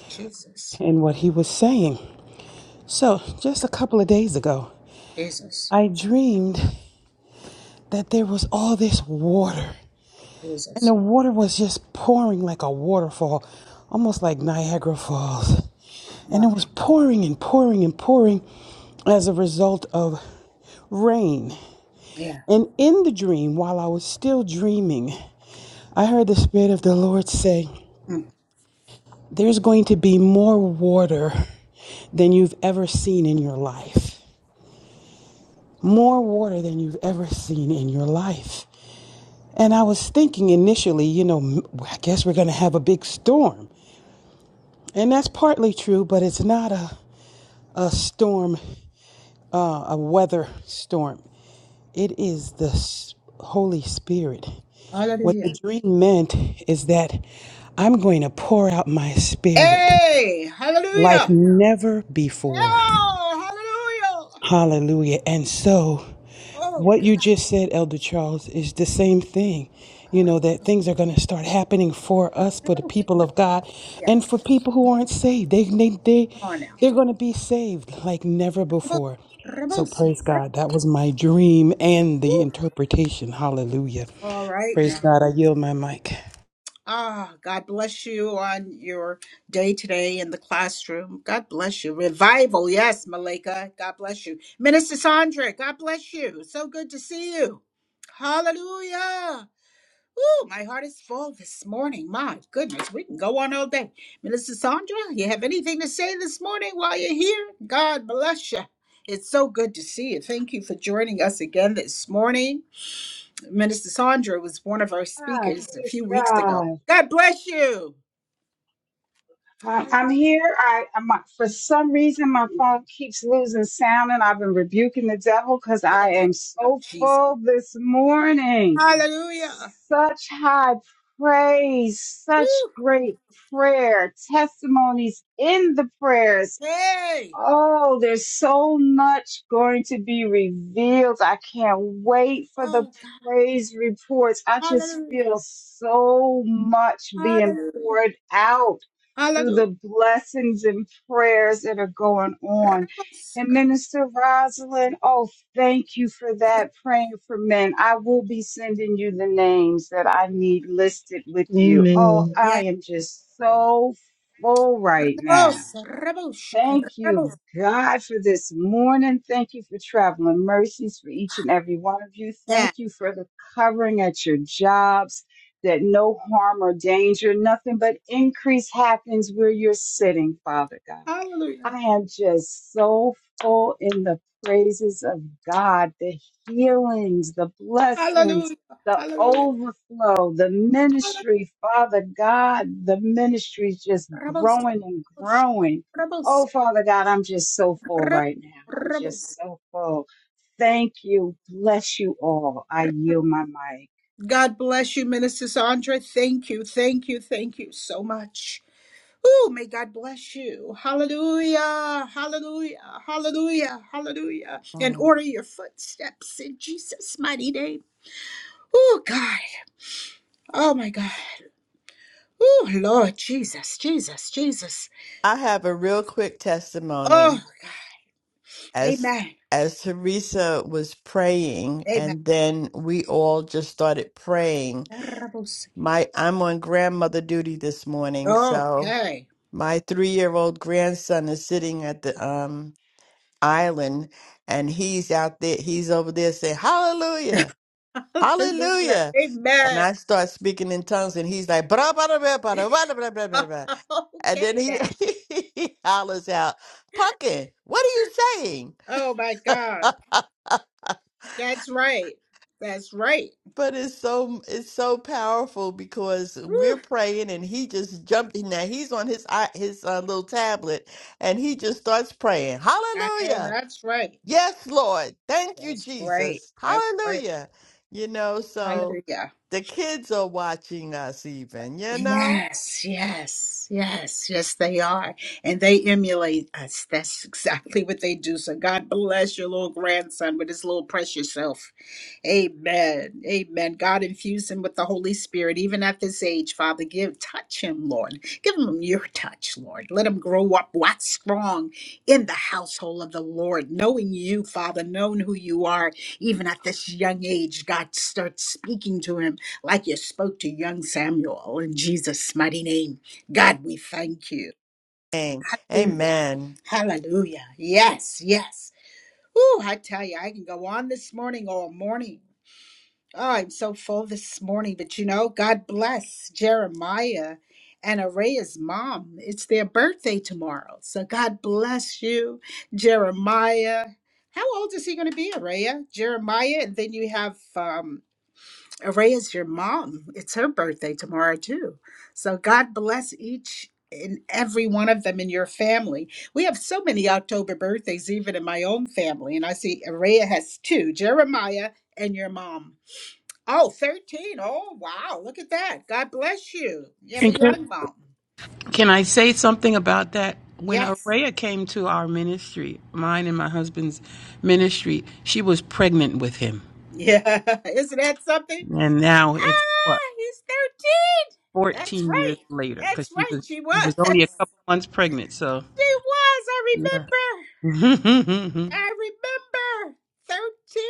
Speaker 1: Jesus,
Speaker 9: in what he was saying. So, just a couple of days ago,
Speaker 1: Jesus,
Speaker 9: I dreamed that there was all this water, and
Speaker 1: Jesus.
Speaker 9: the water was just pouring like a waterfall, almost like Niagara Falls. And it
Speaker 1: Wow.
Speaker 9: was pouring and pouring and pouring as a result of rain.
Speaker 1: Yeah.
Speaker 9: And in the dream, while I was still dreaming, I heard the Spirit of the Lord say,
Speaker 1: Mm.
Speaker 9: There's going to be more water than you've ever seen in your life. More water than you've ever seen in your life. And I was thinking initially, you know, I guess we're going to have a big storm. And that's partly true, but it's not a, a storm, uh, a weather storm. It is the s- Holy Spirit. What the
Speaker 1: Hallelujah.
Speaker 9: dream meant is that I'm going to pour out my spirit
Speaker 1: Hey,
Speaker 9: like
Speaker 1: hallelujah.
Speaker 9: never before.
Speaker 1: Oh, hallelujah.
Speaker 9: Hallelujah. And so
Speaker 1: Oh,
Speaker 9: what you
Speaker 1: God.
Speaker 9: just said, Elder Charles, is the same thing. You know, that things are going to start happening for us, for the people of God, and
Speaker 1: Yes.
Speaker 9: for people who aren't saved. They, they, they,
Speaker 1: Come on now.
Speaker 9: they're going to be saved like never before. So
Speaker 1: Rebosa.
Speaker 9: praise God. That was my dream and the interpretation. Hallelujah.
Speaker 1: All right
Speaker 9: Praise
Speaker 1: now.
Speaker 9: God. I yield my mic.
Speaker 1: Ah, God bless you on your day today in the classroom. God bless you. Revival, yes, Malika. God bless you. Minister Sandra, God bless you. So good to see you. Hallelujah. Woo, my heart is full this morning. My goodness, we can go on all day. Minister Sandra, you have anything to say this morning while you're here? God bless you. It's so good to see you. Thank you for joining us again this morning. Minister Sandra was one of our
Speaker 10: God,
Speaker 1: speakers a
Speaker 10: praise
Speaker 1: few weeks ago.
Speaker 10: God.
Speaker 1: God bless you.
Speaker 10: Um, I'm
Speaker 1: Hallelujah.
Speaker 10: here. I, I'm, for some reason, my phone keeps losing sound, and I've been rebuking the devil because I
Speaker 1: In the
Speaker 10: am
Speaker 1: name of
Speaker 10: so
Speaker 1: Jesus.
Speaker 10: full this morning.
Speaker 1: Hallelujah.
Speaker 10: Such high praise, such
Speaker 1: Woo.
Speaker 10: great prayer, testimonies in the prayers
Speaker 1: Hey.
Speaker 10: Oh, there's so much going to be revealed. I can't wait for the
Speaker 1: Oh God.
Speaker 10: praise reports. I just
Speaker 1: Hallelujah.
Speaker 10: feel so much being
Speaker 1: Hallelujah.
Speaker 10: poured out through
Speaker 1: Hallelujah.
Speaker 10: the blessings and prayers that are going on.
Speaker 1: Rebels.
Speaker 10: And Minister Rosalind, oh, thank you for that praying for men. I will be sending you the names that I need listed with you. Oh,
Speaker 2: Amen.
Speaker 10: I
Speaker 1: Yeah.
Speaker 10: am just so full right now.
Speaker 1: Rebels. Rebels.
Speaker 10: Thank you,
Speaker 1: Rebels.
Speaker 10: God, for this morning. Thank you for traveling mercies for each and every one of you.
Speaker 1: Yeah.
Speaker 10: Thank you for the covering at your jobs, that no harm or danger, nothing but increase happens where you're sitting, Father God.
Speaker 1: Hallelujah.
Speaker 10: I am just so full in the praises of God, the healings, the blessings,
Speaker 1: Hallelujah.
Speaker 10: the
Speaker 1: Hallelujah.
Speaker 10: overflow, the ministry, Father God, the ministry is just
Speaker 1: Rebels.
Speaker 10: growing and
Speaker 1: Rebels.
Speaker 10: growing. Oh,
Speaker 1: Rebels.
Speaker 10: Father God, I'm just so full
Speaker 1: Rebels.
Speaker 10: right now. I'm
Speaker 1: Rebels.
Speaker 10: just so full. Thank you. Bless you all. I yield my mic.
Speaker 1: God bless you, Minister Sandra. Thank you. Thank you. Thank you so much. Ooh, may God bless you. Hallelujah. Hallelujah. Hallelujah. Hallelujah. And
Speaker 5: home.
Speaker 1: order your footsteps in Jesus' mighty name. Oh, God. Oh, my God. Oh, Lord Jesus. Jesus. Jesus.
Speaker 5: I have a real quick testimony
Speaker 1: Oh,
Speaker 5: as
Speaker 1: amen.
Speaker 5: as Teresa was praying,
Speaker 1: Amen.
Speaker 5: and then we all just started praying My I'm on grandmother duty this morning, so
Speaker 1: Okay.
Speaker 5: my three-year-old grandson is sitting at the um island and he's out there, he's over there saying, Hallelujah,
Speaker 1: Hallelujah.
Speaker 5: hallelujah. And
Speaker 1: Amen.
Speaker 5: I start speaking in tongues and he's like, blah, blah, blah, blah, blah, blah, blah, blah, blah, blah, and then
Speaker 1: okay,
Speaker 5: he,
Speaker 1: now.
Speaker 5: he hollers out, Pumpkin, what are you saying?
Speaker 1: Oh, my God. That's right. That's right.
Speaker 5: But it's so it's so powerful because we're
Speaker 1: Whew.
Speaker 5: praying and he just jumped in there. He's on his i- his uh, little tablet and he just starts praying.
Speaker 1: I know
Speaker 5: Hallelujah.
Speaker 1: that's right.
Speaker 5: Yes, Lord. Thank you,
Speaker 1: That's right.
Speaker 5: Jesus.
Speaker 1: That's right.
Speaker 5: Hallelujah. You know, so
Speaker 1: Hallelujah.
Speaker 5: the kids are watching us even, you know?
Speaker 1: Yes, yes, yes, yes, they are. And they emulate us. That's exactly what they do. So God bless your little grandson with his little precious self. Amen. Amen. God infuse him with the Holy Spirit, even at this age, Father. Give touch him, Lord. Give him your touch, Lord. Let him grow up, wax strong in the household of the Lord, knowing you, Father, knowing who you are, even at this young age. God starts speaking to him like you spoke to young Samuel in Jesus' mighty name. God, we thank you.
Speaker 5: Amen.
Speaker 1: Hallelujah.
Speaker 5: Amen.
Speaker 1: Hallelujah. Yes, yes. Ooh, I tell you, I can go on this morning all morning. Oh, I'm so full this morning, but you know, God bless Jeremiah and Araya's mom. It's their birthday tomorrow. So God bless you, Jeremiah. How old is he going to be, Araya? Jeremiah, and then you have um Ray is your mom. It's her birthday tomorrow, too. So God bless each and every one of them in your family. We have so many October birthdays, even in my own family. And I see Araya has two Jeremiah and your mom. Oh, 13! Oh, wow. Look at that. God bless you. You have a
Speaker 9: And can,
Speaker 1: young mom.
Speaker 9: can I say something about that? When
Speaker 1: Yes.
Speaker 9: Araya came to our ministry, mine and my husband's ministry, she was pregnant with him.
Speaker 1: Yeah. Isn't that something?
Speaker 9: and now it's what
Speaker 1: Ah, he's 13. That's
Speaker 9: 14
Speaker 1: right.
Speaker 9: years later because
Speaker 1: That's
Speaker 9: she
Speaker 1: right.
Speaker 9: was
Speaker 1: She
Speaker 9: she
Speaker 1: was.
Speaker 9: was only a couple months pregnant so
Speaker 1: She was. I
Speaker 9: yeah
Speaker 1: remember.
Speaker 9: and
Speaker 1: I remember 13.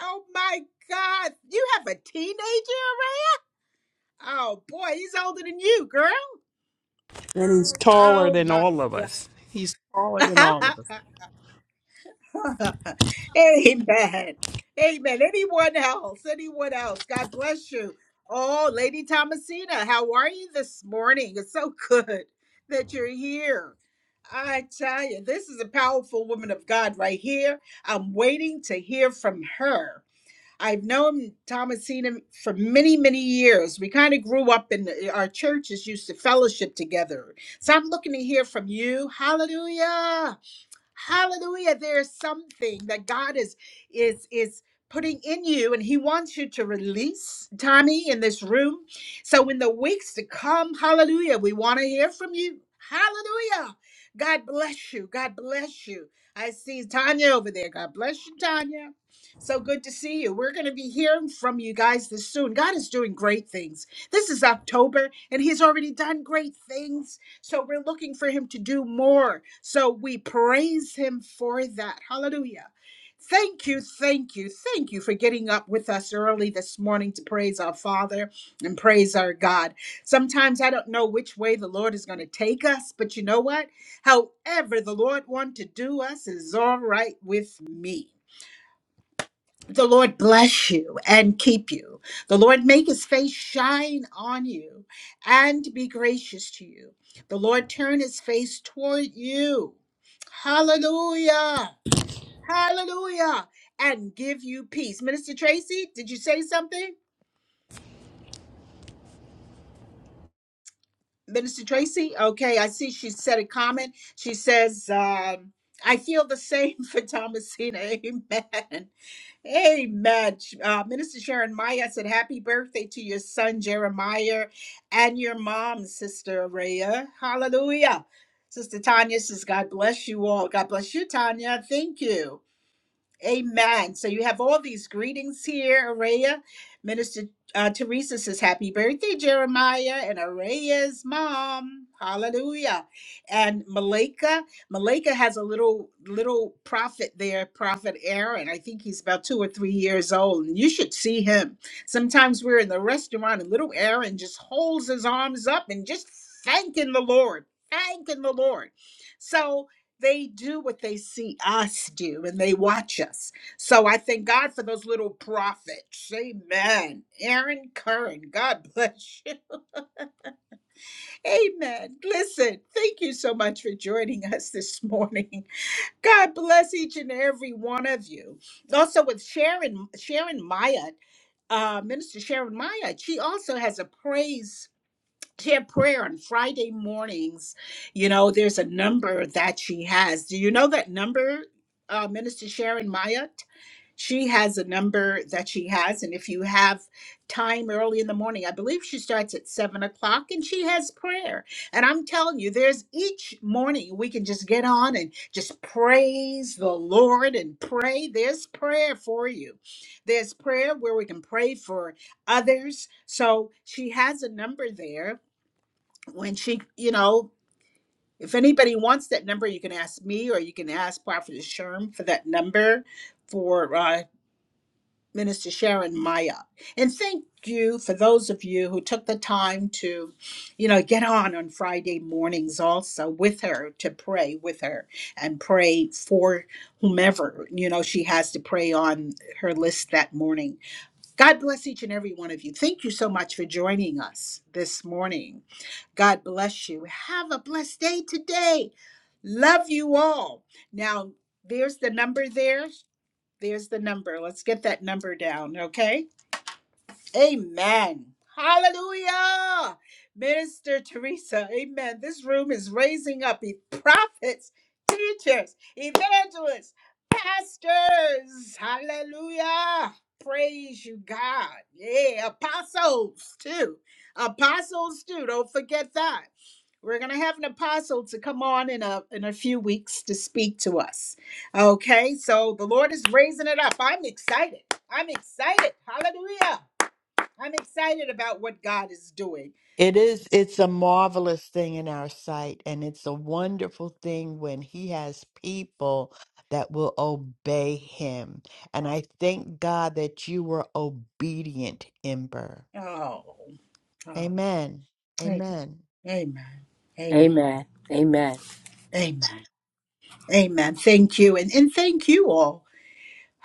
Speaker 1: Oh my God. You have a teenager already? Oh boy, he's older than you, girl.
Speaker 9: he's taller
Speaker 1: Oh
Speaker 9: than
Speaker 1: my
Speaker 9: all of
Speaker 1: God.
Speaker 9: us he's taller than all of us
Speaker 1: Amen. Amen. Anyone else? Anyone else? God bless you. Oh, Lady Thomasina, how are you this morning? It's so good that you're here. I tell you, this is a powerful woman of God right here. I'm waiting to hear from her I've known Tom and seen him for many, many years. We kind of grew up in the, our churches used to fellowship together. So I'm looking to hear from you. Hallelujah. Hallelujah. There is something that God is is is putting in you and he wants you to release Tommy in this room. So in the weeks to come, hallelujah, we want to hear from you. Hallelujah. God bless you. God bless you. I see Tanya over there. God bless you, Tanya. So good to see you. We're going to be hearing from you guys this soon. God is doing great things. This is October, and He's already done great things so we're looking for him to do more. So we praise him for that. Hallelujah. Thank you, thank you, thank you for getting up with us early this morning to praise our Father and praise our God. Sometimes I don't know which way the Lord is going to take us, but you know what? However, the Lord wants to do us is all right with me. The Lord bless you and keep you. The Lord make his face shine on you and be gracious to you. The Lord turn his face toward you. Hallelujah. Hallelujah. And give you peace. Minister Tracy, did you say something? Minister Tracy? Okay, I see she said a comment. She says, um, I feel the same for Thomasina. Amen. Amen. Uh, Minister Sharon Maya said, Happy birthday to your son Jeremiah and your mom, Sister Raya. Hallelujah. Sister Tanya says, God bless you all. God bless you, Tanya. Thank you. Amen. So you have all these greetings here, Araya. Minister uh, Teresa says, Happy birthday, Jeremiah, and Araya's mom. Hallelujah. And Malika, Malika has a little little prophet there, Prophet Aaron. I think he's about two or three years old, and you should see him. Sometimes we're in the restaurant, and little Aaron just holds his arms up and just thanking the Lord, thanking the Lord. So, they do what they see us do and they watch us. So I thank God for those little prophets. Amen. Aaron Curran, God bless you. Amen. Listen, thank you so much for joining us this morning. God bless each and every one of you. Also with Sharon, Sharon Myatt, uh, Minister Sharon Myatt, she also has a praise Ted prayer on Friday mornings, you know, there's a number that she has. Do you know that number, uh, Minister Sharon Mayat? She has a number that she has. And if you have time early in the morning, I believe she starts at seven o'clock and she has prayer. And I'm telling you, there's each morning we can just get on and just praise the Lord and pray. There's prayer for you. There's prayer where we can pray for others. So she has a number there when she, you know, if anybody wants that number, you can ask me or you can ask Prophet Sherm for that number for uh, Minister Sharon Maya. And thank you for those of you who took the time to, you know, get on on Friday mornings also with her to pray with her and pray for whomever, you know, she has to pray on her list that morning. God bless each and every one of you. Thank you so much for joining us this morning. God bless you. Have a blessed day today. Love you all. Now, there's the number there. There's the number. Let's get that number down, okay? Amen. Hallelujah. Minister Teresa, amen. This room is raising up e- prophets, teachers, evangelists, pastors. Hallelujah. Praise you, God. Yeah, apostles too. Apostles too. Don't forget that. We're gonna have an apostle to come on in a in a few weeks to speak to us. Okay, so the Lord is raising it up. I'm excited. I'm excited. Hallelujah. I'm excited about what God is doing.
Speaker 5: It is, it's a marvelous thing in our sight, and it's a wonderful thing when he has people that will obey him. And
Speaker 1: Oh,
Speaker 5: I thank God that you were obedient, Ember.
Speaker 1: oh, oh,
Speaker 5: Amen.
Speaker 1: a-
Speaker 5: Amen.
Speaker 1: amen, amen,
Speaker 4: Amen. Amen.
Speaker 1: amen, amen. Thank you, and and thank you all.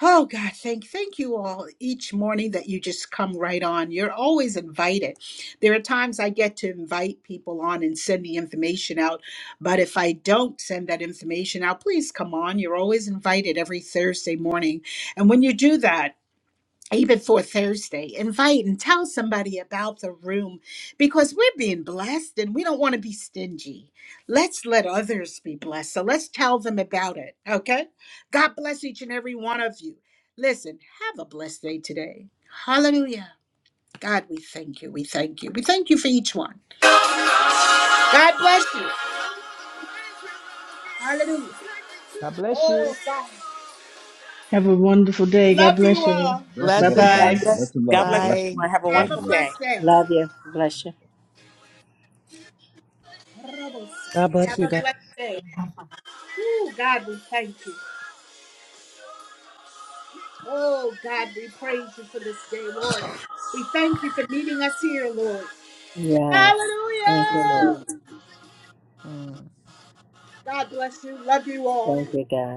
Speaker 1: Oh God, thank thank you all each morning that you just come right on. You're always invited. There are times I get to invite people on and send the information out, but if I don't send that information out, please come on. You're always invited every Thursday morning, and when you do that. even for Thursday, invite and tell somebody about the room because we're being blessed and we don't want to be stingy. Let's let others be blessed. So let's tell them about it. Okay. God bless each and every one of you. Listen, have a blessed day today. Hallelujah. God, we thank you. We thank you. We thank you for each one. God bless you. Hallelujah.
Speaker 7: God bless you.
Speaker 1: Oh, God.
Speaker 2: Have a wonderful day. God
Speaker 1: Love you
Speaker 2: bless you.
Speaker 1: all.
Speaker 6: Blessing
Speaker 2: Bye
Speaker 11: God
Speaker 6: everybody.
Speaker 2: bye.
Speaker 6: Much
Speaker 5: Blessings.
Speaker 11: bless.
Speaker 6: love.
Speaker 11: God bless
Speaker 6: Bless
Speaker 5: Bye.
Speaker 6: you.
Speaker 11: everyone. Have a
Speaker 6: God
Speaker 1: Have a
Speaker 11: wonderful
Speaker 6: bless. you.
Speaker 11: day.
Speaker 1: blessed day.
Speaker 4: Love you. Bless you.
Speaker 9: God bless
Speaker 1: Have
Speaker 9: you,
Speaker 1: a
Speaker 9: God.
Speaker 1: blessed day. Ooh, God, we thank you. Oh, God, we praise you for this day, Lord. We thank you for meeting us here, Lord.
Speaker 4: Yes. Thank you,
Speaker 1: Hallelujah.
Speaker 4: Lord.
Speaker 5: Mm.
Speaker 1: God bless you. Love you all.
Speaker 4: Thank you, God.